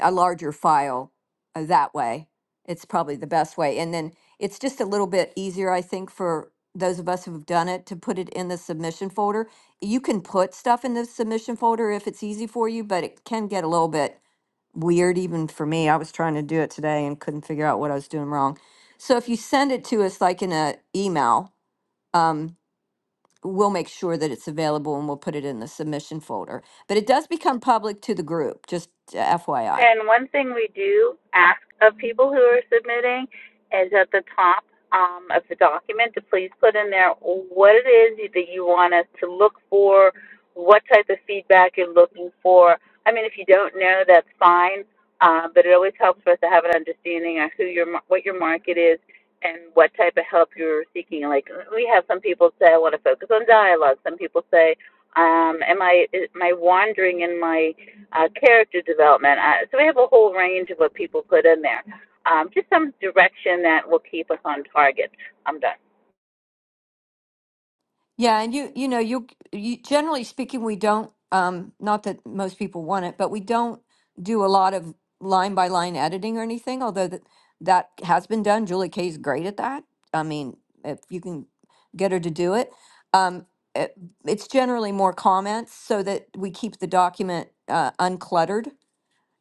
a larger file uh, that way. It's probably the best way. And then it's just a little bit easier, I think, for those of us who've done it to put it in the submission folder. You can put stuff in the submission folder if it's easy for you, but it can get a little bit weird even for me. I was trying to do it today and couldn't figure out what I was doing wrong. So if you send it to us like in an email, um, we'll make sure that it's available and we'll put it in the submission folder. But it does become public to the group, just uh, FYI. And one thing we do ask of people who are submitting is at the top um, of the document to please put in there what it is that you want us to look for, what type of feedback you're looking for. I mean, if you don't know, that's fine, uh, but it always helps for us to have an understanding of who your what your market is and what type of help you're seeking. Like we have some people say, I want to focus on dialogue. Some people say, um, am I am I wandering in my uh, character development. Uh, so we have a whole range of what people put in there. Um, just some direction. Yeah, and you you know you, you generally speaking we don't um not that most people want it, but we don't do a lot of line by line editing or anything, although that that has been done. Julie Kay is great at that. I mean, if you can get her to do it. Um it, it's generally more comments so that we keep the document uh, uncluttered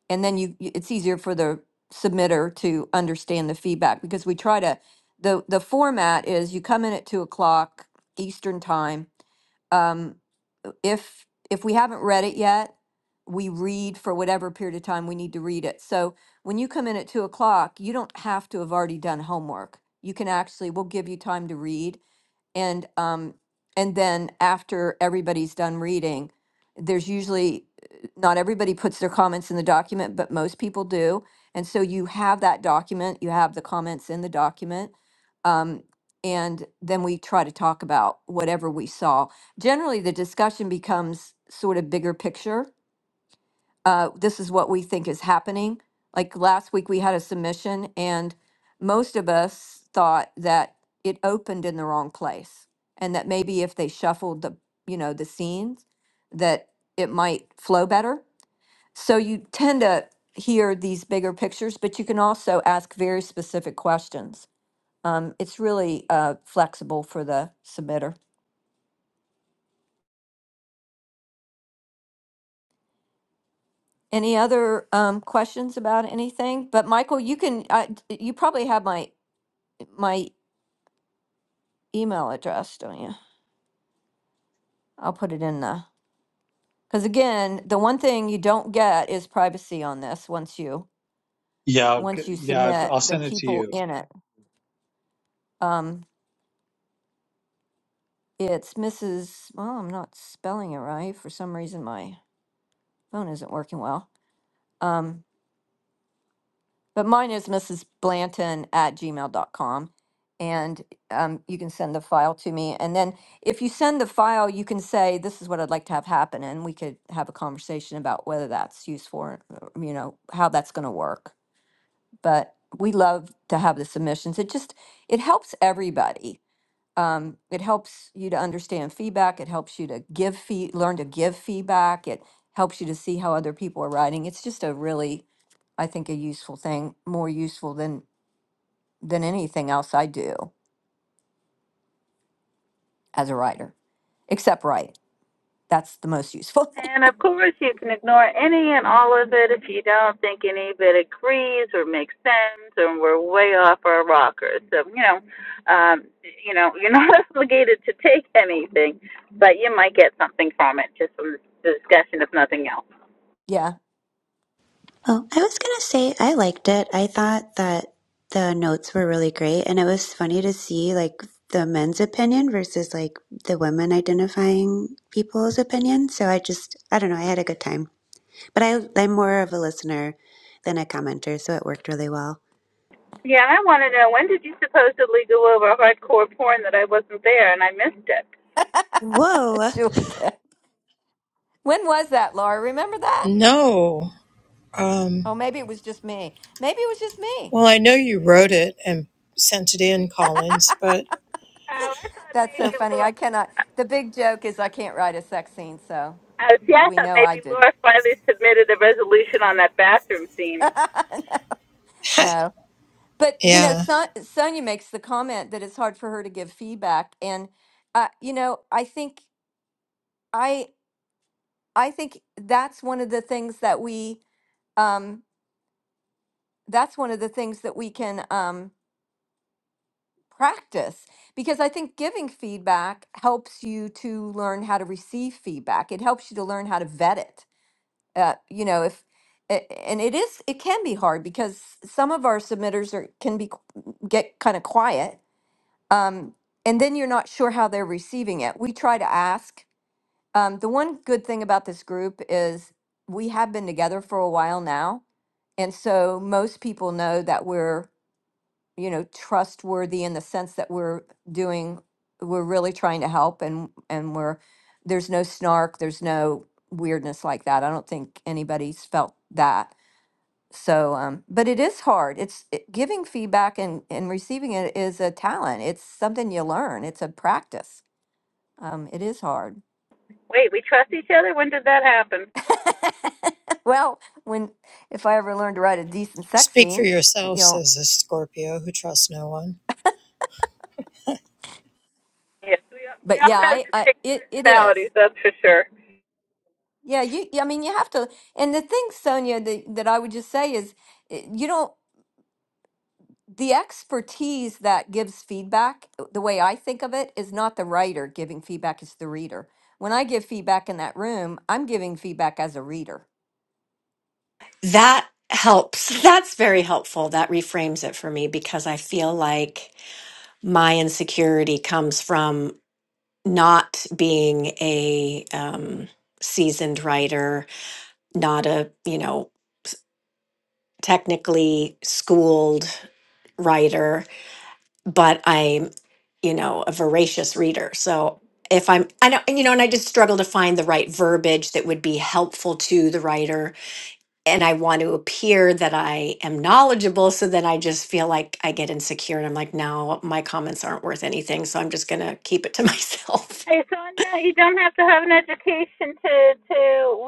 and then you you- it's easier for the submitter to understand the feedback because we try to the the format is you come in at two o'clock Eastern time um, if, if we haven't read it yet, we read for whatever period of time we need to read it. So when you come in at two o'clock, you don't have to have already done homework. You can actually, we'll give you time to read. And um, and then after everybody's done reading, there's usually not everybody puts their comments in the document, but most people do. And so you have that document, you have the comments in the document. Um, and then we try to talk about whatever we saw. Generally, the discussion becomes sort of bigger picture uh, this is what we think is happening. Like last week, we had a submission, and most of us thought that it opened in the wrong place, and that maybe if they shuffled the you know the scenes, that it might flow better. So you tend to hear these bigger pictures, but you can also ask very specific questions. Um, it's really uh, flexible for the submitter. Any other um, questions about anything? But Michael, you can. I, you probably have my my email address, don't you? I'll put it in the, because again, the one thing you don't get is privacy on this once you, Yeah, okay. once you yeah, submit I'll the send it to people you. in it. Um, it's Mrs., well, I'm not spelling it right. For some reason, my phone isn't working well. Um, But mine is Mrs. Blanton at gmail dot com, And um, you can send the file to me. And then if you send the file, you can say, this is what I'd like to have happen. And we could have a conversation about whether that's useful, or, uh, you know, how that's going to work. But we love to have the submissions. It just, it helps everybody um, it helps you to understand feedback. It helps you to give feed, learn to give feedback. It helps you to see how other people are writing. It's just a really, I think, a useful thing, more useful than than anything else I do as a writer, except write. That's the most useful thing. And of course, you can ignore any and all of it if you don't think any of it agrees or makes sense, or we're way off our rockers. So you know, um, you know, you're not obligated to take anything, but you might get something from it just from the discussion, if nothing else. yeah, Oh, I was gonna say I liked it. I thought that the notes were really great, and it was funny to see like the men's opinion versus like the women identifying people's opinion. So I just, I don't know, I had a good time. But I, I'm more of a listener than a commenter, so it worked really well. Yeah, I want to know when did you supposedly go over hardcore porn that I wasn't there and I missed it? Whoa! Julie. K. When was that, Laura? Remember that? No. Um, Oh, maybe it was just me. Maybe it was just me. Well, I know you wrote it and sent it in, Collins, but Oh, I thought That's so maybe funny. Laura. I cannot. The big joke is I can't write a sex scene, so Uh, see, I we thought know I maybe did. Laura finally submitted a resolution on that bathroom theme. No. But you know, yeah. Son- Sonia makes the comment that it's hard for her to give feedback, and uh, you know, I think I I think that's one of the things that we um, that's one of the things that we can um, practice because I think giving feedback helps you to learn how to receive feedback. It helps you to learn how to vet it. Uh, you know, if a- and it is it can be hard because some of our submitters are can be qu- get kind of quiet um, and then you're not sure how they're receiving it. We try to ask. Um, the one good thing about this group is we have been together for a while now, and so most people know that we're you know trustworthy in the sense that we're doing we're really trying to help and and we're there's no snark there's no weirdness like that i don't think anybody's felt that so um, but it is hard it's it, giving feedback and and receiving it is a talent it's something you learn it's a practice um, it is hard Wait, we trust each other? When did that happen? well when if i ever learn to write a decent sex Speak for scene uh, you yourself, know says a Scorpio who trusts no one. Yes, we, we but all yeah have i, I distinct it, it personalities, is that's for sure. yeah you yeah, i mean you have to and the thing sonia that, that i would just say is eh, you don't. the expertise that gives feedback, uh, the way I think of it, is not the writer giving feedback, it's the reader. When I give feedback in that room, I'm giving feedback as a reader. That helps. That's very helpful. That reframes it for me because I feel like my insecurity comes from not being a um, seasoned writer, not a, you know, technically schooled writer, but I'm, you know, a voracious reader. So if I'm, I know, and, you know, and I just struggle to find the right verbiage that would be helpful to the writer and I want to appear that I am knowledgeable. So then I just feel like I get insecure and I'm like, no, my comments aren't worth anything. So I'm just going to keep it to myself. Hey Sonia, you don't have to have an education to to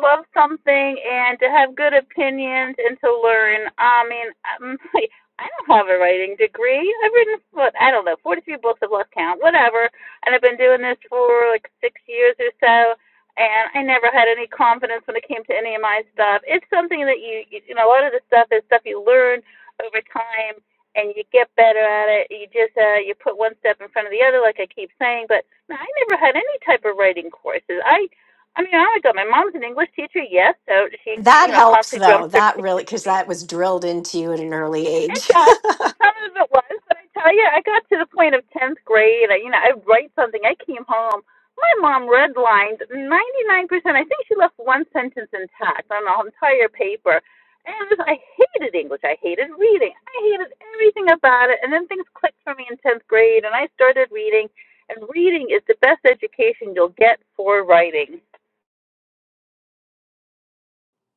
love something and to have good opinions and to learn. I mean, I'm, I don't have a writing degree. I've written what I don't know, 43 books. I've lost count, whatever. And I've been doing this for like six years or so, and I never had any confidence when it came to any of my stuff. It's something that you you know a lot of the stuff is stuff you learn over time. And you get better at it. You just uh, you put one step in front of the other, like I keep saying. But now, I never had any type of writing courses. I, I mean, I got my mom's an English teacher, yes, so she, you That know, helps constantly drums though. her That really, kids' because feet. that was drilled into you at an early It age. does. Some of it was, but I tell you, I got to the point of tenth grade. I, you know, I'd write something. I came home. My mom redlined ninety nine percent. I think she left one sentence intact on the entire paper. And it was, I hated English. I hated reading. I hated everything about it. And then things clicked for me in tenth grade, and I started reading. And reading is the best education you'll get for writing.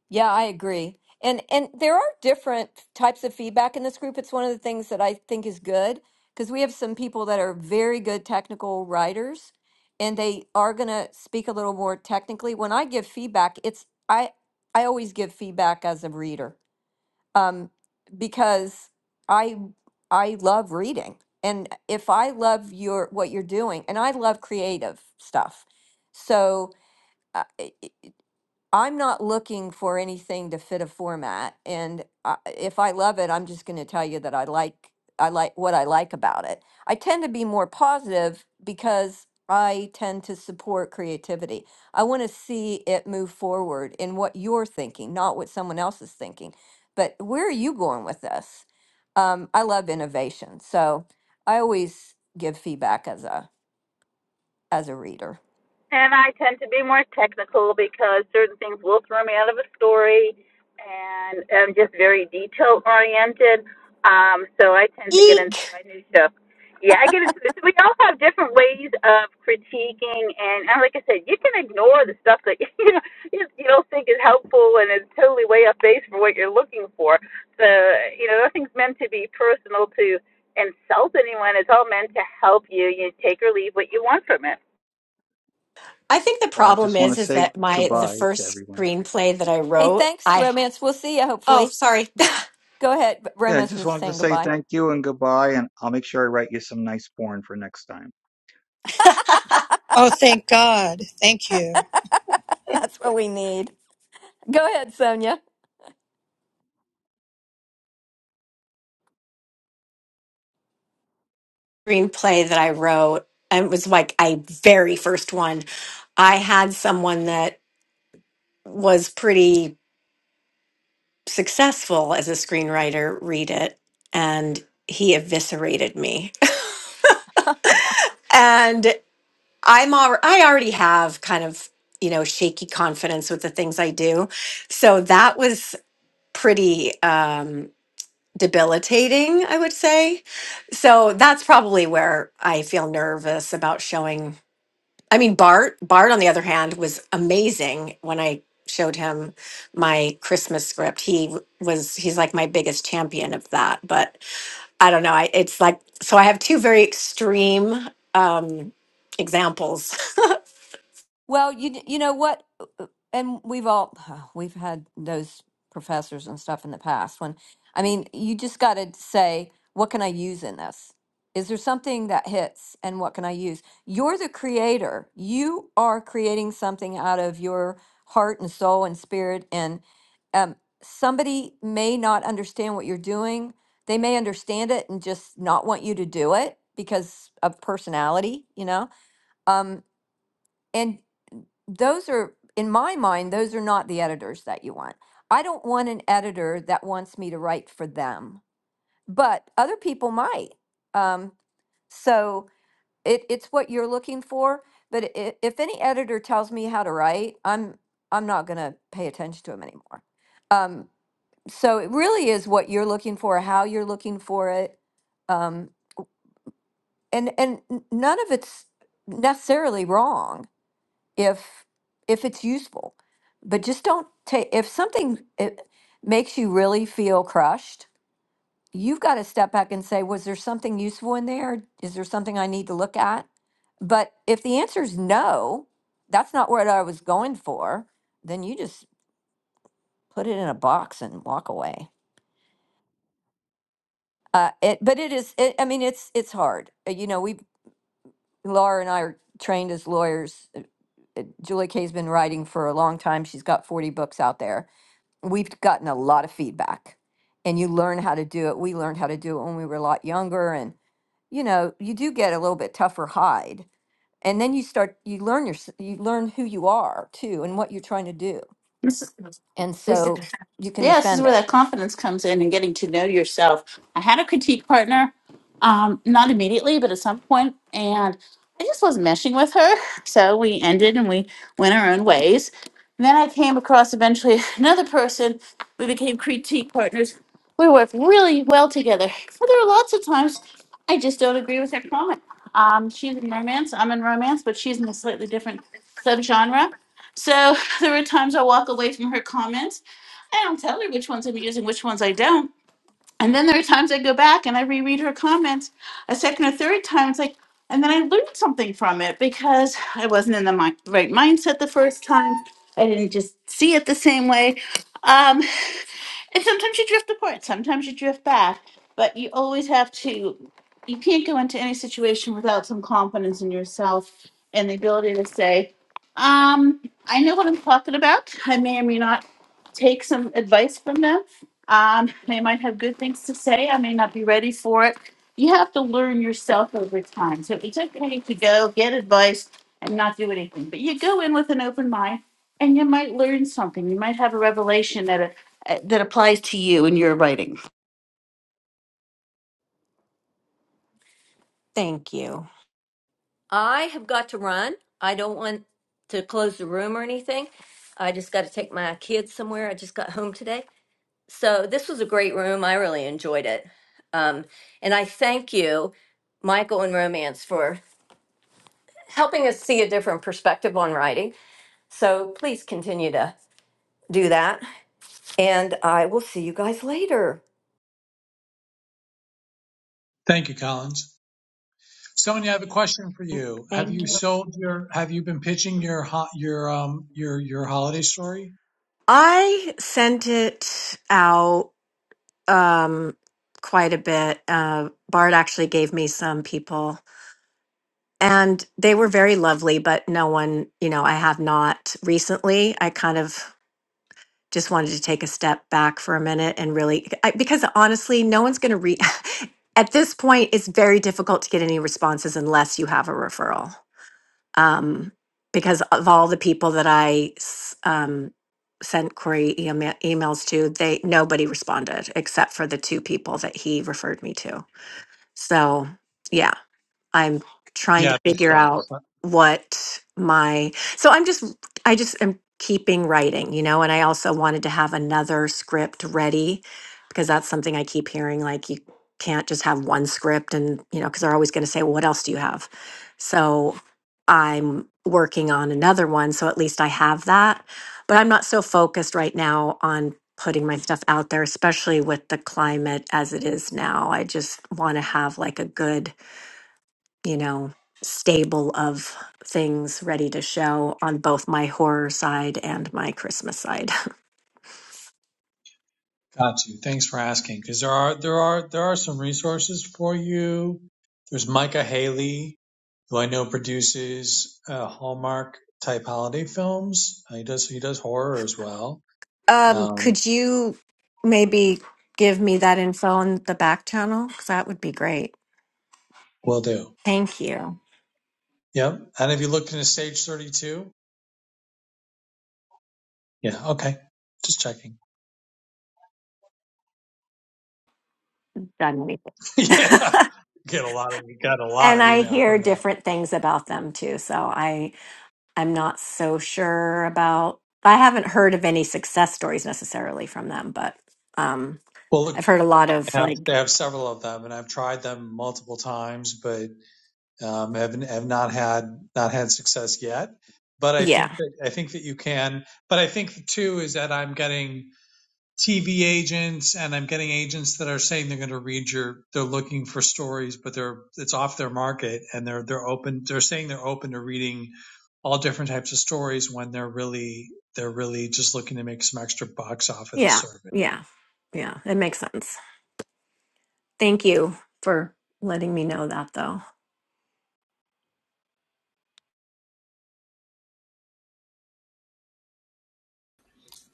Yeah, I agree. And and there are different types of feedback in this group. It's one of the things that I think is good because we have some people that are very good technical writers and they are going to speak a little more technically. When I give feedback, it's I I always give feedback as a reader. Um because I I love reading. And if I love your what you're doing and I love creative stuff. So uh, I'm not looking for anything to fit a format, and I, if I love it, I'm just going to tell you that I like I like what I like about it. I tend to be more positive because I tend to support creativity. I want to see it move forward in what you're thinking, not what someone else is thinking. But where are you going with this? Um, I love innovation, so I always give feedback as a as a reader. And I tend to be more technical because certain things will throw me out of a story, and I'm just very detail oriented. Um, so I tend to get into Eek. my new stuff. Yeah, I get into this. We all have different ways of critiquing, and, and like I said, you can ignore the stuff that you know you, you don't think is helpful and is totally way off base for what you're looking for. So you know, nothing's meant to be personal to insult anyone. It's all meant to help you. You take or leave what you want from I think the Well, I problem just want is, to is say that my, the goodbye to first everyone. screenplay that I Hey, wrote, thanks, I, romance. We'll see you oh, hopefully. sorry. Go ahead. Yeah, I Romeo's just just wanted to saying say goodbye. thank you and goodbye, and I'll make sure I write you some nice porn for next time. Oh, thank God. Thank you. That's what we need. Go ahead, Sonia. screenplay that I wrote, and it was like my very first one. I had someone that was pretty successful as a screenwriter read it and he eviscerated me and i'm al- i already have kind of you know shaky confidence with the things i do so that was pretty um debilitating i would say so that's probably where i feel nervous about showing i mean bart bart on the other hand was amazing when i showed him my christmas script he was he's like my biggest champion of that but I don't know. I, it's like so. I have two very extreme um, examples. Well, you you know what, and we've all we've had those professors and stuff in the past. When I mean, you just got to say, what can I use in this? Is there something that hits, and what can I use? You're the creator. You are creating something out of your heart and soul and spirit. And um, somebody may not understand what you're doing. They may understand it and just not want you to do it because of personality. You know. Um, and those are in my mind those are not the editors that you want i don't want an editor that wants me to write for them but other people might um, so it, it's what you're looking for but i if any editor tells me how to write i'm i'm not going to pay attention to them anymore um, so it really is what you're looking for how you're looking for it um, and and n- none of it's necessarily wrong if if it's useful but just don't take if something it makes you really feel crushed you've got to step back and say was there something useful in there is there something i need to look at but if the answer is no that's not what i was going for then you just put it in a box and walk away uh, it but it is it, i mean it's it's hard Uh, you know we laura and i are trained as lawyers Uh, julie kay's been writing for a long time she's got 40 books out there we've gotten a lot of feedback and you learn how to do it. We learned how to do it when we were a lot younger and you know, you do get a little bit tougher hide. And then you start you learn your you learn who you are too and what you're trying to do. it. And This, is- so you can yeah, this is defend where it. that confidence comes in and getting to know yourself. I had a critique partner, um, not immediately, but at some point, and I just wasn't meshing with her. So we ended and we went our own ways. And then I came across eventually another person. We became critique partners. We worked really well together. But there are lots of times I just don't agree with her comment. Um, she's in romance, I'm in romance, but she's in a slightly different subgenre. So there were times I walk away from her comments I don't tell her which ones I'm using, which ones I don't. And then there are times I go back and I reread her comments a second or third time. It's like, and then I learned something from it because I wasn't in the mi- right mindset the first time. I didn't just see it the same way. Um, and sometimes you drift apart, sometimes you drift back, but you always have to, you can't go into any situation without some confidence in yourself and the ability to say, um, I know what I'm talking about. I may or may not take some advice from them, um, they might have good things to say. I may not be ready for it. You have to learn yourself over time. So it's okay to go get advice and not do anything. But you go in with an open mind, and you might learn something. You might have a revelation that uh, that applies to you in your writing. Thank you. I have got to run. I don't want to close the room or anything. I just got to take my kids somewhere. I just got home today. So this was a great room. I really enjoyed it. Um, and I thank you Michael and Romance for helping us see a different perspective on writing. So please continue to do that. And I will see you guys later. Thank you, Collins. Sonia, I have a question for you. Have you sold your? Have you been pitching your ho- your um your your holiday story? I sent it out um, quite a bit. Uh, Bart actually gave me some people, and they were very lovely. But no one, you know, I have not recently. I kind of just wanted to take a step back for a minute and really I, because honestly no one's going to read at this point it's very difficult to get any responses unless you have a referral um, because of all the people that i s- um, sent query ema- emails to they nobody responded except for the two people that he referred me to so yeah I'm trying to Yeah, they figure suck. out what my so I'm just I just am keeping writing, you know, and I also wanted to have another script ready because that's something I keep hearing like you can't just have one script and you know because they're always going to say well what else do you have so i'm working on another one so at least i have that but i'm not so focused right now on putting my stuff out there especially with the climate as it is now i just want to have like a good you know, stable of things ready to show on both my horror side and my Christmas side. Got you. Thanks for asking. Because there are there are there are some resources for you. There's Micah Haley, who I know produces uh, Hallmark type holiday films. He does he does horror as well. Um, Um, could you maybe give me that info on the back channel? Because that would be great. will do. Thank you. Yep. And have you looked into Stage Thirty Two? Yeah. Okay. Just checking. Done anything. yeah, get a lot of got a lot and of I email hear from them. different things about them too. So I I'm not so sure about I haven't heard of any success stories necessarily from them, but um Well, look, I've heard a lot of I have like I have several of them, and I've tried them multiple times, but um, have have not had not had success yet. But I yeah. think that I think that you can. But I think too is that I'm getting TV agents, and I'm getting agents that are saying they're going to read your. They're looking for stories, but they're it's off their market, and they're they're open. They're saying they're open to reading all different types of stories when they're really they're really just looking to make some extra bucks off of the Yeah, service. yeah, yeah. It makes sense. Thank you for letting me know that, though.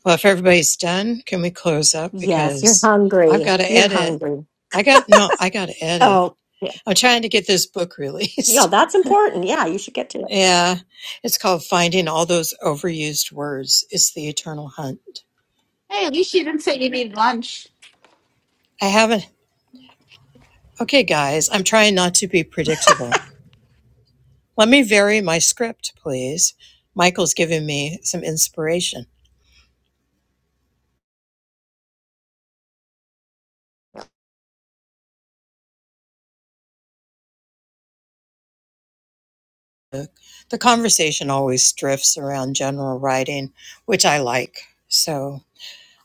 Well, if everybody's done, can we close up? Yes, you're Because I've hungry. got to You're edit. hungry. I got, no, I got to edit. Oh, yeah. I'm trying to get this book Yeah, released. that's important. Yeah, you should get to it. yeah. It's called Finding All Those Overused Words. It's the Eternal Hunt. Hey, at least you didn't say you need lunch. I haven't, okay, guys, I'm trying not to be predictable. Let me vary my script, please. Michael's giving me some inspiration. The conversation always drifts around general writing, which I like. So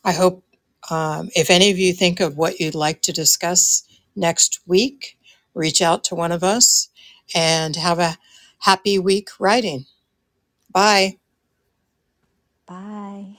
I hope um, if any of you think of what you'd like to discuss next week, reach out to one of us and have a happy week writing. Bye. Bye.